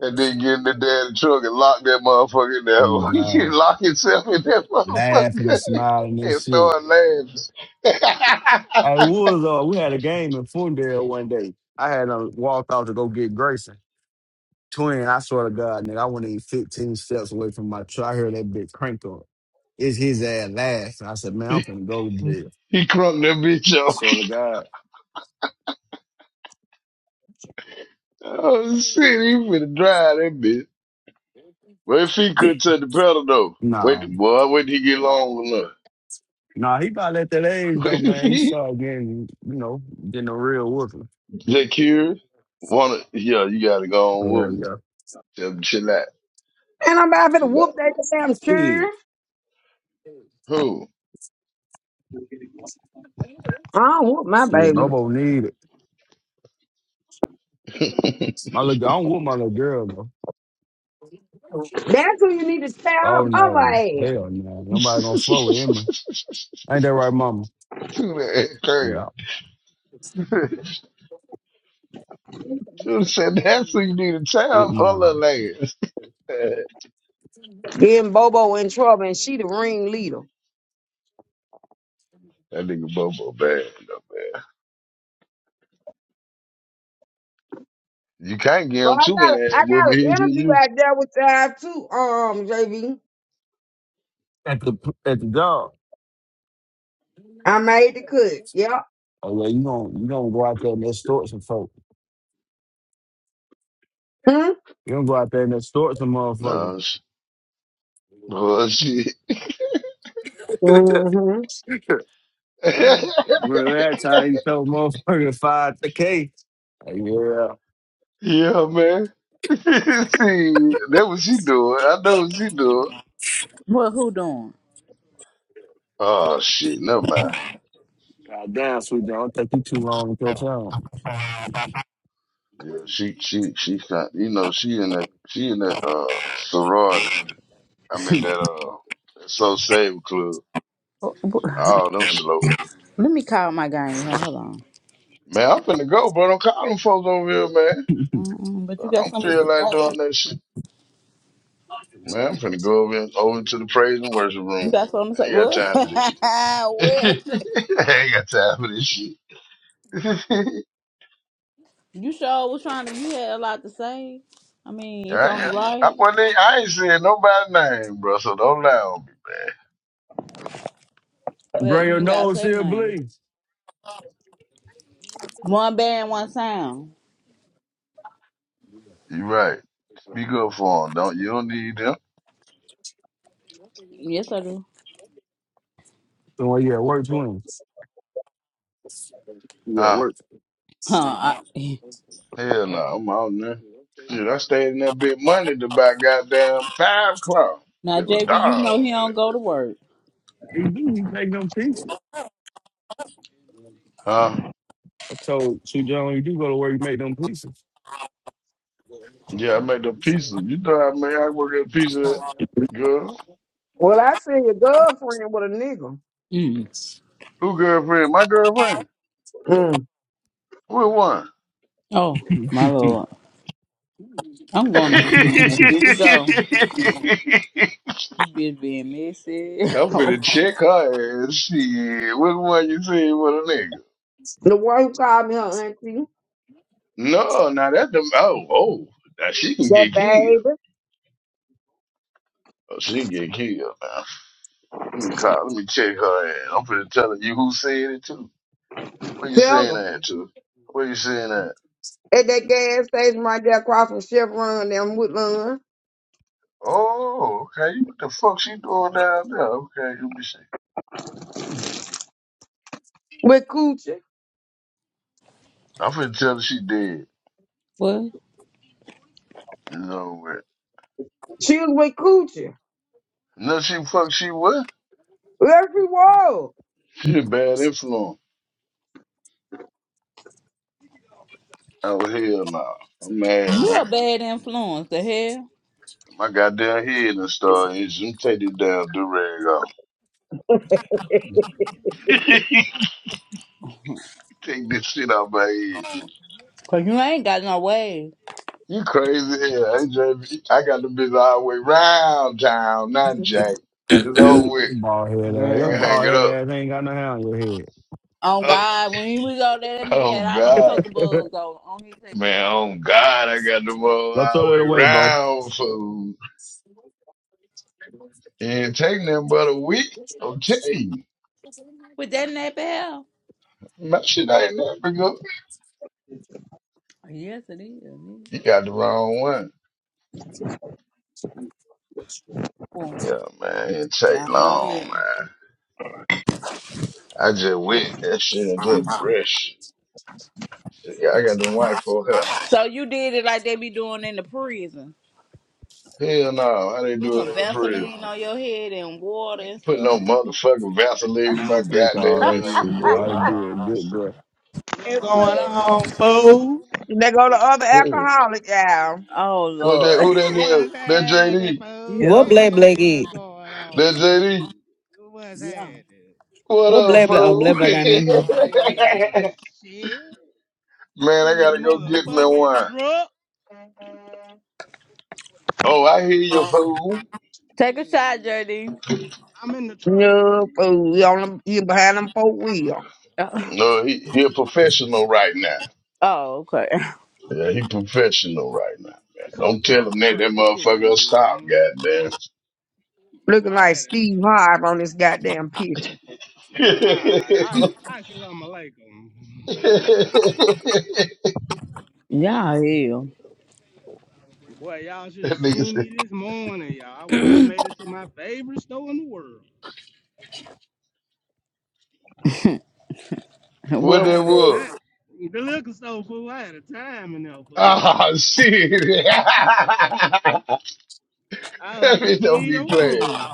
Speaker 18: And then get in the damn truck and lock that motherfucker in there.
Speaker 19: Mm,
Speaker 18: you should
Speaker 19: God,
Speaker 18: lock yourself in that
Speaker 19: laughing and
Speaker 18: motherfucker
Speaker 19: smiling and
Speaker 18: and
Speaker 19: shit.
Speaker 18: start
Speaker 19: I
Speaker 18: laughing.
Speaker 19: was uh, we had a game in Fundale one day. I had uh, walked out to go get Grayson. Twin, I swear to God, nigga, I went in 15 steps away from my truck. I heard that bitch crank up. It's his ass last. I said, man, I'm finna go to jail.
Speaker 18: he, he crunked that bitch up.
Speaker 19: Swear to God.
Speaker 18: Oh shit, he finna drive that bitch. But if he could touch the pedal though, wait,
Speaker 19: Nah.
Speaker 18: boy, wait till he get long enough.
Speaker 19: Nah, he about at that age though,
Speaker 18: Wait if
Speaker 19: man. He
Speaker 18: he
Speaker 19: started getting, you know, getting a real whooping.
Speaker 18: Zakir wanna yeah, you gotta go on
Speaker 19: Oh,
Speaker 18: with him.
Speaker 19: yeah,
Speaker 18: Tell him chill out,
Speaker 1: And I'm about to
Speaker 18: chill
Speaker 1: whoop
Speaker 18: out.
Speaker 1: that damn
Speaker 19: yeah.
Speaker 1: chair.
Speaker 19: Shit.
Speaker 18: Who?
Speaker 1: I don't whoop my
Speaker 19: Shit,
Speaker 1: baby.
Speaker 19: Bobo need it. My little girl, I don't want my little girl,
Speaker 1: That's who you need to tear up
Speaker 19: Oh
Speaker 1: her
Speaker 19: no,
Speaker 1: ass.
Speaker 19: hell no, nobody gonna fuck with Emma. Ain't that right, Mama?
Speaker 18: Too that
Speaker 19: Yeah,
Speaker 18: Should have said that's what you need to
Speaker 19: it,
Speaker 18: tell for
Speaker 19: nah.
Speaker 18: little ass. that
Speaker 1: Getting Bobo in trouble and she the ringleader.
Speaker 18: nigga Bobo bad, though, man. You can't give
Speaker 1: So
Speaker 18: him
Speaker 1: I
Speaker 18: too
Speaker 1: got a,
Speaker 18: many
Speaker 1: I
Speaker 18: ass
Speaker 1: got
Speaker 18: women.
Speaker 1: an
Speaker 18: He'll get
Speaker 1: interview out
Speaker 18: used
Speaker 1: there with y'all too, um, JV.
Speaker 19: At the at the job.
Speaker 1: I made the cut. Yeah.
Speaker 19: Oh yeah, you don't you don't go out there and extort some folk.
Speaker 1: Hmm?
Speaker 19: You don't go out there and extort some
Speaker 18: to it.
Speaker 19: motherfuckers.
Speaker 18: No sh- bullshit.
Speaker 1: Mm-hmm.
Speaker 19: Remember that time you told motherfucker five the K? Yeah.
Speaker 18: yeah, man. See, that what she doing. I know what she doing.
Speaker 5: Well, who doing?
Speaker 18: Oh shit, never mind.
Speaker 19: God damn, sweet John, don't take you too long to catch on.
Speaker 18: Yeah, she she she kind you know, she in that she in that uh sorority. I mean that uh that so save club.
Speaker 5: Oh, wh-
Speaker 18: Oh, them slow.
Speaker 5: Let me call my guy. here. Hold on.
Speaker 18: Man, I'm finna go, bro. Don't call them folks over here,
Speaker 5: Mm-mm, but you
Speaker 18: I
Speaker 5: got
Speaker 18: don't
Speaker 5: something to
Speaker 18: feel
Speaker 5: say.
Speaker 18: like doing that shit. Man, I'm finna go over, over to the praise and worship
Speaker 5: You
Speaker 18: room.
Speaker 5: got something to
Speaker 18: I
Speaker 5: say.
Speaker 18: ain't got
Speaker 5: What?
Speaker 18: time for this shit.
Speaker 5: what?
Speaker 18: I ain't got time for this shit. I, ain't
Speaker 5: You sure was trying to. You had a lot to say. I mean, it's only
Speaker 18: got, I,
Speaker 5: right,
Speaker 18: wasn't, even- I ain't saying nobody's name, bro, so don't lie on
Speaker 5: but
Speaker 19: Bring
Speaker 5: you
Speaker 19: your
Speaker 5: didn't got to
Speaker 19: nose
Speaker 5: say
Speaker 19: here,
Speaker 5: nothing.
Speaker 19: please.
Speaker 5: One band, one sound.
Speaker 18: me. You right. Speak up for them. Don't, you don't need them.
Speaker 5: Yes, I do.
Speaker 19: So when you at work twins. You at
Speaker 18: Huh?
Speaker 19: work.
Speaker 5: Huh, I,
Speaker 18: Hell no, I'm out there. Shit, I stayed in that big money to buy goddamn five o'clock.
Speaker 5: Now,
Speaker 18: It was
Speaker 5: JB, you
Speaker 18: dark.
Speaker 5: know he don't go to work.
Speaker 19: You do you make them pieces.
Speaker 18: Huh?
Speaker 19: I told Sue John, you do go to work, you make them pieces.
Speaker 18: Yeah, I made the pizza. You know I made, I work at a pizza. Hut.
Speaker 1: Well, I seen your girlfriend with a nigga.
Speaker 5: Mm.
Speaker 18: Who girlfriend? My girlfriend.
Speaker 1: Mm.
Speaker 18: Who won?
Speaker 5: Oh, my lord. I'm
Speaker 18: I'm
Speaker 5: going to do we go. This bitch being messy.
Speaker 18: finna check her ass. Shit. Which one you seen with a nigga?
Speaker 1: The one who called me her auntie.
Speaker 18: No, now that's the oh oh. Now she can
Speaker 1: That
Speaker 18: get killed.
Speaker 1: baby.
Speaker 18: Oh, she can get killed now. Let me call. Let me check her ass. I'm finna tell you who said it too. Where you
Speaker 1: Tell
Speaker 18: saying
Speaker 1: them.
Speaker 18: that to? Where you saying that?
Speaker 1: At that gas station right there across from Chevron down Woodland.
Speaker 18: Oh, okay. What the fuck she doing down there? Okay, let me see.
Speaker 1: With Coochie.
Speaker 18: I'm finna tell her she dead.
Speaker 5: what?
Speaker 18: You know what?
Speaker 1: She was with Coochie.
Speaker 18: No, she fuck. She what?
Speaker 1: Yes, we was.
Speaker 18: She a bad influence. Oh hell no. I'm mad,
Speaker 5: You
Speaker 18: man.
Speaker 5: a bad influence, the hell?
Speaker 18: My goddamn head and start itching. Take this damn durag off. Take this shit off my head.
Speaker 5: Because you ain't got no way.
Speaker 18: You crazy hell. AJ, I got the bitch all the way round town, not Jack. It's over with.
Speaker 19: bald head ass.
Speaker 18: Ain't
Speaker 19: Your
Speaker 18: gonna
Speaker 5: Girl.
Speaker 18: hang
Speaker 19: bald
Speaker 18: it up.
Speaker 19: head ass ain't got no hair on your head.
Speaker 5: Oh,
Speaker 18: Oh,
Speaker 5: God. When he was out there, that nigga
Speaker 18: oh,
Speaker 5: had all them
Speaker 18: God.
Speaker 5: cooker bugs on, on his head.
Speaker 18: Man, oh God, I got the whole
Speaker 19: Go
Speaker 18: all the
Speaker 19: throw that
Speaker 18: way
Speaker 19: away, Bo.
Speaker 18: round food. Ain't taking them but a week. I'm telling
Speaker 5: Was that in that bell?
Speaker 18: you. My shit ain't never good.
Speaker 5: Yes, it is. nigga.
Speaker 18: You got the wrong one.
Speaker 5: Oh,
Speaker 18: Yeah, man, it take
Speaker 5: Y'all know
Speaker 18: long,
Speaker 5: it.
Speaker 18: man. I just whip that shit and just brush. Shit, Yeah, I got them white folk
Speaker 5: So you did it like they be doing in the prison.
Speaker 18: hair. Hell no, how they
Speaker 5: Put
Speaker 18: do it
Speaker 5: some
Speaker 18: in the prison?
Speaker 5: Vaseline on your head and water and
Speaker 18: Put
Speaker 5: stuff.
Speaker 18: no motherfucking Vaseline
Speaker 19: I
Speaker 18: in my
Speaker 19: don't take all
Speaker 18: goddamn
Speaker 19: that
Speaker 18: head,
Speaker 19: shit. All
Speaker 18: yo.
Speaker 19: it do is
Speaker 5: and
Speaker 19: good
Speaker 20: What's going
Speaker 5: put.
Speaker 20: on, fool?
Speaker 1: And They go to other
Speaker 18: Yeah.
Speaker 1: alcoholic out.
Speaker 5: Oh
Speaker 18: What that?
Speaker 5: Lord.
Speaker 18: Who that is?
Speaker 20: What's
Speaker 18: That
Speaker 20: happening,
Speaker 18: JD?
Speaker 20: fool?
Speaker 5: Yeah.
Speaker 7: what black black
Speaker 20: Hey,
Speaker 7: is?
Speaker 20: what's going on,
Speaker 18: That
Speaker 20: fool?
Speaker 18: JD?
Speaker 20: What's
Speaker 5: Yeah.
Speaker 20: happening?
Speaker 18: What
Speaker 7: What
Speaker 18: up,
Speaker 7: black black? Oh,
Speaker 18: fool?
Speaker 7: black black I mean,
Speaker 20: Man, shit.
Speaker 18: man, I
Speaker 20: In this
Speaker 18: gotta go get me
Speaker 20: motherfucking
Speaker 18: one.
Speaker 20: truck. Man,
Speaker 18: Oh, I hear you, fool.
Speaker 5: Take a shot, JD.
Speaker 20: I'm in the truck, fool.
Speaker 1: No fool. You on the, you behind them four wheel.
Speaker 5: Oh,
Speaker 18: No, he he a professional right now.
Speaker 5: oh, okay.
Speaker 18: Yeah, he professional right now,
Speaker 20: I
Speaker 18: man.
Speaker 20: should have
Speaker 18: Don't tell
Speaker 20: called
Speaker 18: him
Speaker 20: the
Speaker 18: that
Speaker 20: fuck
Speaker 18: that motherfucker
Speaker 20: in,
Speaker 18: will stop,
Speaker 20: man.
Speaker 18: goddamn.
Speaker 20: Boy,
Speaker 1: Looking
Speaker 20: I
Speaker 1: like
Speaker 20: had a
Speaker 1: Steve Harvey on this goddamn picture.
Speaker 20: I I I salam alaikum.
Speaker 5: Yeah, yeah.
Speaker 20: Boy, y'all should have
Speaker 18: that nigga
Speaker 20: seen
Speaker 18: said,
Speaker 20: me this morning, y'all. I, I made it to my favorite store in the world.
Speaker 18: what
Speaker 5: Well,
Speaker 20: I
Speaker 18: that
Speaker 20: had a
Speaker 5: said.
Speaker 18: was?
Speaker 20: time. The liquor store, fool. I had a time in there, fool.
Speaker 18: Ah, shit.
Speaker 20: I
Speaker 18: that
Speaker 20: like a
Speaker 18: bitch don't
Speaker 20: kid
Speaker 18: be
Speaker 20: on
Speaker 18: playing.
Speaker 20: chroma.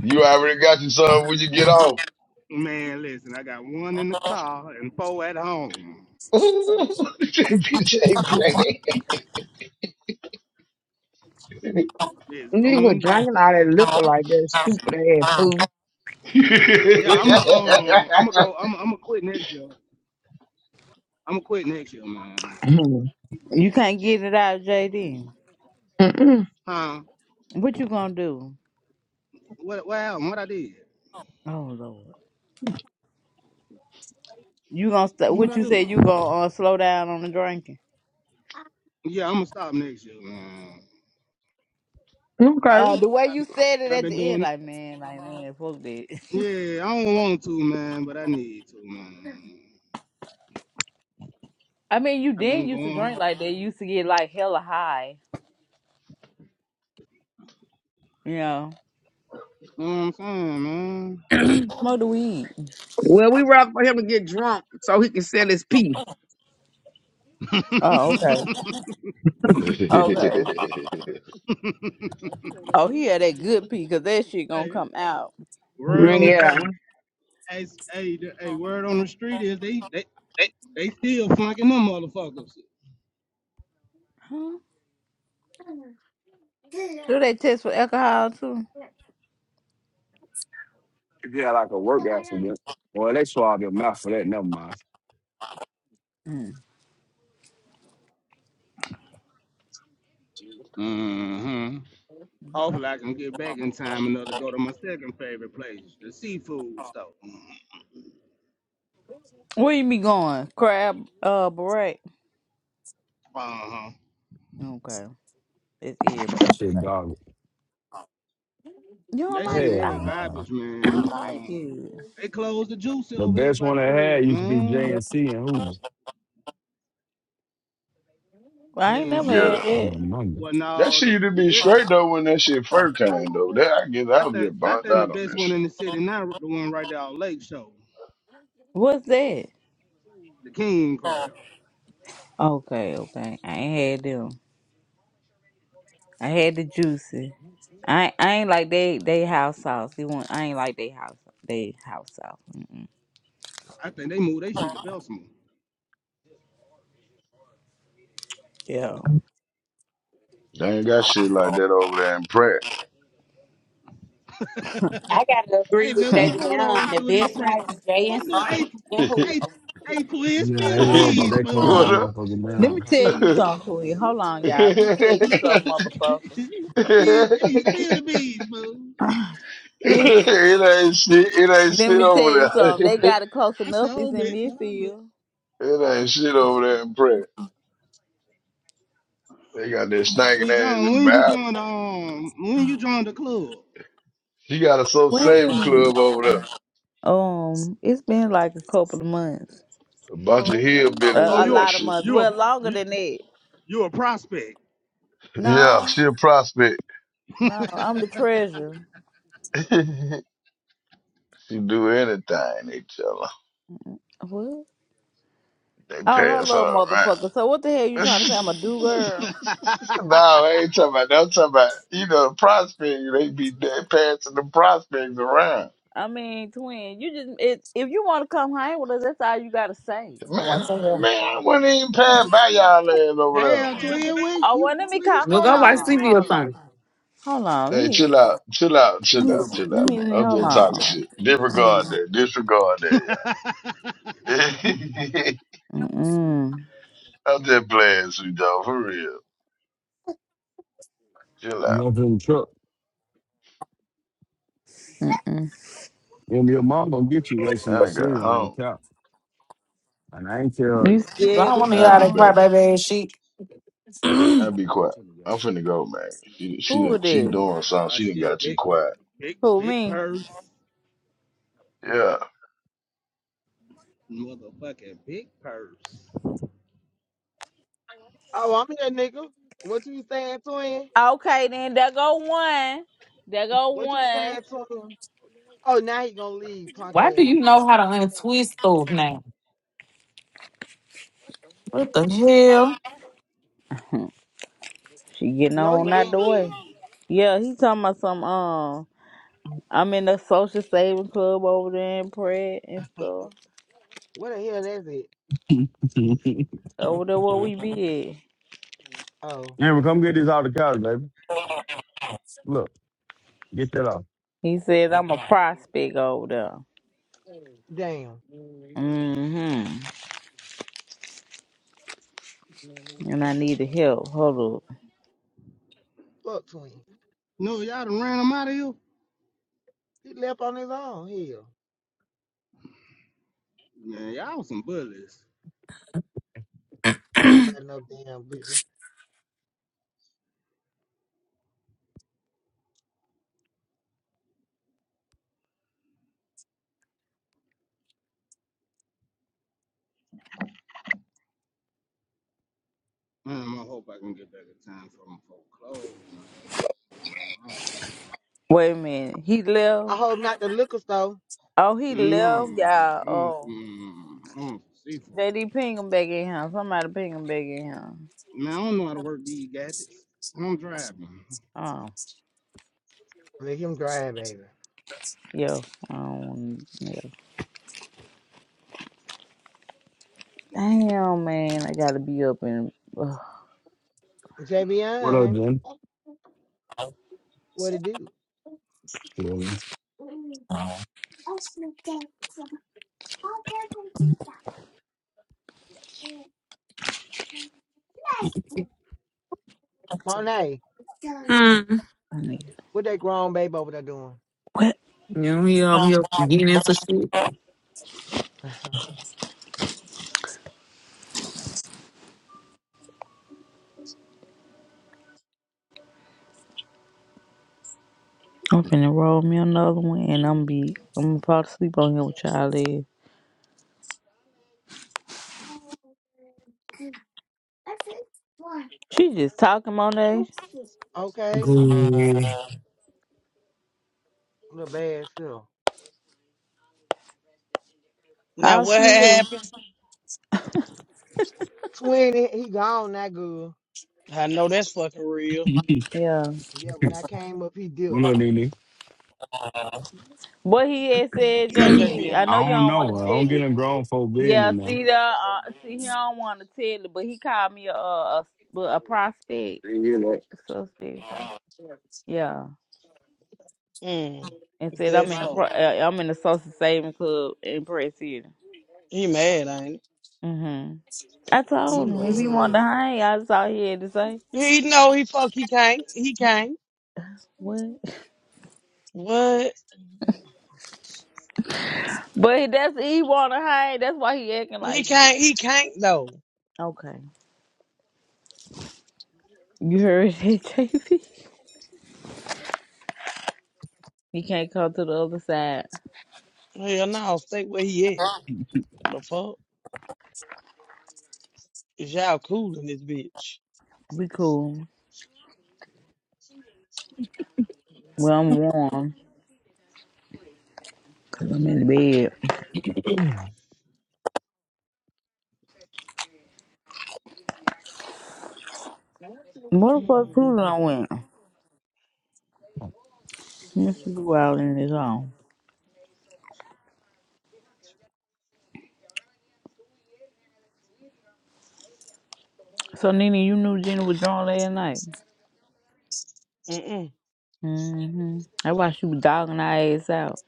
Speaker 18: You already got your son when you get off.
Speaker 20: Man, listen, I got one in the car and four at home.
Speaker 18: that bitch ain't playing.
Speaker 20: It's
Speaker 1: And you were
Speaker 20: going down.
Speaker 1: drinking all that liquor like that stupid ass fool.
Speaker 20: Yeah, I'm going um, I'm gonna go. I'm I'm gonna quit next year. I'm gonna quit next year, man.
Speaker 5: you can't get it out, JD.
Speaker 1: Mm-mm.
Speaker 20: Huh?
Speaker 5: What you gonna do?
Speaker 20: What what happened? What I did?
Speaker 5: Oh Lord. You gonna st-
Speaker 20: What
Speaker 5: what
Speaker 20: I
Speaker 5: you
Speaker 20: do?
Speaker 5: said? You gonna uh, slow down on the drinking?
Speaker 20: Yeah, I'm gonna stop next year, man.
Speaker 5: Uh,
Speaker 1: okay.
Speaker 5: the way
Speaker 20: I've
Speaker 5: you
Speaker 20: been,
Speaker 5: said it
Speaker 20: I've
Speaker 5: at
Speaker 20: been
Speaker 5: the end,
Speaker 20: doing.
Speaker 5: like man, like man, fuck that.
Speaker 20: Yeah, I don't want to, man, but I need to, man.
Speaker 5: I mean, you
Speaker 20: I've
Speaker 5: then
Speaker 20: been
Speaker 5: used to drink
Speaker 20: going.
Speaker 5: like that. You used to get like hella high. Yeah.
Speaker 20: You know what I'm
Speaker 5: Smoke the weed.
Speaker 1: Well, we rather for him to get drunk so he can sell his pee.
Speaker 20: saying,
Speaker 5: Oh, okay. Okay.
Speaker 20: man?
Speaker 5: Oh, he had that good pee because that shit gonna
Speaker 20: hey,
Speaker 5: come out.
Speaker 1: Yeah.
Speaker 20: word on hey, hey, hey, hey, word on the street is they they they still flunking them motherfuckers.
Speaker 5: Huh? Do they test for alcohol too?
Speaker 19: If you had like a work accident, well, they swab your mouth for that. Never mind.
Speaker 5: Mm.
Speaker 20: Mm-hmm.
Speaker 5: Okay.
Speaker 20: Hopefully I can get back in time enough to go to my second favorite place, the seafood store.
Speaker 5: Where you be going? Crab, uh, beret.
Speaker 20: Uh-huh.
Speaker 5: Okay. It's
Speaker 19: That
Speaker 5: everybody.
Speaker 19: shit garbage.
Speaker 5: You don't
Speaker 20: That shit
Speaker 5: like it?
Speaker 20: is
Speaker 5: I
Speaker 19: Hell,
Speaker 5: love.
Speaker 19: nah.
Speaker 20: garbage, man. But
Speaker 5: I like
Speaker 20: um
Speaker 5: it.
Speaker 20: they closed the juicy
Speaker 19: the
Speaker 20: over here
Speaker 19: best
Speaker 20: by the
Speaker 19: one I
Speaker 20: crib,
Speaker 19: had used to be J
Speaker 20: man.
Speaker 5: Yeah.
Speaker 19: and C and Hoover.
Speaker 5: I
Speaker 20: J
Speaker 5: ain't
Speaker 20: and
Speaker 5: never
Speaker 18: yeah,
Speaker 20: C.
Speaker 5: had
Speaker 19: I'm
Speaker 5: that.
Speaker 19: not remember.
Speaker 20: Well
Speaker 18: That
Speaker 20: no,
Speaker 18: shit
Speaker 20: the
Speaker 18: used to
Speaker 20: the
Speaker 18: be
Speaker 20: bit
Speaker 18: straight though when that shit first came though. That I guess
Speaker 20: I
Speaker 18: I was
Speaker 20: think
Speaker 18: just
Speaker 20: I
Speaker 18: burnt
Speaker 20: think the
Speaker 18: out on
Speaker 20: best
Speaker 18: that
Speaker 20: one
Speaker 18: shit.
Speaker 20: in the city now the one right there on Lake Show,
Speaker 5: What's that?
Speaker 20: the King Crab.
Speaker 5: Okay, okay. I ain't had them. I had the juicy. I I ain't like they they house sauce. You want? I ain't like they house they house sauce. Mm-mm.
Speaker 20: I think they moved they shit to Bessemer.
Speaker 5: Yeah.
Speaker 18: They ain't got shit like that over there in Pratt.
Speaker 16: I gotta agree
Speaker 20: Hey
Speaker 16: with
Speaker 20: man, what's going on
Speaker 16: Javion.
Speaker 20: with
Speaker 16: The
Speaker 20: you and this
Speaker 16: best one
Speaker 20: Prancy?
Speaker 16: was
Speaker 20: What's
Speaker 16: JNC
Speaker 20: going hey
Speaker 16: and, and
Speaker 20: hey
Speaker 16: Hoover.
Speaker 20: hey twin,
Speaker 19: Yeah,
Speaker 20: spill
Speaker 19: they
Speaker 20: the
Speaker 19: were, but
Speaker 20: beans,
Speaker 19: they closed that
Speaker 18: what
Speaker 20: man.
Speaker 18: up?
Speaker 19: motherfucker
Speaker 5: Let me
Speaker 19: down.
Speaker 5: tell
Speaker 20: spill
Speaker 5: you something, Queen. Hold on,
Speaker 18: it
Speaker 5: y'all. Let me tell you something, motherfucker.
Speaker 20: hey, spill the beans, man.
Speaker 5: It's,
Speaker 18: ain't shit. It ain't
Speaker 5: let
Speaker 18: shit
Speaker 5: me
Speaker 18: over
Speaker 5: tell
Speaker 20: I
Speaker 5: you
Speaker 18: there.
Speaker 20: s-
Speaker 5: something. They got it close
Speaker 20: I
Speaker 5: enough.
Speaker 20: so
Speaker 5: It's in
Speaker 20: bit.
Speaker 5: midfield.
Speaker 18: it ain't shit over there in Pratt. They got that stinking
Speaker 20: Sweet
Speaker 18: ass
Speaker 20: John, when you joined
Speaker 18: environment.
Speaker 20: the um when you joined the club?
Speaker 18: She got a soul saving
Speaker 5: Wait.
Speaker 18: club over there.
Speaker 5: Um, it's been like a couple of months.
Speaker 18: A bunch of
Speaker 20: Oh, okay.
Speaker 5: A,
Speaker 18: hillbillies
Speaker 20: Oh
Speaker 5: a
Speaker 18: in
Speaker 20: you a
Speaker 18: that
Speaker 5: lot of
Speaker 18: shit.
Speaker 5: months.
Speaker 20: you a
Speaker 5: Well, longer
Speaker 20: you,
Speaker 5: than that.
Speaker 20: you a prospect.
Speaker 18: Yeah,
Speaker 5: No,
Speaker 18: she a prospect.
Speaker 5: no. I'm the treasurer.
Speaker 18: she do anything, they tell
Speaker 5: What?
Speaker 18: They pay
Speaker 5: Oh,
Speaker 18: us
Speaker 5: hello,
Speaker 18: all right.
Speaker 5: motherfucker. So what the hell you
Speaker 18: no,
Speaker 5: trying to say? I'm a do girl.
Speaker 18: I ain't talking about that. I'm talking about, you know, the prospect, they be dead passing the prospects around.
Speaker 5: I mean, twin. You just it, if you want to come hang with us, that's all you gotta say.
Speaker 18: Man,
Speaker 7: huh?
Speaker 18: I-
Speaker 7: We
Speaker 18: man, I wouldn't even pass by y'all ass over
Speaker 20: Damn, twin, where
Speaker 5: Oh
Speaker 20: you
Speaker 5: well, let me
Speaker 20: where you
Speaker 5: call. Hold
Speaker 20: start
Speaker 7: Go
Speaker 20: hanging
Speaker 7: watch
Speaker 20: the
Speaker 5: on,
Speaker 20: Price
Speaker 7: TV or
Speaker 5: hold
Speaker 20: City?
Speaker 5: on.
Speaker 7: something.
Speaker 5: Hold on.
Speaker 18: there.
Speaker 5: Let
Speaker 18: Hey,
Speaker 5: me
Speaker 18: chill out, chill out,
Speaker 5: let
Speaker 18: chill
Speaker 5: me
Speaker 18: out, chill out.
Speaker 5: let me
Speaker 18: I'm
Speaker 5: hold
Speaker 18: just talking
Speaker 5: on.
Speaker 18: shit. Disregard that, disregard that, y'all.
Speaker 5: Mm-mm.
Speaker 18: I'm just playing, sweet dog, for real. Chill out.
Speaker 19: You up in the truck?
Speaker 5: Mm-mm.
Speaker 19: Well, your mom gonna get you
Speaker 18: I
Speaker 19: wasting that
Speaker 18: done got
Speaker 19: cereal on
Speaker 18: home.
Speaker 19: that couch, and I ain't tell.
Speaker 5: You
Speaker 7: I
Speaker 5: scared
Speaker 7: don't
Speaker 5: or
Speaker 7: want to hear
Speaker 18: I'll
Speaker 7: all
Speaker 18: be
Speaker 7: that
Speaker 5: something?
Speaker 18: back.
Speaker 7: crybaby ass shit. I
Speaker 18: I'll be quiet. I'm finna go, man. She
Speaker 5: Who
Speaker 18: she
Speaker 5: it
Speaker 18: she
Speaker 5: is?
Speaker 18: doing something.
Speaker 20: Aw,
Speaker 18: She didn't
Speaker 20: shit,
Speaker 18: got too
Speaker 20: big,
Speaker 18: quiet.
Speaker 20: big,
Speaker 5: Who
Speaker 20: big
Speaker 5: me?
Speaker 20: purse,
Speaker 18: Yeah.
Speaker 20: motherfucking big purse.
Speaker 21: Oh, I'm here, nigga. What you saying, twin?
Speaker 5: Okay, then there go one. There go
Speaker 21: What you
Speaker 5: one.
Speaker 21: saying, twin? Oh, now he gonna leave, punk
Speaker 7: Why do
Speaker 21: ass.
Speaker 7: you know how to untwist those now? What the hell?
Speaker 5: She getting
Speaker 21: No, he
Speaker 5: on out the
Speaker 21: didn't
Speaker 5: way.
Speaker 21: leave.
Speaker 5: Yeah, he talking about some um I'm in the social saving club over there in Pratt and stuff.
Speaker 21: What the hell is it?
Speaker 5: Over there where we be at.
Speaker 21: Oh,
Speaker 19: Amber, come get this out of the couch, baby. Look, get that off.
Speaker 5: He says I'm a prospect over there.
Speaker 21: damn.
Speaker 5: Mm-hmm. And I need the help. Hold up.
Speaker 21: Fuck, twin.
Speaker 20: No, y'all done ran them out of here.
Speaker 21: He left on his own. Hell.
Speaker 20: Man, y'all was some bullies.
Speaker 21: Nobody no damn business.
Speaker 20: Man, I hope I can get back in time for them foreclosed. Man.
Speaker 5: Wait a minute. He
Speaker 21: I hope not
Speaker 5: left.
Speaker 21: the liquor store.
Speaker 5: Oh, he
Speaker 20: No, I
Speaker 5: left, y'all.
Speaker 20: want
Speaker 5: Oh,
Speaker 20: some, I want some seafood.
Speaker 5: JD ping him back in here. Somebody ping him back in here.
Speaker 20: Man, I don't know how to work these gadgets. I'm driving.
Speaker 5: Oh,
Speaker 21: Let him drive, baby.
Speaker 5: yo, I don't want yeah. Damn, man, I gotta be up and ugh,
Speaker 19: What up,
Speaker 21: JBN,
Speaker 19: Jen?
Speaker 21: what it do?
Speaker 5: my
Speaker 21: Monet,
Speaker 7: Hmm.
Speaker 5: nigga.
Speaker 21: what that grown babe over there doing?
Speaker 5: What?
Speaker 7: You know, he over here getting into shit.
Speaker 5: I'm finna roll me another one, and I'm be I'm gonna fall asleep on here with y'all. Is. She just talking on
Speaker 21: okay,
Speaker 7: Good.
Speaker 21: little bad self.
Speaker 22: Now
Speaker 5: How
Speaker 22: what
Speaker 5: she
Speaker 22: had
Speaker 5: is?
Speaker 22: happened?
Speaker 21: Twin, he he gone, that good.
Speaker 22: I know that's fucking real.
Speaker 5: Yeah.
Speaker 21: Yeah, when I came up, he dipped.
Speaker 19: What up, Nene?
Speaker 5: What he had said,
Speaker 22: What's up,
Speaker 5: JV. I know
Speaker 19: I
Speaker 22: Javion?
Speaker 5: you
Speaker 19: don't
Speaker 5: don't want to
Speaker 19: know. I don't
Speaker 5: tell
Speaker 19: get
Speaker 5: it.
Speaker 19: in grown folk
Speaker 5: Yeah,
Speaker 19: business now.
Speaker 5: see the uh, see he don't want to tell it, but he called me a a, a, well, a prospect
Speaker 19: You know.
Speaker 5: suspect. Yeah,
Speaker 22: Mm.
Speaker 5: and
Speaker 22: Is
Speaker 5: said
Speaker 22: that
Speaker 5: I'm in the pro-
Speaker 22: so?
Speaker 5: uh, I'm in the social saving club in Press City.
Speaker 22: He mad, ain't
Speaker 5: hmm I
Speaker 22: he?
Speaker 21: He
Speaker 5: told him
Speaker 22: No.
Speaker 5: if he wanted to
Speaker 21: mad.
Speaker 5: hang, I just all he had to say.
Speaker 22: He know he fuck he can't. He can't.
Speaker 5: What?
Speaker 22: What?
Speaker 5: But that's he want to hang. That's why he acting
Speaker 22: He
Speaker 5: like this.
Speaker 22: can't he can't though.
Speaker 5: Okay, you heard it, JV. He can't come to the other side.
Speaker 22: Hell no, stay where he at. The fuck? Is y'all cool in this bitch?
Speaker 5: We cool. Well, I'm warm. Cause I'm in bed. Motherfucker cruising
Speaker 22: Mm-mm.
Speaker 5: I went. Must be wild in this home. So Nene, you knew Jenny was drawn last night.
Speaker 22: Mm-mm.
Speaker 5: Mm-hmm. That's why she was dogging her ass out.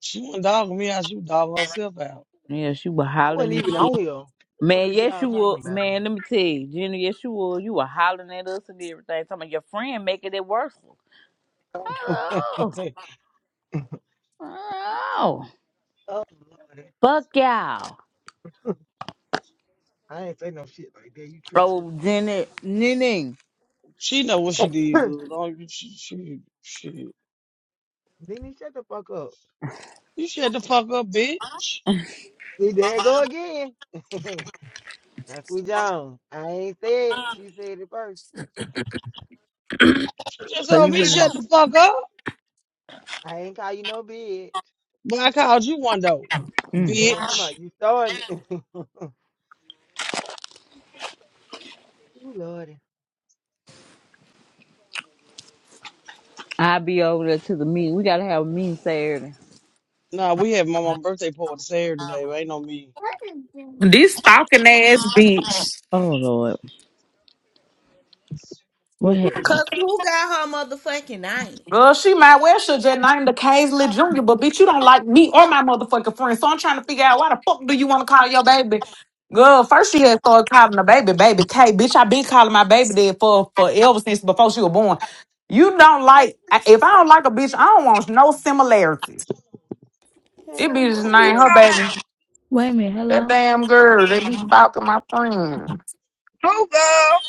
Speaker 22: She wasn't dogging me out, she was dogging herself out.
Speaker 5: Yeah, she was
Speaker 21: I wasn't
Speaker 5: hollering at
Speaker 21: even
Speaker 5: you.
Speaker 21: on here. What the fuck
Speaker 5: Man,
Speaker 21: is
Speaker 5: yes
Speaker 21: y'all
Speaker 5: you
Speaker 21: talking
Speaker 5: were
Speaker 21: about?
Speaker 5: man, let me tell you, Jenny, yes you were. You were hollering at us and everything. Some of your friend making it worse. Oh, oh.
Speaker 21: oh, Lord.
Speaker 5: Fuck y'all.
Speaker 21: I ain't say no shit like that. You tripping.
Speaker 5: Oh, Jenny Nene.
Speaker 22: She know what she did good. Don't you she she shit.
Speaker 21: then he shut the fuck up.
Speaker 22: You shut the fuck up, bitch.
Speaker 21: See, there it go again. That's what John. I ain't said. She said it first.
Speaker 22: She just
Speaker 5: So
Speaker 22: told
Speaker 5: you
Speaker 22: me to
Speaker 5: finna
Speaker 22: shut the fuck up.
Speaker 21: I ain't call you no bitch.
Speaker 22: But I called you one though,
Speaker 21: Go
Speaker 5: mm.
Speaker 21: on,
Speaker 22: bitch.
Speaker 21: somebody. You starting it. Ooh, Lordy.
Speaker 5: I'll be over there to the meeting. We gotta have a meeting Saturday.
Speaker 22: Nah, we have my mom's birthday party Saturday, baby. Ain't no me.
Speaker 7: This stalking ass bitch.
Speaker 5: Oh Lord,
Speaker 21: Who
Speaker 5: what
Speaker 21: that?
Speaker 5: happened?
Speaker 4: Cause who got her motherfucking name?
Speaker 7: Girl, she might well should just name the Kaisley Jr., but bitch, you don't like me or my motherfucking friend. So I'm trying to figure out why the fuck do you want to call your baby? Girl, first she had started calling the baby, baby K. Bitch, I been calling my baby dad for forever since before she was born. You don't like, I- if I don't like a bitch, I don't want no similarities. It
Speaker 4: Hell
Speaker 7: be just
Speaker 1: Who you
Speaker 7: name her
Speaker 4: no.
Speaker 1: talking
Speaker 7: baby.
Speaker 1: about?
Speaker 5: Wait a minute,
Speaker 7: That
Speaker 5: hello?
Speaker 7: damn girl, they be stalking my friend.
Speaker 1: Who, girl?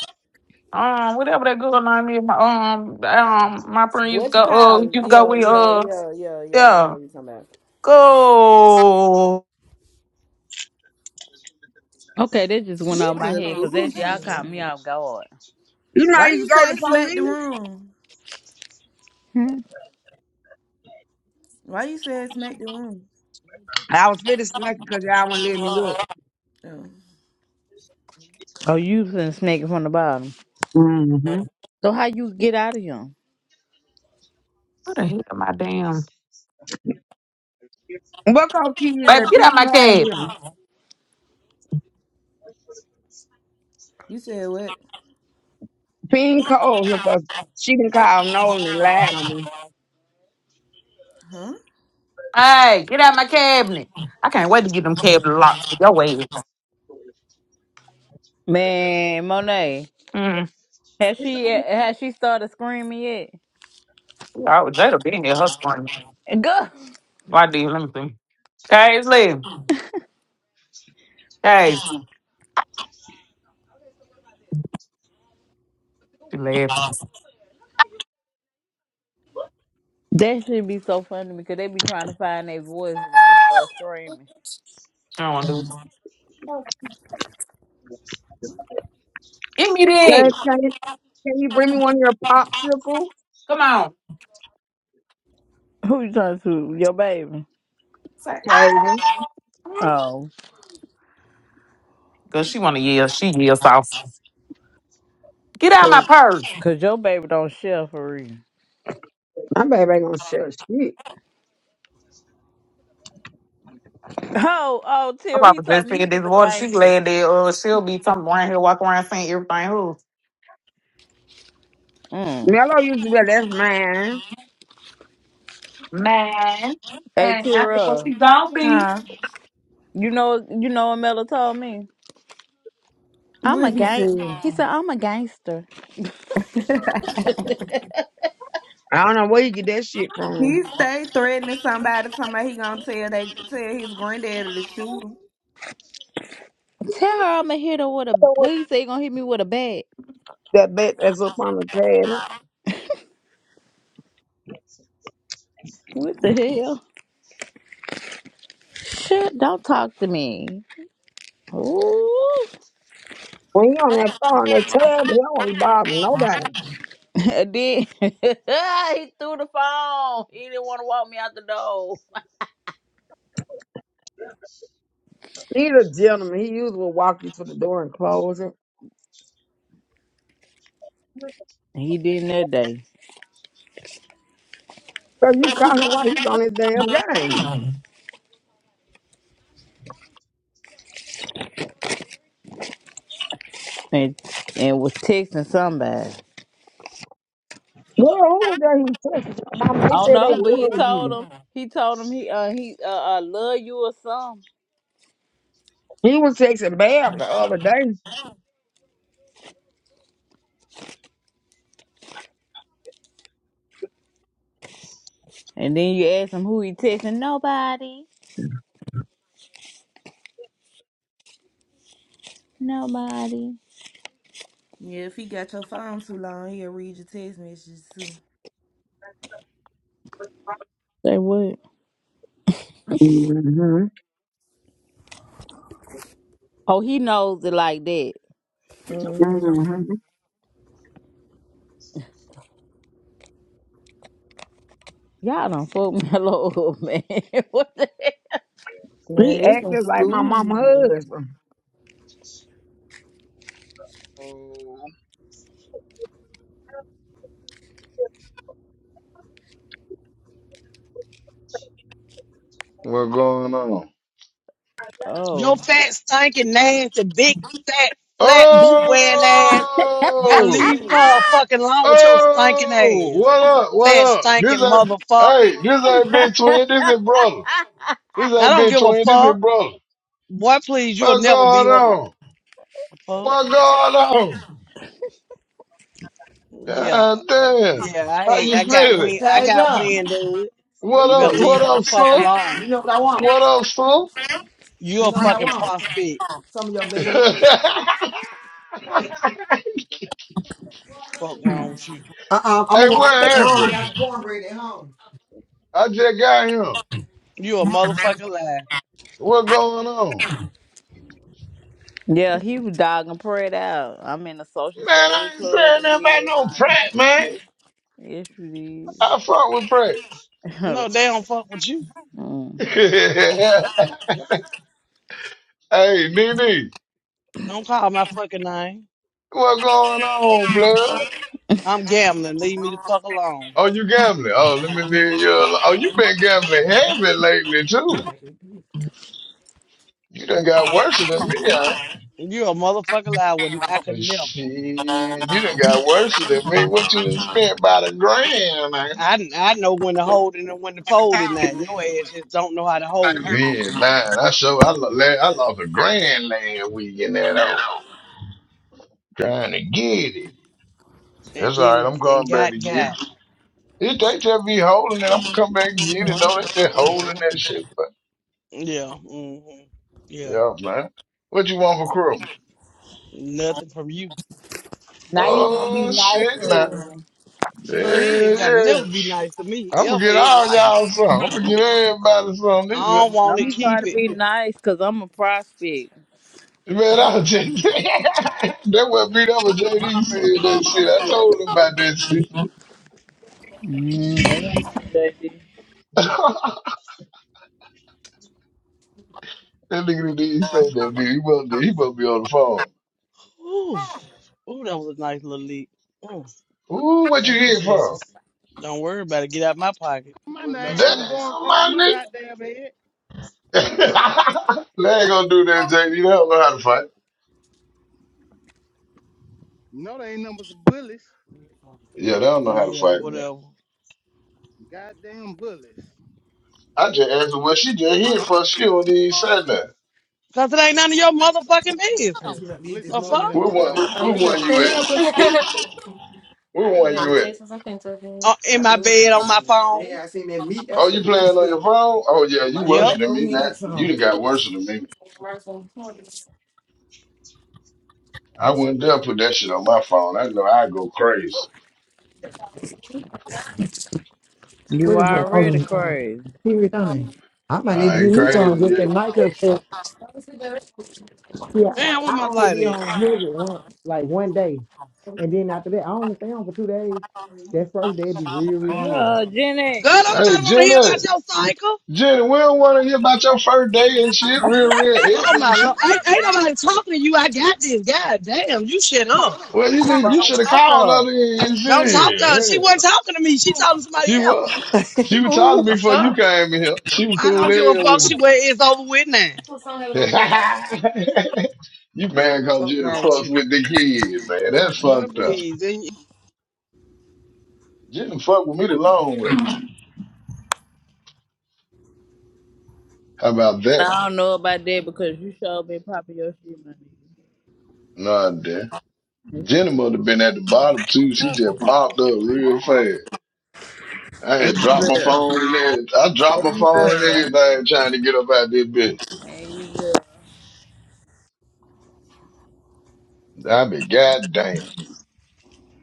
Speaker 7: Um, whatever that girl name is, my um, um, my friend used to
Speaker 4: What's it
Speaker 7: go, uh, used
Speaker 4: called?
Speaker 7: to go
Speaker 4: Yeah,
Speaker 7: with,
Speaker 4: yeah,
Speaker 7: uh,
Speaker 4: yeah, yeah, yeah. I
Speaker 7: yeah.
Speaker 4: know what you're talking about.
Speaker 7: Go.
Speaker 5: Okay, that just went
Speaker 4: She
Speaker 5: off my head because that y'all
Speaker 4: delusional.
Speaker 5: caught me off guard.
Speaker 1: You know I
Speaker 4: Why
Speaker 1: used
Speaker 4: you
Speaker 1: to go to
Speaker 4: say
Speaker 1: the
Speaker 4: smack the
Speaker 1: police?
Speaker 4: room?
Speaker 5: Hmm?
Speaker 4: Why you say smack the room?
Speaker 1: I was fit to smack because y'all wouldn't let me up.
Speaker 4: Oh,
Speaker 5: Oh, you been snaking from the bottom.
Speaker 1: Mm-hmm.
Speaker 5: So how you get out of here,
Speaker 7: What the hell, my damn.
Speaker 1: What called Key
Speaker 7: Baby,
Speaker 1: that
Speaker 7: get
Speaker 1: pee
Speaker 7: out my cab.
Speaker 1: hard
Speaker 4: you said what?
Speaker 1: Ping Cole, if a, she can call Nolan and lied on me.
Speaker 4: Huh?
Speaker 7: Hey, get out my cabinet. I can't wait to get them cabinet locks for your way.
Speaker 5: man? Monet,
Speaker 7: Mm.
Speaker 5: has she has she started screaming yet?
Speaker 7: Yeah, I would- they'd have been here hustling.
Speaker 5: Go.
Speaker 7: Why do you let me see? Guys, leave. Guys, she laughed.
Speaker 5: That should be so funny because they be trying to find their voice when they start screaming.
Speaker 7: She don't want to do it. Give me
Speaker 1: Can,
Speaker 7: this.
Speaker 1: can, you- can you bring me one of your popsicles?
Speaker 7: Come on.
Speaker 5: Who you talking to? Your baby?
Speaker 1: Taven.
Speaker 5: Oh.
Speaker 7: Because she want to yell. She yells off. Get out my
Speaker 5: Cause,
Speaker 7: purse.
Speaker 5: Cause your baby don't share for real.
Speaker 1: My baby ain't gonna share shit.
Speaker 5: Oh, oh,
Speaker 7: My
Speaker 5: Tira, he
Speaker 7: papa
Speaker 5: told
Speaker 7: just
Speaker 5: me he
Speaker 7: said this
Speaker 5: was a
Speaker 7: water. She
Speaker 5: gangster.
Speaker 7: glad that uh, she'll be something around here walking around saying everything. Who?
Speaker 5: Mm.
Speaker 1: Mello used to be like, that's mine.
Speaker 7: Man.
Speaker 5: Hey,
Speaker 7: Man, I think what
Speaker 5: Tira,
Speaker 7: she gonna be.
Speaker 4: Huh?
Speaker 5: you know, you know what Mella told me? I'm
Speaker 4: What
Speaker 5: a
Speaker 4: he
Speaker 5: gang.
Speaker 4: said?
Speaker 5: He said I'm a gangster.
Speaker 1: I don't know where you get that shit from.
Speaker 4: he stay threatening somebody. Somebody he gonna tell they tell his granddaddy to shoot him.
Speaker 5: Tell her I'ma hit her with a.
Speaker 1: So
Speaker 5: What
Speaker 1: what-
Speaker 5: you say? You gonna hit me with a bat?
Speaker 1: That bet that's up on the cabinet.
Speaker 5: What the hell? Shit! Don't talk to me. Ooh.
Speaker 1: When you on that phone, that tab, he don't want to bother nobody.
Speaker 5: And then he threw the phone. He didn't want to walk me out the door.
Speaker 1: He's a gentleman. He usually will walk you to the door and close it.
Speaker 5: He didn't that day.
Speaker 1: So you call him while he's on his damn game.
Speaker 5: And and was texting somebody.
Speaker 1: Well, who was that he texted? Mama,
Speaker 5: I
Speaker 1: they
Speaker 5: don't
Speaker 1: said they
Speaker 5: know, but he
Speaker 1: love
Speaker 5: told
Speaker 1: you.
Speaker 5: him he told him he uh he uh, uh love you or something.
Speaker 1: He was texting Bab the other day.
Speaker 5: And then you ask him who he texting. Nobody. Nobody.
Speaker 4: Yeah, if he got your phone too long, he'll read your text messages too.
Speaker 5: Say what?
Speaker 1: hmm
Speaker 5: Oh, he knows it like that.
Speaker 1: hmm
Speaker 5: Y'all done fuck me hello man. what the
Speaker 4: Man,
Speaker 1: He
Speaker 4: this no
Speaker 1: acted like my
Speaker 4: school.
Speaker 1: mama
Speaker 4: Man.
Speaker 1: husband.
Speaker 18: Oh, what going on?
Speaker 22: Your
Speaker 5: hell?
Speaker 22: fat, stinking, nasty, big, fat, flat, boot wearing ass. Gotta
Speaker 18: Oh,
Speaker 22: leave uh,
Speaker 5: Oh.
Speaker 22: fucking alone with your stinking
Speaker 18: oh,
Speaker 22: ass.
Speaker 18: what up? What
Speaker 22: Fat,
Speaker 18: up?
Speaker 22: stinking
Speaker 18: This ain't
Speaker 22: motherfucker.
Speaker 18: hey, this ain't big twin. This is brother. This
Speaker 22: I
Speaker 18: ain't
Speaker 22: don't
Speaker 18: big
Speaker 22: give a
Speaker 18: twin. This is
Speaker 22: fuck.
Speaker 18: brother.
Speaker 22: Boy, please, you'll
Speaker 18: What
Speaker 22: never be
Speaker 18: going
Speaker 22: whole.
Speaker 18: on?
Speaker 22: Fuck.
Speaker 18: What going on?
Speaker 22: Yeah.
Speaker 18: God
Speaker 22: I,
Speaker 18: damn.
Speaker 22: yeah, I
Speaker 18: How
Speaker 22: had-
Speaker 18: you
Speaker 22: I got
Speaker 18: feeling?
Speaker 22: wind. I
Speaker 21: Hey,
Speaker 22: got
Speaker 21: John,
Speaker 22: wind, dude.
Speaker 21: where
Speaker 18: What
Speaker 22: You
Speaker 21: you
Speaker 22: better
Speaker 18: up?
Speaker 21: at?
Speaker 18: What
Speaker 22: leave her the
Speaker 18: up,
Speaker 22: fuck
Speaker 18: son?
Speaker 21: You
Speaker 22: alone.
Speaker 21: know what I want.
Speaker 18: What up, son?
Speaker 21: You
Speaker 22: You're a
Speaker 21: know what I
Speaker 22: fucking
Speaker 21: want.
Speaker 22: prospect.
Speaker 21: Some of your beans.
Speaker 22: Fuck wrong with you.
Speaker 21: Uh-uh, I'm
Speaker 18: Hey,
Speaker 21: gonna
Speaker 18: what
Speaker 21: walk take them home. I
Speaker 18: happened?
Speaker 21: got some cornbread at home.
Speaker 18: I just got him.
Speaker 22: You a motherfucking liar.
Speaker 18: What going on?
Speaker 5: Yeah, he was dogging prayed out. I'm in a social
Speaker 18: Man, I
Speaker 5: save
Speaker 18: ain't
Speaker 5: club
Speaker 18: saying
Speaker 5: and
Speaker 18: nothing about
Speaker 5: did
Speaker 18: no
Speaker 5: fine.
Speaker 18: Pratt, man.
Speaker 5: Yes, you
Speaker 18: I fuck
Speaker 5: did.
Speaker 18: with Pratt.
Speaker 22: No, they don't fuck with you.
Speaker 5: mm.
Speaker 18: hey, Nene,
Speaker 22: Don't call my fucking name.
Speaker 18: what going on, blood?
Speaker 22: I'm gambling. Leave me the fuck alone.
Speaker 18: Oh, you gambling? Oh, let me leave you alone. Oh, you been gambling heavy lately,
Speaker 21: I'm
Speaker 18: too.
Speaker 21: about to eat.
Speaker 18: You done got worse than me, I.
Speaker 22: You a motherfucking liar. I would- I could
Speaker 18: But
Speaker 22: never.
Speaker 18: shit, you done got worse than me. What you done spent by the grand, man?
Speaker 22: I, I know when to hold it and when to fold it now. Your ass just don't know how to hold it.
Speaker 18: Yeah, lying. I show I, lo- la- I lost a grand last week in that. Trying to get it.
Speaker 22: And
Speaker 18: That's all right.
Speaker 22: then,
Speaker 18: I'm
Speaker 22: and
Speaker 18: going back
Speaker 22: got,
Speaker 18: to get it.
Speaker 22: got.
Speaker 18: If they just be holding it, I'm gonna come back and get it. Though they just
Speaker 22: hmm
Speaker 18: holding that shit. But
Speaker 22: Yeah. hmm Yeah.
Speaker 18: yeah, man. What you want for Christmas?
Speaker 22: Nothing from you.
Speaker 5: Now
Speaker 22: Fuck.
Speaker 5: you gonna be
Speaker 18: Oh
Speaker 5: nice
Speaker 18: shit,
Speaker 5: to
Speaker 18: now.
Speaker 5: him.
Speaker 18: Yeah,
Speaker 22: Well, he ain't got to
Speaker 18: yeah.
Speaker 22: never be nice to me
Speaker 18: I'm gonna
Speaker 22: ever
Speaker 18: get
Speaker 22: in
Speaker 18: all
Speaker 22: life.
Speaker 18: y'all some. I'm gonna get everybody some. This
Speaker 22: I
Speaker 18: is-
Speaker 22: don't
Speaker 5: I'm
Speaker 22: want it. Keep
Speaker 5: trying to
Speaker 22: it.
Speaker 5: be nice because I'm a prospect.
Speaker 18: Man, I was just that what beat up with JD said that shit. I told him about that shit.
Speaker 5: Mm, they don't know me,
Speaker 18: that nigga didn't say that, dude. He must, he must be on the phone.
Speaker 22: Ooh. Ooh, that was a nice little leak. Mm.
Speaker 18: Ooh, what you
Speaker 22: Thank you,
Speaker 18: here for?
Speaker 22: Jesus. Don't worry about it. Get out my pocket.
Speaker 20: My
Speaker 22: Worry
Speaker 20: name,
Speaker 18: Damn,
Speaker 22: about
Speaker 20: I'm going
Speaker 22: yours.
Speaker 20: across
Speaker 18: my
Speaker 20: my
Speaker 18: nigga.
Speaker 20: goddamn head.
Speaker 18: they ain't gonna do that, JD. They don't know how to fight.
Speaker 20: No, they ain't nothing but some bullies.
Speaker 18: Yeah, they don't know how to
Speaker 22: Yeah,
Speaker 18: fight, man.
Speaker 22: whatever.
Speaker 20: Goddamn bullies.
Speaker 18: I just asked her, well, she just hit for us. She don't even say nothing.
Speaker 22: Cause it ain't none of your motherfucking
Speaker 21: I just
Speaker 22: business.
Speaker 21: met these this
Speaker 20: Listen,
Speaker 22: The
Speaker 20: look
Speaker 22: fuck?
Speaker 20: at
Speaker 21: morning.
Speaker 20: that.
Speaker 18: Where
Speaker 20: Look at
Speaker 18: one,
Speaker 20: that.
Speaker 18: where
Speaker 20: Look at
Speaker 18: one
Speaker 20: that.
Speaker 18: you
Speaker 21: They
Speaker 18: at?
Speaker 21: help us.
Speaker 18: Where, where
Speaker 20: Look at that.
Speaker 18: one you at?
Speaker 22: Uh, in
Speaker 21: Yeah, I
Speaker 22: my
Speaker 21: love
Speaker 22: bed on
Speaker 21: chicken
Speaker 22: my
Speaker 21: wings.
Speaker 22: phone.
Speaker 21: Yeah, I seen that meat. I
Speaker 18: Oh,
Speaker 21: said,
Speaker 18: you
Speaker 21: ooh,
Speaker 18: playing on
Speaker 21: sweet.
Speaker 18: your
Speaker 21: I'm
Speaker 18: phone? Oh, yeah, you
Speaker 21: right on
Speaker 18: worse
Speaker 22: Yep.
Speaker 21: back
Speaker 18: than
Speaker 21: over
Speaker 18: me
Speaker 21: here and
Speaker 18: now.
Speaker 21: get
Speaker 18: You
Speaker 21: some.
Speaker 18: done got worse than me. I wouldn't dare put that shit on my phone. I know I'd go crazy.
Speaker 5: You
Speaker 21: What is it? Oh,
Speaker 5: already
Speaker 21: the
Speaker 5: crazy.
Speaker 21: period on I might need to
Speaker 18: I
Speaker 21: get
Speaker 18: ain't
Speaker 21: me some
Speaker 18: crazy
Speaker 21: just
Speaker 18: yet.
Speaker 21: that Micah said, yeah,
Speaker 22: Damn, where
Speaker 21: I
Speaker 22: my
Speaker 21: only
Speaker 22: light
Speaker 21: be
Speaker 22: at?
Speaker 21: on sugar one, like one day. And then after that, I only stay on for two days. That first day, it be real, real
Speaker 5: Uh,
Speaker 21: heavy.
Speaker 5: Jenny.
Speaker 22: Girl, don't
Speaker 18: Hey,
Speaker 22: nobody want to hear about
Speaker 18: Jenny.
Speaker 22: your cycle.
Speaker 18: Jenny, we don't want to hear about your first
Speaker 5: I
Speaker 18: day and shit, real, real
Speaker 22: Oh
Speaker 18: heavy
Speaker 22: my
Speaker 18: and shit.
Speaker 22: lord, ain't, ain't nobody talking to you. I got this. God damn, you shut up.
Speaker 18: Well,
Speaker 22: When it
Speaker 18: you
Speaker 22: comes to
Speaker 18: need, you
Speaker 22: don't
Speaker 18: should have
Speaker 22: talk to
Speaker 18: called
Speaker 22: her.
Speaker 18: her then. and
Speaker 22: Don't talk to her.
Speaker 18: Shit.
Speaker 22: She
Speaker 18: Yeah.
Speaker 22: wasn't talking to me. She talking to somebody
Speaker 18: She
Speaker 22: else.
Speaker 18: was. She was talking
Speaker 21: Ooh.
Speaker 18: to
Speaker 22: The
Speaker 18: me before you
Speaker 22: fuck?
Speaker 18: came in here. She was
Speaker 22: I
Speaker 18: cool
Speaker 22: don't
Speaker 18: in
Speaker 22: give a
Speaker 18: here
Speaker 22: fuck.
Speaker 18: with
Speaker 22: She
Speaker 18: me.
Speaker 22: where it's over with now.
Speaker 18: you mad cause
Speaker 22: Fuck
Speaker 18: Jenna
Speaker 22: wrong with
Speaker 18: fucks
Speaker 22: you?
Speaker 18: with the kid, man. That's
Speaker 22: Boy,
Speaker 18: fucked up.
Speaker 22: please. And,
Speaker 18: Jenna fucked with me the long way. How about that?
Speaker 5: don't know about that because you showed me popping your shit, my
Speaker 18: Nah, damn. Jenna must have been at the bottom too. She
Speaker 5: nigga.
Speaker 18: just popped up real fast. I
Speaker 5: And
Speaker 18: had
Speaker 5: you
Speaker 18: dropped my
Speaker 5: good.
Speaker 18: phone and everything. I dropped my
Speaker 5: And you good.
Speaker 18: phone and everything trying to get up out this bitch.
Speaker 5: And you
Speaker 18: I be goddamn.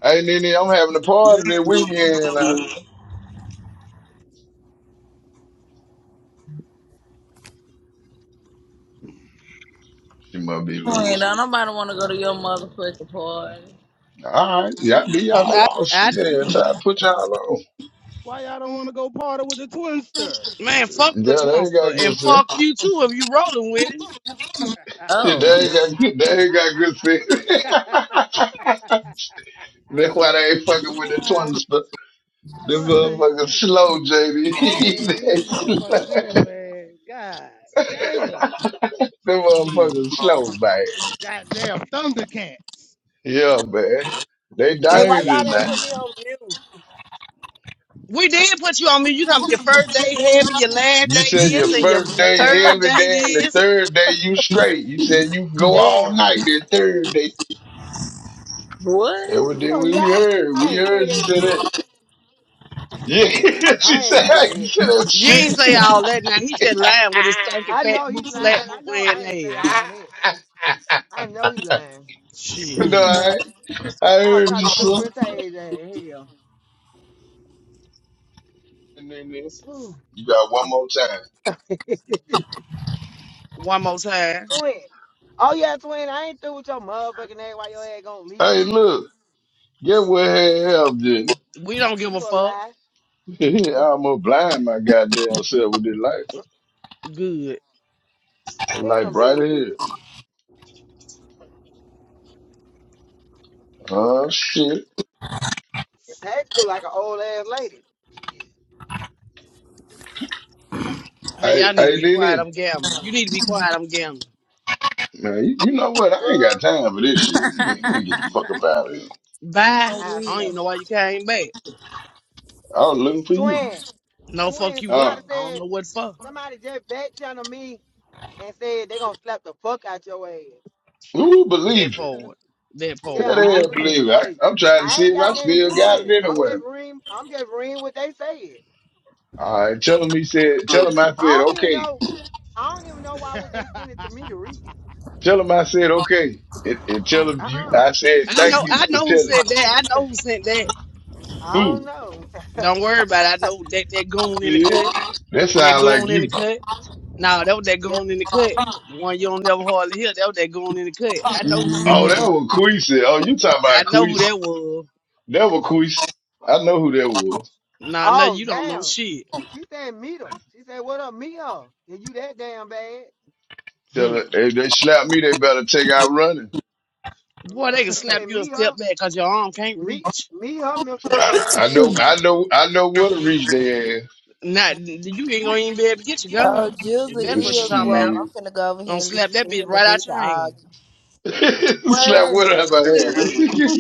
Speaker 18: Hey, Nene, I'm having a party this
Speaker 5: good.
Speaker 18: weekend now. She must be
Speaker 5: Queen,
Speaker 18: losing.
Speaker 5: don't nobody want to go to your motherfucking party.
Speaker 18: All right, y'all be
Speaker 22: Cause
Speaker 18: y'all
Speaker 22: I,
Speaker 18: on
Speaker 22: I,
Speaker 18: shit. and Try to put y'all on.
Speaker 20: Why y'all don't want to go party with the twinster?
Speaker 22: man, fuck the
Speaker 18: Yeah, they ain't
Speaker 22: Twinster.
Speaker 18: got good
Speaker 22: And
Speaker 18: sense.
Speaker 22: fuck you too if you rolling with him.
Speaker 18: Yeah, They
Speaker 5: Oh.
Speaker 18: ain't got good. They ain't got good sense. That's why they ain't fucking with the
Speaker 20: Ah,
Speaker 18: twins. But them
Speaker 20: oh,
Speaker 18: motherfuckers
Speaker 20: shit.
Speaker 18: slow, JB.
Speaker 20: Man,
Speaker 18: they
Speaker 20: these
Speaker 18: slow.
Speaker 20: motherfuckers ill, man. God damn.
Speaker 18: Them
Speaker 22: Shit.
Speaker 18: motherfuckers slow, man.
Speaker 20: God damn. Thundercats.
Speaker 18: Yeah, man. They
Speaker 21: Hey, why y'all
Speaker 18: dangerous
Speaker 21: didn't
Speaker 18: now.
Speaker 21: put me on mute?
Speaker 22: We did put you on me. You talking about your first day heavy, your last
Speaker 18: You
Speaker 22: day
Speaker 18: said your
Speaker 22: this, and your,
Speaker 18: first
Speaker 22: your
Speaker 18: day
Speaker 22: third
Speaker 18: every
Speaker 22: day
Speaker 18: day, and the
Speaker 22: this.
Speaker 18: third day you straight. You said you go all
Speaker 21: Damn.
Speaker 18: night. The third day,
Speaker 5: What?
Speaker 18: every day
Speaker 21: a
Speaker 18: we
Speaker 21: lie.
Speaker 18: heard,
Speaker 21: I
Speaker 18: we
Speaker 21: ain't say
Speaker 18: heard you
Speaker 21: that
Speaker 18: say that.
Speaker 21: shit.
Speaker 18: Yeah, she
Speaker 21: I
Speaker 18: said,
Speaker 21: ain't say
Speaker 18: hey, you
Speaker 21: that.
Speaker 18: said that
Speaker 22: You
Speaker 18: shit.
Speaker 22: ain't say all that now. He just lying with his stinking
Speaker 21: I
Speaker 22: fat
Speaker 21: know he
Speaker 22: boot, flat
Speaker 21: lying. I
Speaker 22: boot
Speaker 21: know
Speaker 22: wearing
Speaker 21: I ain't say
Speaker 22: ass.
Speaker 21: all that. I know he lying.
Speaker 22: Shit.
Speaker 18: no, I, I
Speaker 21: I was
Speaker 18: heard you,
Speaker 21: talking to a
Speaker 18: sir.
Speaker 21: friend today. Hell.
Speaker 18: And then uh,
Speaker 21: Ooh,
Speaker 18: you got one more
Speaker 21: shit.
Speaker 18: time.
Speaker 22: One more time.
Speaker 21: twin. Oh yeah, twin. I ain't through with your motherfucking ass. Why your ass gonna
Speaker 18: Hey,
Speaker 21: leave?
Speaker 18: look, get what had help did.
Speaker 22: We don't give a
Speaker 21: You a
Speaker 22: fuck.
Speaker 21: lie.
Speaker 18: I'm gonna blind my goddamn self with this light.
Speaker 21: Uh,
Speaker 22: Good.
Speaker 18: The
Speaker 21: Damn,
Speaker 18: light
Speaker 21: I'm
Speaker 18: bright
Speaker 21: being either.
Speaker 18: here. Oh, shit.
Speaker 21: Tactical like an old ass lady. Shit.
Speaker 22: Hey,
Speaker 18: Hey,
Speaker 22: y'all need to
Speaker 18: hey,
Speaker 22: be quiet.
Speaker 18: Nene.
Speaker 22: I'm gambling. You need to be quiet. I'm gambling.
Speaker 18: Man, you, you know what? I ain't got
Speaker 21: Girl,
Speaker 18: time for this shit. Let me, let me get the fuck up out of here.
Speaker 22: Bye.
Speaker 5: Oh,
Speaker 21: I
Speaker 22: I don't
Speaker 5: we.
Speaker 21: slept.
Speaker 22: even know why you came back.
Speaker 18: I was looking for you.
Speaker 21: Twin.
Speaker 22: No fuck
Speaker 21: Twin.
Speaker 22: you what.
Speaker 18: Uh,
Speaker 21: Somebody
Speaker 22: I don't
Speaker 21: said.
Speaker 22: know what for.
Speaker 21: Somebody just back channeled me and said they gonna slap the fuck out your ass.
Speaker 18: who believe
Speaker 22: That
Speaker 18: it?
Speaker 22: part. That
Speaker 18: Tell
Speaker 21: Yeah,
Speaker 22: part. We
Speaker 21: I
Speaker 18: that
Speaker 22: do.
Speaker 21: put-
Speaker 18: believe it. I,
Speaker 21: hey,
Speaker 18: I'm trying to
Speaker 21: I
Speaker 18: see
Speaker 21: ain't
Speaker 18: if
Speaker 21: got
Speaker 18: I
Speaker 21: nothing to
Speaker 18: still
Speaker 21: do with
Speaker 18: got
Speaker 21: it.
Speaker 18: it
Speaker 21: I'm just
Speaker 18: anywhere.
Speaker 21: reading. I'm just reading what they said.
Speaker 18: All right, tell him he said. Tell him I
Speaker 21: I
Speaker 18: said
Speaker 21: don't even
Speaker 18: okay.
Speaker 21: know. I don't even know why would they send it to me to read it.
Speaker 18: Tell him I said okay. And, and tell him
Speaker 21: Uh
Speaker 18: you.
Speaker 21: uh
Speaker 18: I said
Speaker 22: I
Speaker 18: thank
Speaker 22: know
Speaker 18: you
Speaker 22: I
Speaker 18: for
Speaker 22: know who
Speaker 18: telling.
Speaker 22: said that. I know who sent that.
Speaker 21: I don't
Speaker 18: Who?
Speaker 21: know.
Speaker 22: Don't worry about it. I know that that goon in the
Speaker 18: Yeah,
Speaker 22: cut.
Speaker 18: that
Speaker 22: That
Speaker 18: sound like
Speaker 22: goon in the
Speaker 18: you.
Speaker 22: cut. No, that was that
Speaker 21: That
Speaker 22: goon in the cut. The one you don't never hardly hear. That was that goon in the cut. I know who said
Speaker 18: Oh, that
Speaker 22: that.
Speaker 18: was Queesa. Oh, you talking
Speaker 22: I
Speaker 18: about
Speaker 22: know who
Speaker 18: Queesa?
Speaker 22: that was.
Speaker 18: That was Queesa. I know who that was.
Speaker 22: No, no,
Speaker 21: oh
Speaker 22: you don't know
Speaker 21: damn.
Speaker 22: shit.
Speaker 21: She said meet her. She said what up meet her. Is you that damn bad?
Speaker 18: Tell her
Speaker 22: Hmm.
Speaker 18: if they slap me, they better take out running.
Speaker 22: Boy,
Speaker 21: Yeah.
Speaker 22: they can
Speaker 21: She
Speaker 22: slap
Speaker 21: said
Speaker 22: you a
Speaker 21: meet her.
Speaker 22: step back because your arm can't
Speaker 21: Meet
Speaker 22: reach.
Speaker 21: meet her, Mister
Speaker 18: I, I
Speaker 21: Badass.
Speaker 18: know. I know. I know where to reach their
Speaker 22: Not you ain't gonna even be able to get your
Speaker 4: Oh,
Speaker 22: gun.
Speaker 4: Jizzle
Speaker 22: If that's
Speaker 18: ass.
Speaker 22: what you're
Speaker 4: is
Speaker 22: talking
Speaker 4: woke.
Speaker 22: about.
Speaker 4: I'm
Speaker 18: Shit.
Speaker 4: finna go over
Speaker 22: Gonna
Speaker 4: here and
Speaker 22: slap
Speaker 4: listen to
Speaker 22: that bitch
Speaker 4: him
Speaker 22: right
Speaker 4: and they
Speaker 22: out
Speaker 4: can
Speaker 22: your
Speaker 4: argue.
Speaker 22: hand.
Speaker 18: slap
Speaker 5: Where?
Speaker 18: what up my head.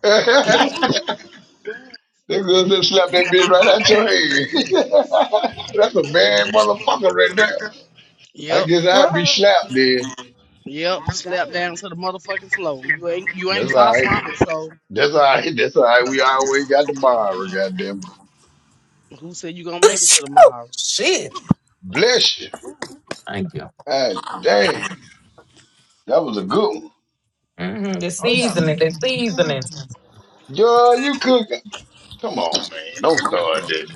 Speaker 18: that girl just slapped that bitch right out your head. That's a bad motherfucker right there. I
Speaker 22: Yep.
Speaker 18: guess I'd be slapped then.
Speaker 22: Yep, slapped
Speaker 21: damn.
Speaker 22: down to the motherfucking floor. You ain't you
Speaker 18: That's
Speaker 22: ain't
Speaker 18: all
Speaker 22: far
Speaker 18: right.
Speaker 22: from it, so
Speaker 18: That's all right. That's all right. We always got the borrow, goddamn.
Speaker 22: who said you gonna make it to tomorrow?
Speaker 7: Shit.
Speaker 18: Bless you.
Speaker 21: Ooh.
Speaker 7: Thank you.
Speaker 18: God damn. That was a good one.
Speaker 7: Mm-hmm. The
Speaker 21: Oh yeah.
Speaker 7: seasoning, the seasoning.
Speaker 18: Girl, you cooking. Come on, man. Don't start that.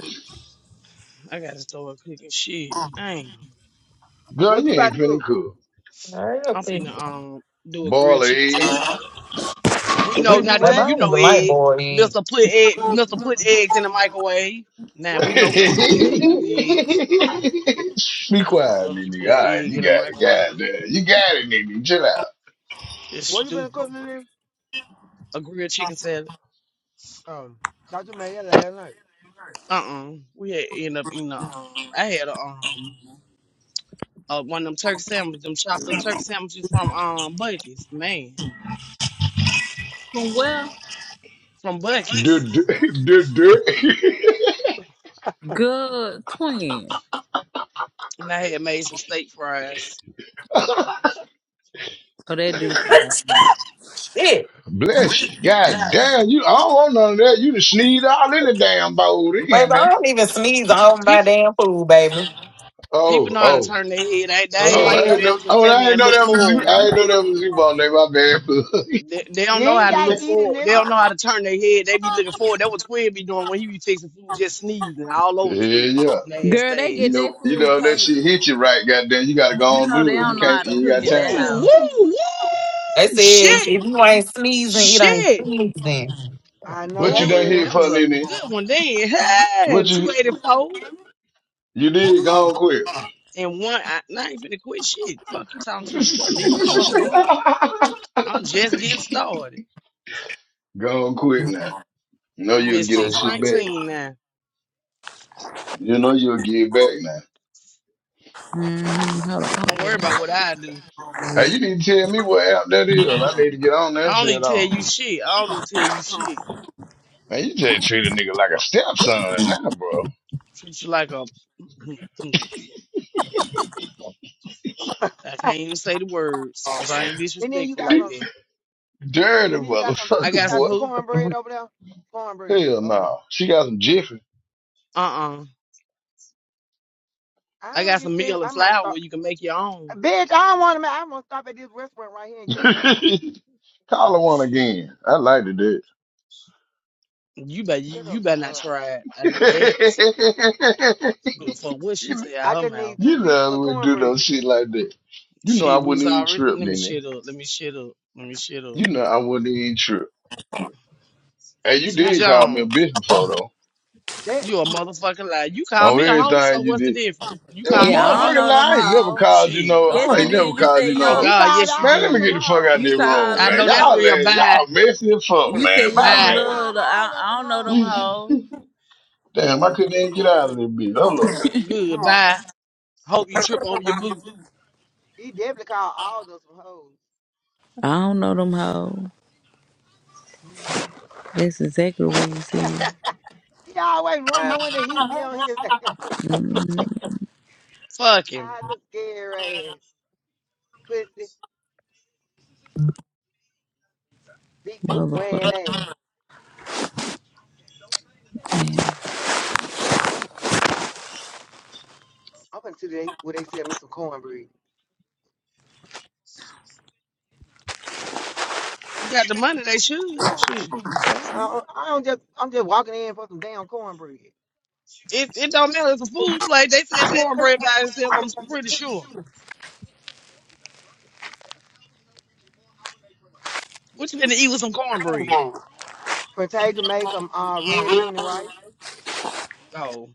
Speaker 22: I gotta start cooking shit. Damn.
Speaker 18: Girl,
Speaker 21: What you
Speaker 18: you
Speaker 21: about
Speaker 18: ain't
Speaker 21: to
Speaker 18: finna
Speaker 21: cook?
Speaker 18: cook.
Speaker 7: Hurry
Speaker 22: I'm
Speaker 7: up,
Speaker 22: finna
Speaker 7: baby.
Speaker 22: um do a grilled
Speaker 18: Boil an
Speaker 22: chicken
Speaker 18: egg.
Speaker 22: salad. We
Speaker 21: You
Speaker 22: know
Speaker 21: gonna do
Speaker 22: not to
Speaker 7: Baby,
Speaker 22: get
Speaker 7: I
Speaker 21: what?
Speaker 22: you
Speaker 7: don't
Speaker 22: no
Speaker 7: even like
Speaker 22: egg.
Speaker 7: boiled egg.
Speaker 22: Mr. Put egg Mr. Put eggs in the microwave. Now
Speaker 18: Be
Speaker 21: What
Speaker 22: we
Speaker 21: you
Speaker 22: know
Speaker 21: been cooking,
Speaker 22: who not to get
Speaker 21: Nene?
Speaker 22: to do eggs.
Speaker 18: quiet,
Speaker 22: Fuck you
Speaker 18: Nene.
Speaker 22: put
Speaker 18: All
Speaker 22: an
Speaker 18: right,
Speaker 22: egg
Speaker 18: you
Speaker 22: in the
Speaker 18: got it.
Speaker 22: microwave.
Speaker 18: Goddamn. You got it, Nene. Chill out.
Speaker 22: It's
Speaker 21: What you been
Speaker 22: stupid.
Speaker 21: cooking, Nene?
Speaker 22: A grilled chicken salad.
Speaker 21: Um, Dr. Maya last night.
Speaker 22: Uh uh We had end up eating a um I had a um uh, one of them turkey sandwiches, them chopped up turkey sandwiches from um Bucky's, man,
Speaker 5: Where?
Speaker 22: from
Speaker 18: Duh,
Speaker 22: Bucky's,
Speaker 18: duh, duh, duh.
Speaker 5: Good twin.
Speaker 22: and I had made some steak fries.
Speaker 5: So that dude.
Speaker 7: Shit.
Speaker 18: Bless you. God damn, you I don't want none of that. You just sneeze all in the damn bowl
Speaker 7: Baby, I
Speaker 18: in, man.
Speaker 7: don't even sneeze on my
Speaker 22: People,
Speaker 7: damn food, baby.
Speaker 22: people
Speaker 18: Oh,
Speaker 22: know how to
Speaker 18: oh.
Speaker 22: turn their head. They,
Speaker 7: The
Speaker 22: they ain't
Speaker 18: Oh,
Speaker 22: like
Speaker 18: I
Speaker 22: you.
Speaker 7: hell?
Speaker 22: They
Speaker 18: ain't know
Speaker 22: don't just
Speaker 18: oh
Speaker 22: stand
Speaker 18: I
Speaker 22: there
Speaker 18: didn't
Speaker 22: and
Speaker 18: know
Speaker 22: look
Speaker 18: that was you.
Speaker 22: forward.
Speaker 18: I didn't know that was you, ball name, my bad.
Speaker 22: They, they
Speaker 21: You
Speaker 22: don't know
Speaker 21: ain't
Speaker 22: how to
Speaker 21: gotta
Speaker 22: look
Speaker 21: eat it,
Speaker 22: forward. They
Speaker 21: nigga.
Speaker 22: don't know how to turn their head. They be looking forward. That what Twig be doing when he be fixing food, just sneezing all over the
Speaker 18: yeah,
Speaker 22: food,
Speaker 18: yeah.
Speaker 5: Girl, they
Speaker 22: nasty
Speaker 18: You
Speaker 5: get
Speaker 22: ass.
Speaker 5: their
Speaker 18: know, you
Speaker 5: food
Speaker 18: know that
Speaker 5: catered.
Speaker 18: shit hit you right, goddamn. You gotta go
Speaker 5: You
Speaker 18: on and
Speaker 5: know they
Speaker 18: do it. You
Speaker 5: don't know how
Speaker 18: can't
Speaker 5: to
Speaker 18: you ain't
Speaker 5: cook
Speaker 18: got
Speaker 22: Woo,
Speaker 5: in their
Speaker 18: time.
Speaker 22: woo,
Speaker 5: house.
Speaker 7: They
Speaker 22: woo!
Speaker 7: said if
Speaker 22: Shit,
Speaker 7: you
Speaker 5: Mm,
Speaker 7: ain't sneezing, it ain't
Speaker 22: shit.
Speaker 7: sneezing.
Speaker 21: I know
Speaker 18: What you
Speaker 21: that
Speaker 18: done
Speaker 22: Oh,
Speaker 18: here
Speaker 21: real.
Speaker 22: that was
Speaker 18: for,
Speaker 22: a
Speaker 18: Nene?
Speaker 22: good one then. Hey,
Speaker 18: What you
Speaker 22: 284.
Speaker 18: you
Speaker 5: hold
Speaker 18: did, go
Speaker 5: on.
Speaker 18: on quick.
Speaker 22: And one, I, I ain't finna quit shit. Fuck you talking to. You better leave me the fuck alone. I'm just getting started.
Speaker 18: go on quick now. Know
Speaker 22: I'm at
Speaker 18: you'll get that shit back.
Speaker 22: 619 now.
Speaker 18: You know you'll give back now.
Speaker 5: I'm
Speaker 22: Don't worry about what I do.
Speaker 18: Hey, you need to tell me what app that is. I need to get on that
Speaker 22: I don't need
Speaker 18: shit
Speaker 22: to tell you
Speaker 18: on.
Speaker 22: shit. I don't need to tell you shit.
Speaker 18: Man, you just treat a nigga like a stepson now, bro.
Speaker 22: Treat you like a. I can't even say the words because I ain't
Speaker 21: And then you
Speaker 22: disrespectful
Speaker 21: got
Speaker 22: like
Speaker 21: some.
Speaker 22: that.
Speaker 18: Dirty
Speaker 21: Nene. you got some.
Speaker 22: I
Speaker 21: You
Speaker 18: motherfucker,
Speaker 22: got
Speaker 21: got
Speaker 22: some
Speaker 18: boy.
Speaker 21: some
Speaker 22: who?
Speaker 21: cornbread over there. Cornbread
Speaker 18: Hell
Speaker 21: over there.
Speaker 18: no. She got some jiffy.
Speaker 22: Uh uh
Speaker 21: I
Speaker 22: I
Speaker 21: don't
Speaker 22: got
Speaker 21: give
Speaker 22: some
Speaker 21: a damn.
Speaker 22: meal and
Speaker 21: I might
Speaker 22: flour
Speaker 21: stop.
Speaker 22: where you can make your own.
Speaker 21: Bitch, I don't want to. I'm gonna stop at this restaurant right here and get me some.
Speaker 18: Call her one
Speaker 22: Shit.
Speaker 18: again. I like to do
Speaker 22: You better, you,
Speaker 21: Shut up.
Speaker 22: you better not
Speaker 21: Uh,
Speaker 22: try it. I know that.
Speaker 18: it.
Speaker 22: You Don't fuck what she say out
Speaker 21: I
Speaker 22: her
Speaker 21: just
Speaker 22: mouth.
Speaker 21: need two
Speaker 18: you know
Speaker 21: pieces
Speaker 18: I
Speaker 21: of
Speaker 18: wouldn't do
Speaker 21: cornbread.
Speaker 18: no shit like that. You know I
Speaker 22: Shit, we was
Speaker 18: wouldn't even
Speaker 22: already.
Speaker 18: trip,
Speaker 22: Let me
Speaker 18: Nene.
Speaker 22: shut up. Let me shut up. Let me shut up.
Speaker 18: You know I wouldn't even trip. Hey, you
Speaker 21: Yeah,
Speaker 22: Sweet
Speaker 18: did call me a
Speaker 22: Jones,
Speaker 18: bitch before, though.
Speaker 21: that
Speaker 22: you a motherfucking lie. You call
Speaker 18: On
Speaker 22: me a hoe, so
Speaker 18: everything you
Speaker 22: what's the
Speaker 18: did.
Speaker 22: difference? You
Speaker 18: You a
Speaker 22: call me
Speaker 5: Yeah,
Speaker 22: a
Speaker 5: I don't
Speaker 22: hoe?
Speaker 18: motherfucker
Speaker 5: know them
Speaker 18: lie. I ain't never
Speaker 5: hoes.
Speaker 18: called you
Speaker 22: Shit,
Speaker 18: no.
Speaker 22: the
Speaker 5: Yes,
Speaker 18: I
Speaker 5: you
Speaker 18: ain't
Speaker 22: fuck?
Speaker 18: never
Speaker 5: did. You
Speaker 18: called
Speaker 5: said
Speaker 18: you
Speaker 5: you
Speaker 18: no.
Speaker 22: Oh
Speaker 5: don't.
Speaker 21: you
Speaker 18: hoe.
Speaker 22: God,
Speaker 21: called
Speaker 22: yes you
Speaker 18: Man,
Speaker 21: all
Speaker 18: let
Speaker 21: of
Speaker 18: me
Speaker 21: them
Speaker 18: get
Speaker 22: did.
Speaker 18: the fuck out
Speaker 21: hoes.
Speaker 18: of this
Speaker 5: You
Speaker 18: room,
Speaker 5: call
Speaker 22: I
Speaker 18: man.
Speaker 22: know
Speaker 5: us.
Speaker 22: that's
Speaker 5: up.
Speaker 18: Y'all, uh,
Speaker 22: real.
Speaker 18: y'all
Speaker 22: Bye,
Speaker 18: messy as fuck,
Speaker 5: You
Speaker 18: man.
Speaker 5: said you
Speaker 18: Bye,
Speaker 5: don't
Speaker 21: You
Speaker 22: bye,
Speaker 18: man.
Speaker 21: called
Speaker 5: love. The, I,
Speaker 21: all of
Speaker 5: I
Speaker 21: them
Speaker 5: don't know them
Speaker 21: hoes.
Speaker 18: You-
Speaker 5: hoes.
Speaker 18: Damn, I
Speaker 21: He
Speaker 18: couldn't even
Speaker 21: definitely
Speaker 18: get out of
Speaker 21: did.
Speaker 18: this bitch. Hold up.
Speaker 22: good, bye. Hope you trip over your boot.
Speaker 21: He definitely called all of them
Speaker 5: I don't know them hoes.
Speaker 21: hoes.
Speaker 5: That's exactly what you said,
Speaker 21: he always run when the heat be on his ass.
Speaker 22: Fuck him.
Speaker 21: I look scary ass. Pussy, big boot wearing
Speaker 5: motherfucker.
Speaker 21: ass. I'm gonna see they where they sell me some cornbread.
Speaker 22: You got the money, they should. Shit, the fuck.
Speaker 21: I don't, I don't just I'm just walking in for some damn cornbread.
Speaker 22: It it don't matter. It's a food plate. They said cornbread by itself. I'm pretty sure. What you gonna eat with some cornbread?
Speaker 21: Potato made some uh red bean and rice.
Speaker 22: Oh,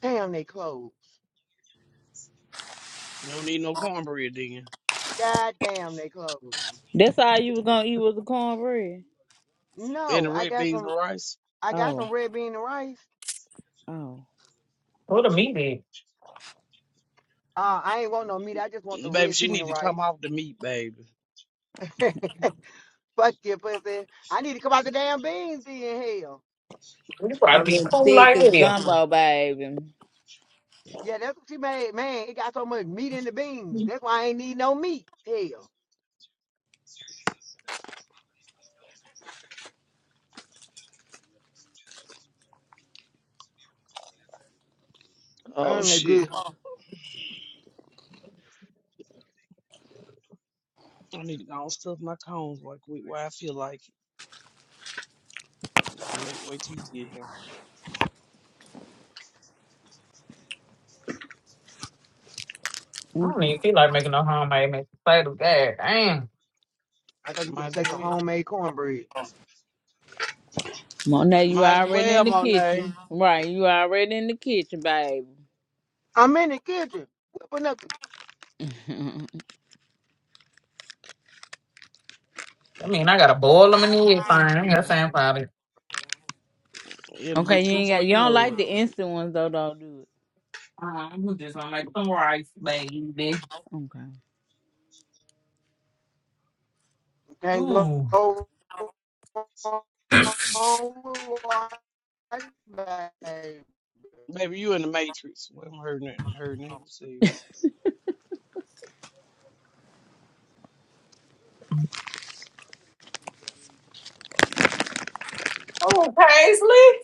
Speaker 21: Damn they closed.
Speaker 22: you don't need no cornbread, then.
Speaker 21: God damn, they closed.
Speaker 5: That's all you was gonna eat was the cornbread.
Speaker 22: and the
Speaker 21: No, I
Speaker 22: red
Speaker 21: got
Speaker 22: beans
Speaker 21: some.
Speaker 22: and rice.
Speaker 21: I got
Speaker 5: Oh,
Speaker 21: some red bean and rice.
Speaker 5: oh.
Speaker 7: What a meeting.
Speaker 21: Uh, I ain't want no meat. I just want the
Speaker 22: Baby,
Speaker 21: red
Speaker 22: she
Speaker 21: bean
Speaker 22: need
Speaker 21: and
Speaker 22: to come
Speaker 21: rice.
Speaker 22: off the meat, baby.
Speaker 21: Fuck you, pussy. I need to come out the damn beans then. Hell,
Speaker 7: You probably be
Speaker 5: You
Speaker 7: cool
Speaker 22: Mm-mm.
Speaker 5: thick
Speaker 7: like
Speaker 5: as
Speaker 7: this.
Speaker 5: gumbo, baby.
Speaker 21: yeah, that's what she made. Man, it got so much meat in the beans. That's why I ain't need no meat. Hell,
Speaker 22: Oh
Speaker 21: mm, that good.
Speaker 22: shit! I need to go and stuff my cones right quick where I feel like it. I may wait till you get here.
Speaker 7: I don't
Speaker 5: Okay.
Speaker 7: even feel like making no homemade mashed potatoes. God damn.
Speaker 21: I thought you were
Speaker 22: Might
Speaker 21: gonna
Speaker 22: as
Speaker 21: say some
Speaker 22: well.
Speaker 21: homemade cornbread.
Speaker 5: Well, now you
Speaker 22: Might as
Speaker 5: already
Speaker 22: well,
Speaker 5: in the
Speaker 22: Monet.
Speaker 5: kitchen. Right, you already in the kitchen, baby.
Speaker 21: I'm in the kitchen whipping up. The...
Speaker 7: I mean, I gotta boil them in the egg fine. I
Speaker 21: Damn,
Speaker 7: ain't got
Speaker 21: man.
Speaker 7: time for it.
Speaker 22: It'll be
Speaker 5: okay, you
Speaker 22: two
Speaker 5: ain't
Speaker 22: for
Speaker 5: got you
Speaker 22: you
Speaker 5: don't
Speaker 22: know
Speaker 5: like
Speaker 22: it.
Speaker 5: the instant ones though, don't do it.
Speaker 7: I'm just gonna make some rice, baby.
Speaker 5: Okay.
Speaker 21: can go
Speaker 7: Ooh.
Speaker 21: wrong baby.
Speaker 22: Baby, you in the matrix. Well, i heard nothing. Heard and hurting
Speaker 7: Oh, Paisley.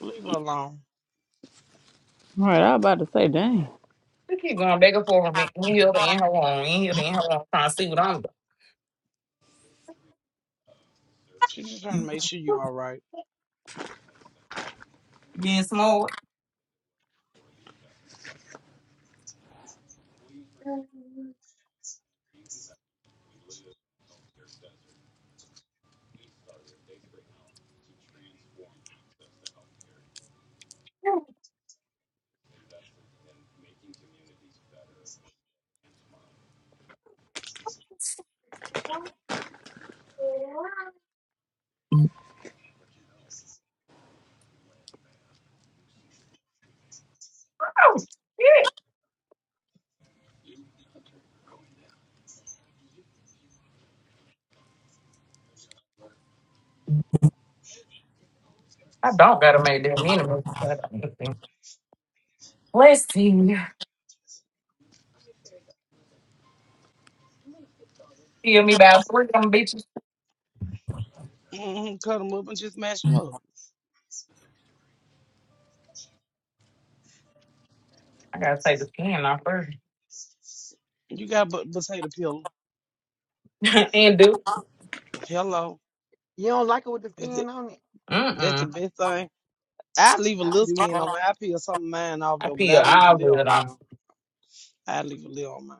Speaker 22: Leave her alone.
Speaker 5: All right, I was about to say, dang.
Speaker 7: You keep going back and forth with me. In here, in her room, in here, in her room, trying to see what I'm doing.
Speaker 22: She's just trying to make sure you all right.
Speaker 7: Being small. Oh, shit. I don't gotta make that many mistakes. I don't think. Let's see. Kill me by three of them bitches.
Speaker 22: Mm-hmm. Cut them up and just mash them up.
Speaker 7: I gotta take the skin off first.
Speaker 22: You got but potato peel.
Speaker 7: and do.
Speaker 22: Hello,
Speaker 21: You don't like it with the
Speaker 22: that's the,
Speaker 21: skin on it?
Speaker 22: that's the
Speaker 7: Mm-mm.
Speaker 22: best thing. I leave a
Speaker 21: I
Speaker 22: little
Speaker 21: do.
Speaker 22: skin on mine. I peel some of mine off
Speaker 7: I
Speaker 22: though, but
Speaker 7: peel
Speaker 22: I leave a
Speaker 7: all of
Speaker 22: little
Speaker 7: it
Speaker 22: on
Speaker 7: off.
Speaker 22: now. I leave a little on mine.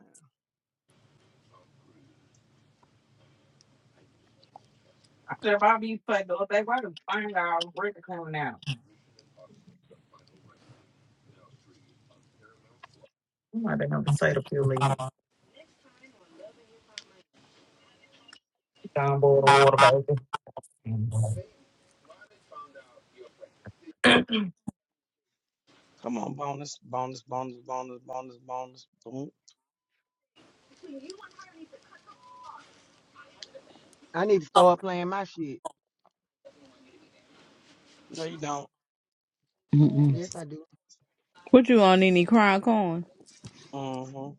Speaker 7: After about these put those they were to find out where to come now. I'm not gonna say the feeling down below the
Speaker 21: Mm.
Speaker 7: water, baby. Mm.
Speaker 22: Come on, bonus, bonus, bonus, bonus, bonus, bonus. Boom.
Speaker 21: I need to start playing my shit.
Speaker 22: No, you don't.
Speaker 5: Mm-mm.
Speaker 21: Yes, I do.
Speaker 5: What you on any crown corn?
Speaker 22: Mm-hmm.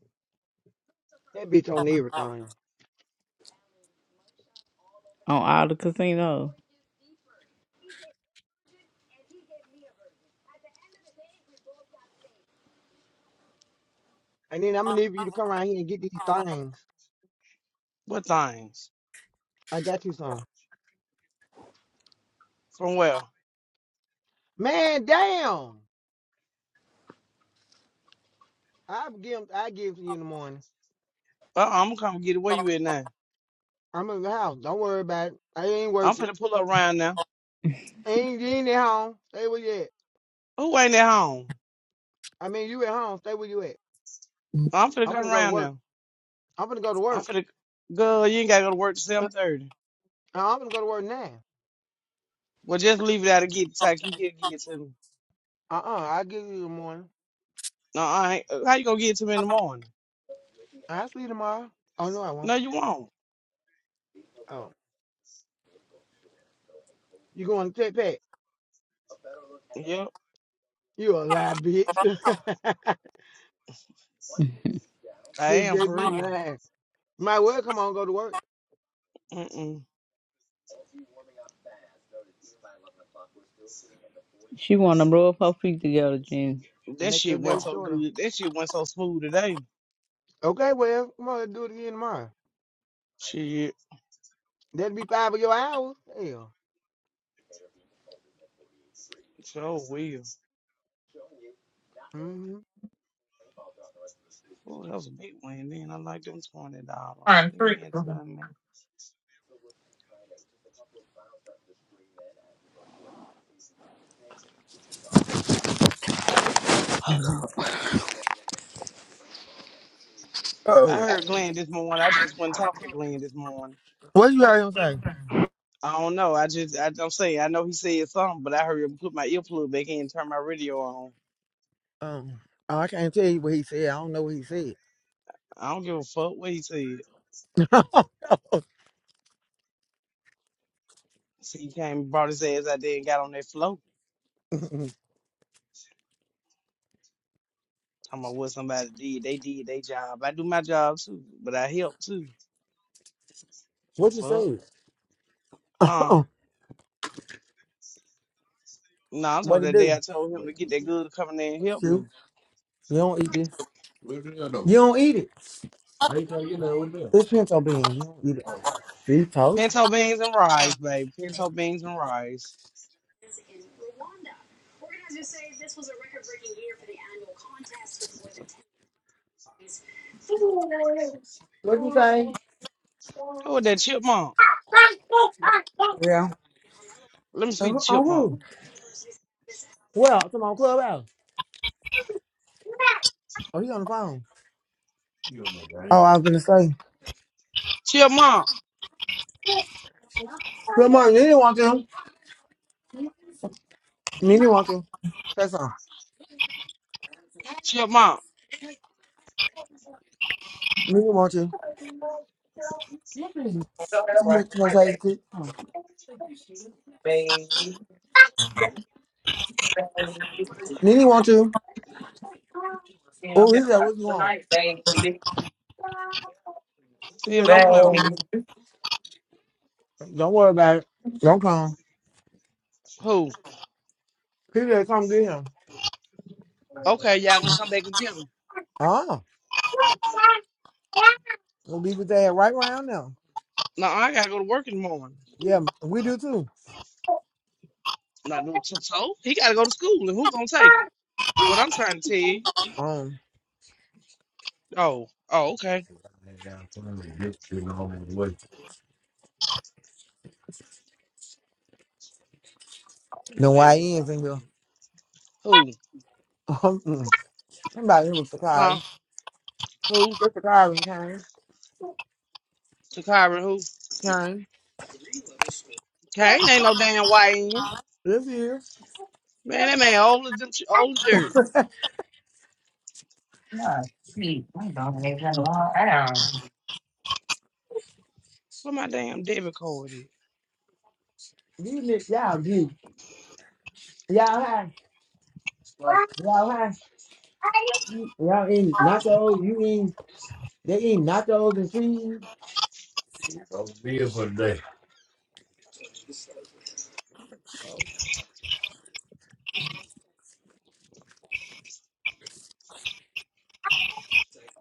Speaker 21: That bitch on
Speaker 5: On
Speaker 21: everything.
Speaker 5: all the casinos.
Speaker 21: And then I'm gonna need you to come around here and get these things.
Speaker 22: What things?
Speaker 21: I got you some.
Speaker 22: From where?
Speaker 21: Man, damn. I give 'em- I give to you in the morning.
Speaker 22: Uh, I'm gonna come get it. Where you at now?
Speaker 21: I'm in the house. Don't worry about it. I ain't
Speaker 22: I'm
Speaker 21: worth it.
Speaker 22: finna pull up around now.
Speaker 21: Ain't you ain't at home. Stay where you at.
Speaker 22: Who ain't at home?
Speaker 21: I mean, you at home. Stay where you at.
Speaker 22: I'm finna
Speaker 21: I'm
Speaker 22: come
Speaker 21: gonna go to
Speaker 22: around now.
Speaker 21: work. I'm gonna go to
Speaker 22: I'm
Speaker 21: work.
Speaker 22: finna go. You ain't gotta go to work till seven thirty.
Speaker 21: Uh, I'm gonna go to work now.
Speaker 22: Well, just leave it out and get so he can get it to me.
Speaker 21: Uh uh-uh, uh, i will give you the morning.
Speaker 22: No, I ain't. uh, How you gonna get it to me in the morning?
Speaker 21: I'll see you tomorrow. Oh, no, I won't.
Speaker 22: No, you won't.
Speaker 21: Oh, you going to take that?
Speaker 22: Yep,
Speaker 21: You a lie, bitch.
Speaker 22: I
Speaker 21: bitch,
Speaker 22: am for
Speaker 21: just be
Speaker 22: real.
Speaker 21: lying. Might well come on, go to work.
Speaker 22: Mm-mm.
Speaker 5: She wanna rub her feet together, Jen.
Speaker 22: That
Speaker 21: Make your
Speaker 22: shit
Speaker 21: day
Speaker 22: went so
Speaker 21: shorter.
Speaker 22: good. That shit went so smooth today.
Speaker 21: Okay, well, come on, let's do it again tomorrow.
Speaker 22: Shit,
Speaker 21: That'd be five of your hours. Hell.
Speaker 22: so will.
Speaker 21: hmm
Speaker 22: Oh, that was a big win. Then I like them twenty dollars.
Speaker 7: Trying to treat
Speaker 22: Yeah,
Speaker 7: them.
Speaker 22: son, man. I
Speaker 21: Oh,
Speaker 22: heard Glenn this morning. I just wasn't talking to Glenn this morning.
Speaker 21: what you heard him say?
Speaker 22: I don't know. I just I don't say. I know he said something, but I heard him put my earplug back in and turn my radio on.
Speaker 21: Um, oh, I can't tell you what he said. I don't know what he said.
Speaker 22: I don't give a fuck what he said. See, he came and brought his ass out there and got on that float. Talking about what somebody did. They did their job. I do my job too, but I help too. The
Speaker 21: what you
Speaker 22: fuck?
Speaker 21: say?
Speaker 22: Huh? No, I'm
Speaker 21: What
Speaker 22: talking
Speaker 21: to
Speaker 22: that day
Speaker 21: do?
Speaker 22: I told him to get that good to come in there and help
Speaker 21: You.
Speaker 22: me.
Speaker 21: You don't eat this. You don't eat it. This pinto bean. You don't eat it. See, toast.
Speaker 22: Pinto beans and rice, baby. Pinto beans and rice.
Speaker 21: What'd you say?
Speaker 22: Who was that chipmunk?
Speaker 21: Yeah.
Speaker 22: Let me speak to
Speaker 21: Oh, oh.
Speaker 22: chipmunk.
Speaker 21: oh. Well, come on, clubhouse. Oh, he on the phone. Oh, I was gonna say.
Speaker 22: Chipmunk.
Speaker 21: Come on, Nene want you. Nene want you. That's all.
Speaker 22: Chipmunk.
Speaker 21: Nene want you.
Speaker 7: So that was
Speaker 21: Come
Speaker 7: I
Speaker 21: say
Speaker 7: say,
Speaker 21: it quick.
Speaker 7: baby, baby.
Speaker 21: Nene want you.
Speaker 7: You know, I'm
Speaker 21: Oh,
Speaker 7: gonna
Speaker 21: he said,
Speaker 7: watch
Speaker 21: what you
Speaker 7: the
Speaker 21: want?
Speaker 7: night, baby,
Speaker 21: He
Speaker 22: Tim,
Speaker 21: said,
Speaker 22: don't
Speaker 21: don't
Speaker 22: play with
Speaker 21: come get
Speaker 22: me.
Speaker 7: baby.
Speaker 21: him. Don't worry. Don't come.
Speaker 22: Who?
Speaker 21: He said, come get him.
Speaker 22: Okay, y'all gonna come back and get him.
Speaker 21: Oh, we'll be with that right around now.
Speaker 22: No, I gotta go to work in the morning.
Speaker 21: Yeah, we do too.
Speaker 22: Not no so. so, He gotta go to school, and who gonna take him? What I'm trying to tell you.
Speaker 21: Um,
Speaker 22: Oh, oh, okay. My
Speaker 21: the Y
Speaker 22: damn
Speaker 21: Ns in here.
Speaker 22: thing. Who?
Speaker 21: Um, mm. somebody here was
Speaker 22: Huh?
Speaker 21: surprised.
Speaker 22: Who?
Speaker 21: They're surprised and came.
Speaker 22: Takara, who? Kane ain't no damn white YN.
Speaker 21: This year,
Speaker 22: Man, that man old as, them- ch- old as dirt.
Speaker 7: Yeah, my dog is in the wrong.
Speaker 22: Where my damn debit card at?
Speaker 21: these niggas You all do. Y'all high. Y'all high. Y'all eating nachos. You eating. They eating nachos and cheese.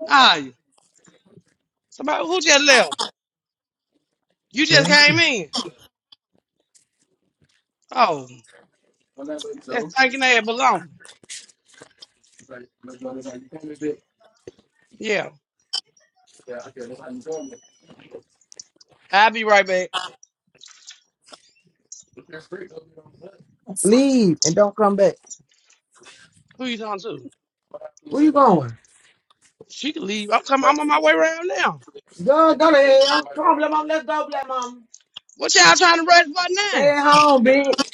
Speaker 22: Nah, you. Somebody who just left? You just came in. Oh, that's thinking they had belonging. Yeah, I'll be right back.
Speaker 21: Leave and don't come back.
Speaker 22: Who you talking to?
Speaker 21: Where you going?
Speaker 22: She can leave. I'm coming. I'm on my way around now.
Speaker 21: Go, go to hell. Come on, black mom. Let's go, black mom.
Speaker 22: What y'all trying to rush by now?
Speaker 21: Stay at home, bitch.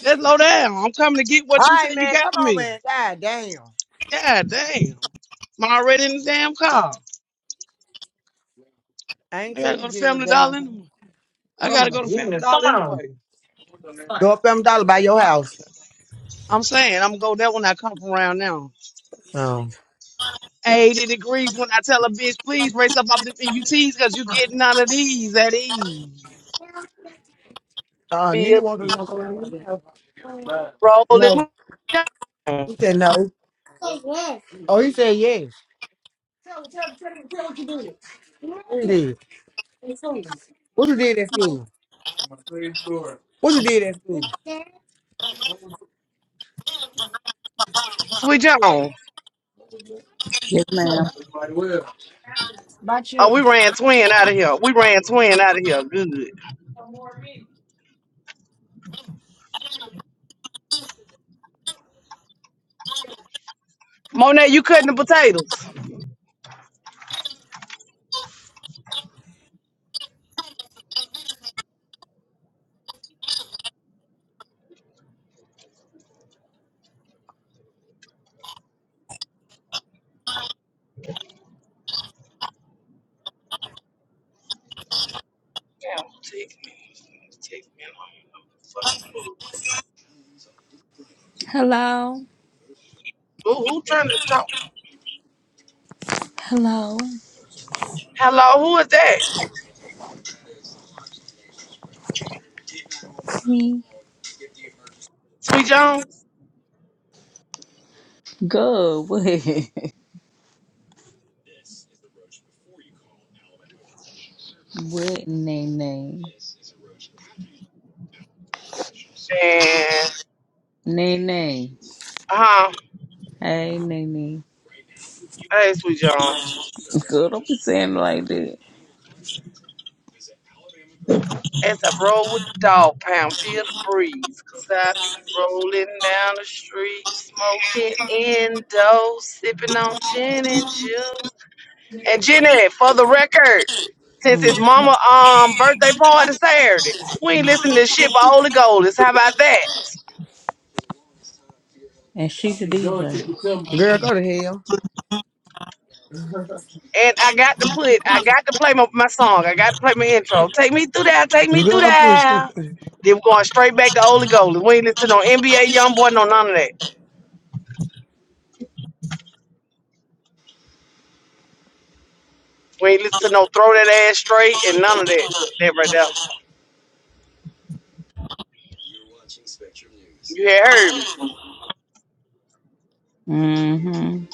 Speaker 22: Just slow down. I'm coming to get
Speaker 21: All
Speaker 22: what you
Speaker 21: right,
Speaker 22: said you
Speaker 21: man.
Speaker 22: got
Speaker 21: Come
Speaker 22: for
Speaker 21: on,
Speaker 22: me.
Speaker 21: man. God damn.
Speaker 22: God damn. I'm already in the damn car.
Speaker 21: I ain't
Speaker 22: I
Speaker 21: tell
Speaker 22: gotta
Speaker 21: you
Speaker 22: go
Speaker 21: to
Speaker 22: to
Speaker 21: get in your
Speaker 22: Family
Speaker 21: damn
Speaker 22: Dollar
Speaker 21: car.
Speaker 22: anyway. I
Speaker 7: Oh
Speaker 22: gotta
Speaker 7: my
Speaker 22: go to Family
Speaker 7: goodness, come
Speaker 22: Dollar
Speaker 7: on.
Speaker 22: anyway.
Speaker 21: Go
Speaker 7: Son.
Speaker 21: up them dollar by your house.
Speaker 22: I'm saying I'm gonna go there when I come from around now.
Speaker 21: No.
Speaker 22: 80 degrees when I tell a bitch, please race up off the UTs because you getting out of these at ease.
Speaker 21: Uh, Nini
Speaker 22: Bill
Speaker 21: wants to come around with you?
Speaker 22: rolling.
Speaker 21: No. He said no. Oh, he said yes. What you did? What you did at school? What you did at school?
Speaker 22: Sweet John.
Speaker 5: Yes, ma'am.
Speaker 22: Oh, we ran twin out of here. We ran twin out of here. Good. Monet, you cutting the potatoes. Damn, take me. Take me. I don't even
Speaker 5: Hello.
Speaker 22: Who, who trying to talk?
Speaker 5: Hello.
Speaker 22: Hello, who is that?
Speaker 5: Me.
Speaker 22: Sweet Jones?
Speaker 5: Good. What? what in they name?
Speaker 22: And
Speaker 5: Nene.
Speaker 22: huh?
Speaker 5: Hey, Nene.
Speaker 22: Hey, Sweet Jones.
Speaker 5: Girl, don't be saying it like that.
Speaker 22: As I roll with the dog pound, feel the breeze, cause I be rolling down the street, smoking indo, sipping on gin and juice. And Jenny, for the record, since his
Speaker 5: Mm,
Speaker 22: mama um birthday party Saturday, we ain't
Speaker 5: mm.
Speaker 22: listening to shit but Holy Gold. How about that?
Speaker 5: And she's a DJ.
Speaker 21: Girl, go to hell.
Speaker 22: and I got to put, I got to play my, my song. I got to play my intro. Take me through that. Take me through
Speaker 21: Go up.
Speaker 22: that. Then we're going straight back to Holy Gold. We ain't listen to no NBA young boy, no none of that. We ain't listen to no throw that ass straight and none of that. That right there. You had heard me.
Speaker 5: Mm-hmm.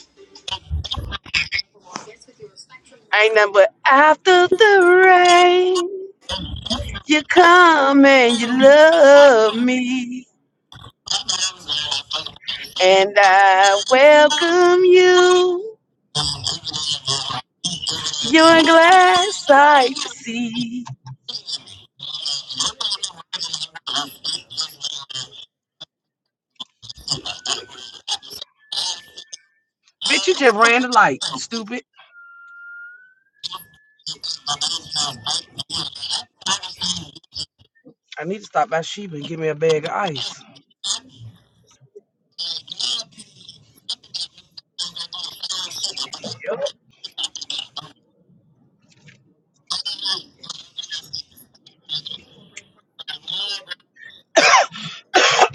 Speaker 22: Ain't nothing but after the rain, you come and you love me. And I welcome you. You're a glass sight to see. Bitch, you just ran the light, stupid. I need to stop by Sheba and get me a bag of ice.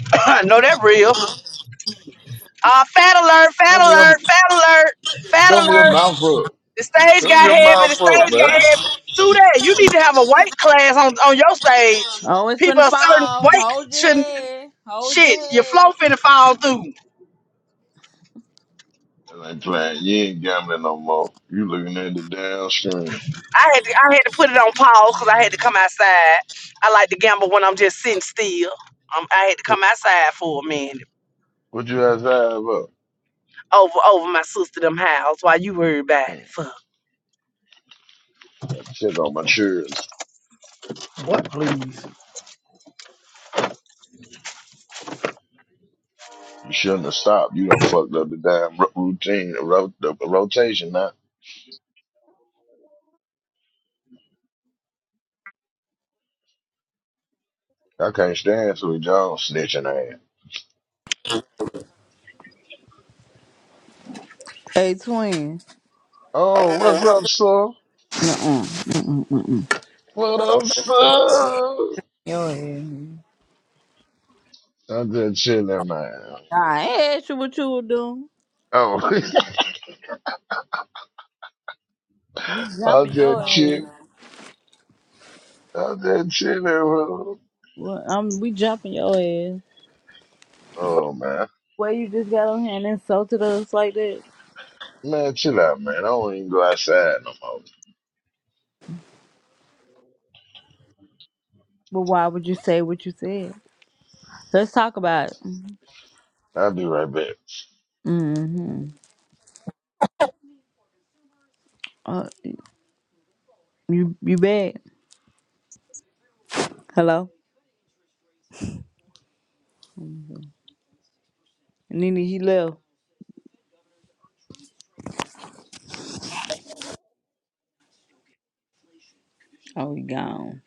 Speaker 22: I know that real. Uh, fat alert, fat
Speaker 18: Cover your,
Speaker 22: alert, fat alert, fat
Speaker 18: cover your
Speaker 22: alert.
Speaker 18: mouth up.
Speaker 22: The stage
Speaker 18: Cover
Speaker 22: got
Speaker 18: your
Speaker 22: heavy,
Speaker 18: mouth
Speaker 22: the
Speaker 18: up,
Speaker 22: stage got
Speaker 18: man.
Speaker 22: heavy. Do that. You need to have a weight class on, on your stage.
Speaker 5: Oh, it's
Speaker 22: People
Speaker 5: finna
Speaker 22: a certain
Speaker 5: fall.
Speaker 22: weight
Speaker 5: Hold your
Speaker 22: shouldn't
Speaker 5: head. Hold your
Speaker 22: shit. Your flow
Speaker 5: head.
Speaker 22: finna fall through.
Speaker 18: That ain't playing. You ain't gambling no more. You looking at the damn screen.
Speaker 22: I had to I had to put it on pause because I had to come outside. I like to gamble when I'm just sitting still. Um, I had to
Speaker 18: What
Speaker 22: come outside for a minute
Speaker 18: what you guys have up?
Speaker 22: over over my sister them house while you worry about it.
Speaker 18: Hmm.
Speaker 22: Fuck.
Speaker 18: I Check on my chairs.
Speaker 22: What please?
Speaker 18: You shouldn't have stopped. You done fucked up the damn ro- routine, the, ro- the rotation now. I can't stand Sweet Jones snitching ass.
Speaker 5: Hey, twin.
Speaker 18: Oh, what's up, sir?
Speaker 5: Mm-mm. Mm-mm. Mm-mm.
Speaker 18: What up, sir?
Speaker 5: Your head.
Speaker 18: I'm just chilling, man.
Speaker 5: I asked you what you were doing.
Speaker 18: Oh,
Speaker 5: We
Speaker 18: I'm
Speaker 5: jumping your
Speaker 18: just chill.
Speaker 5: ass.
Speaker 18: I'm just chilling, bro.
Speaker 5: Well, um, we jumping your ass.
Speaker 18: Oh man,
Speaker 5: Well, you just got on here and insulted us like that.
Speaker 18: man, chill out, man. I don't even go outside no more.
Speaker 5: But why would you say what you said? Let's talk about it.
Speaker 18: I'll be right back.
Speaker 5: Mm-hmm. Uh, You you back? Hello? Nene, he left. Oh, he gone.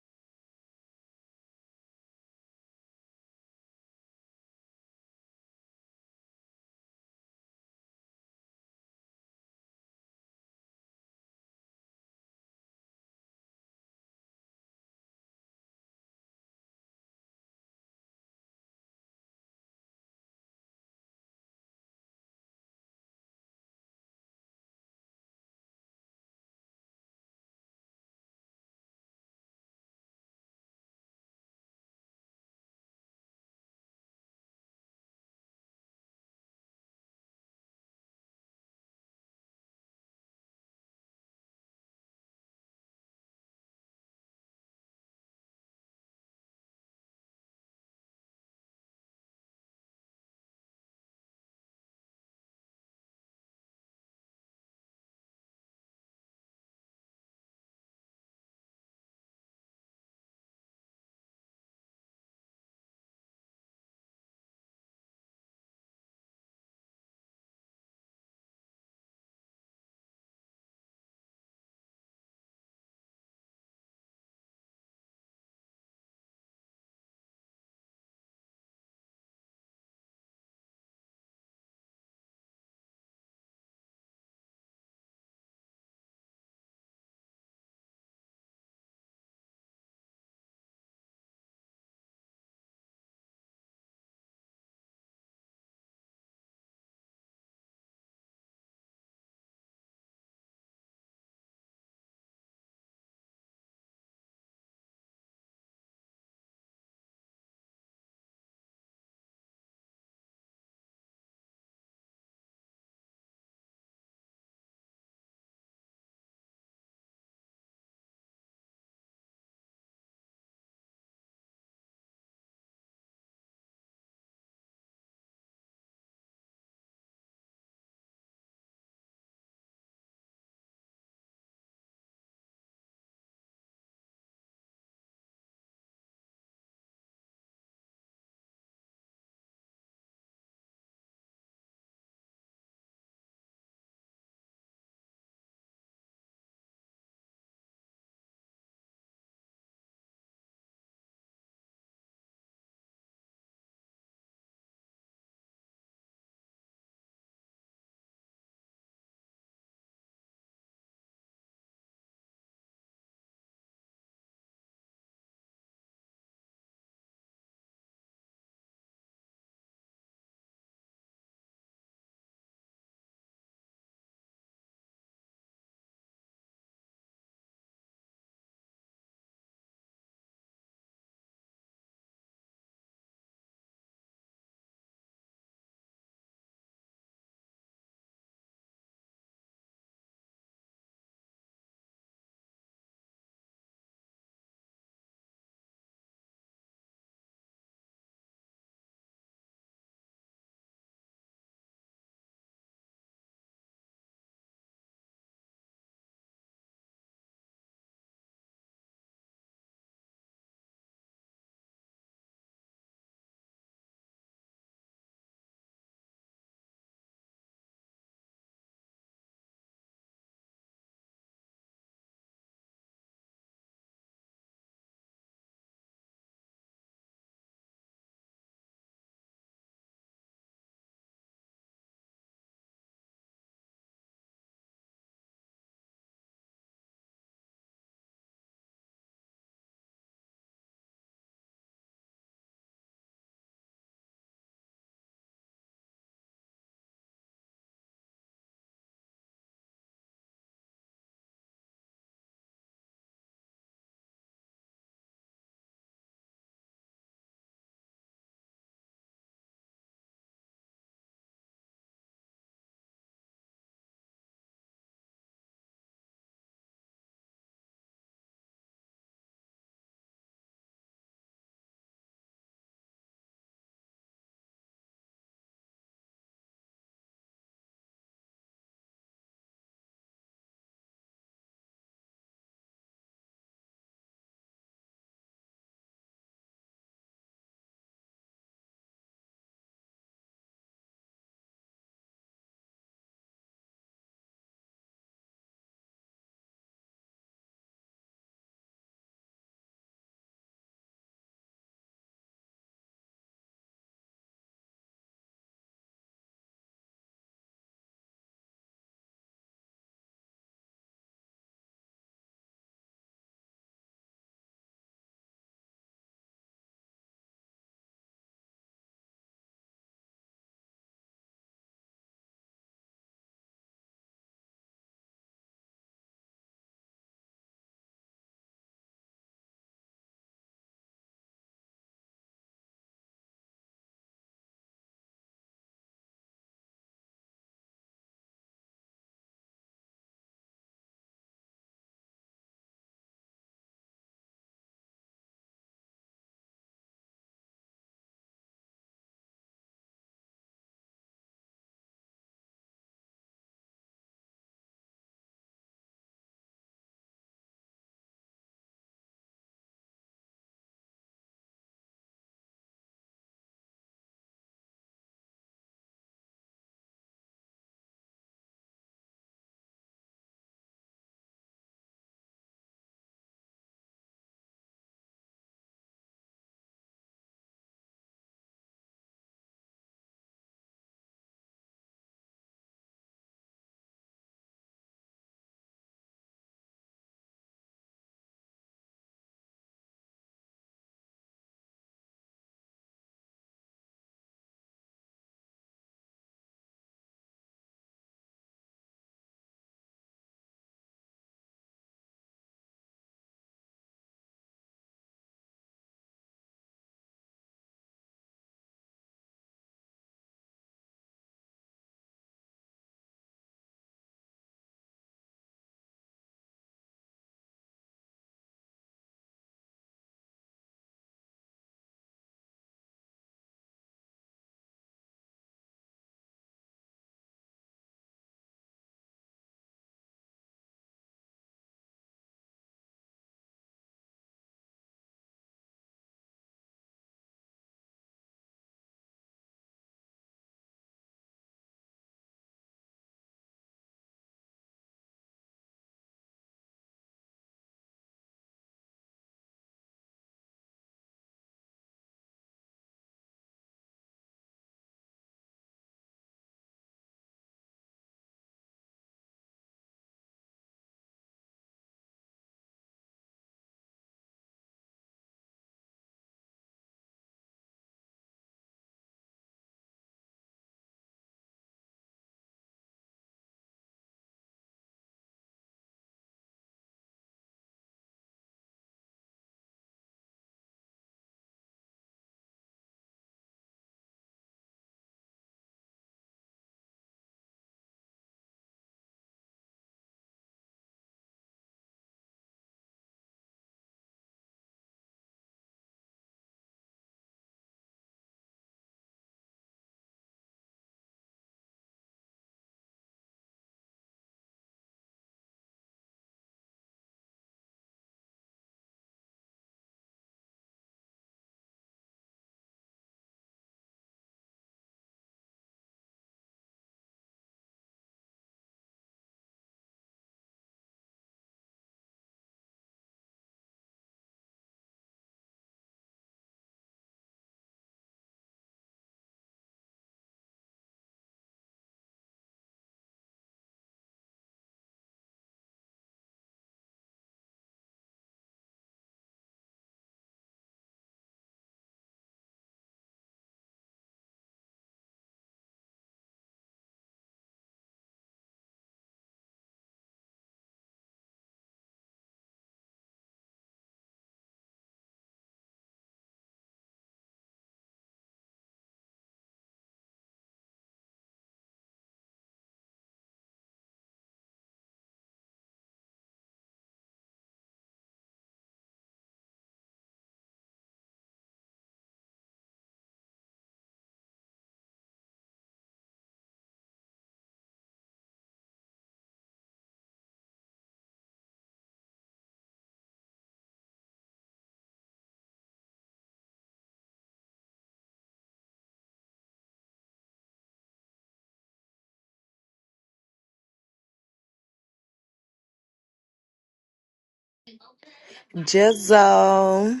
Speaker 15: Jizzle.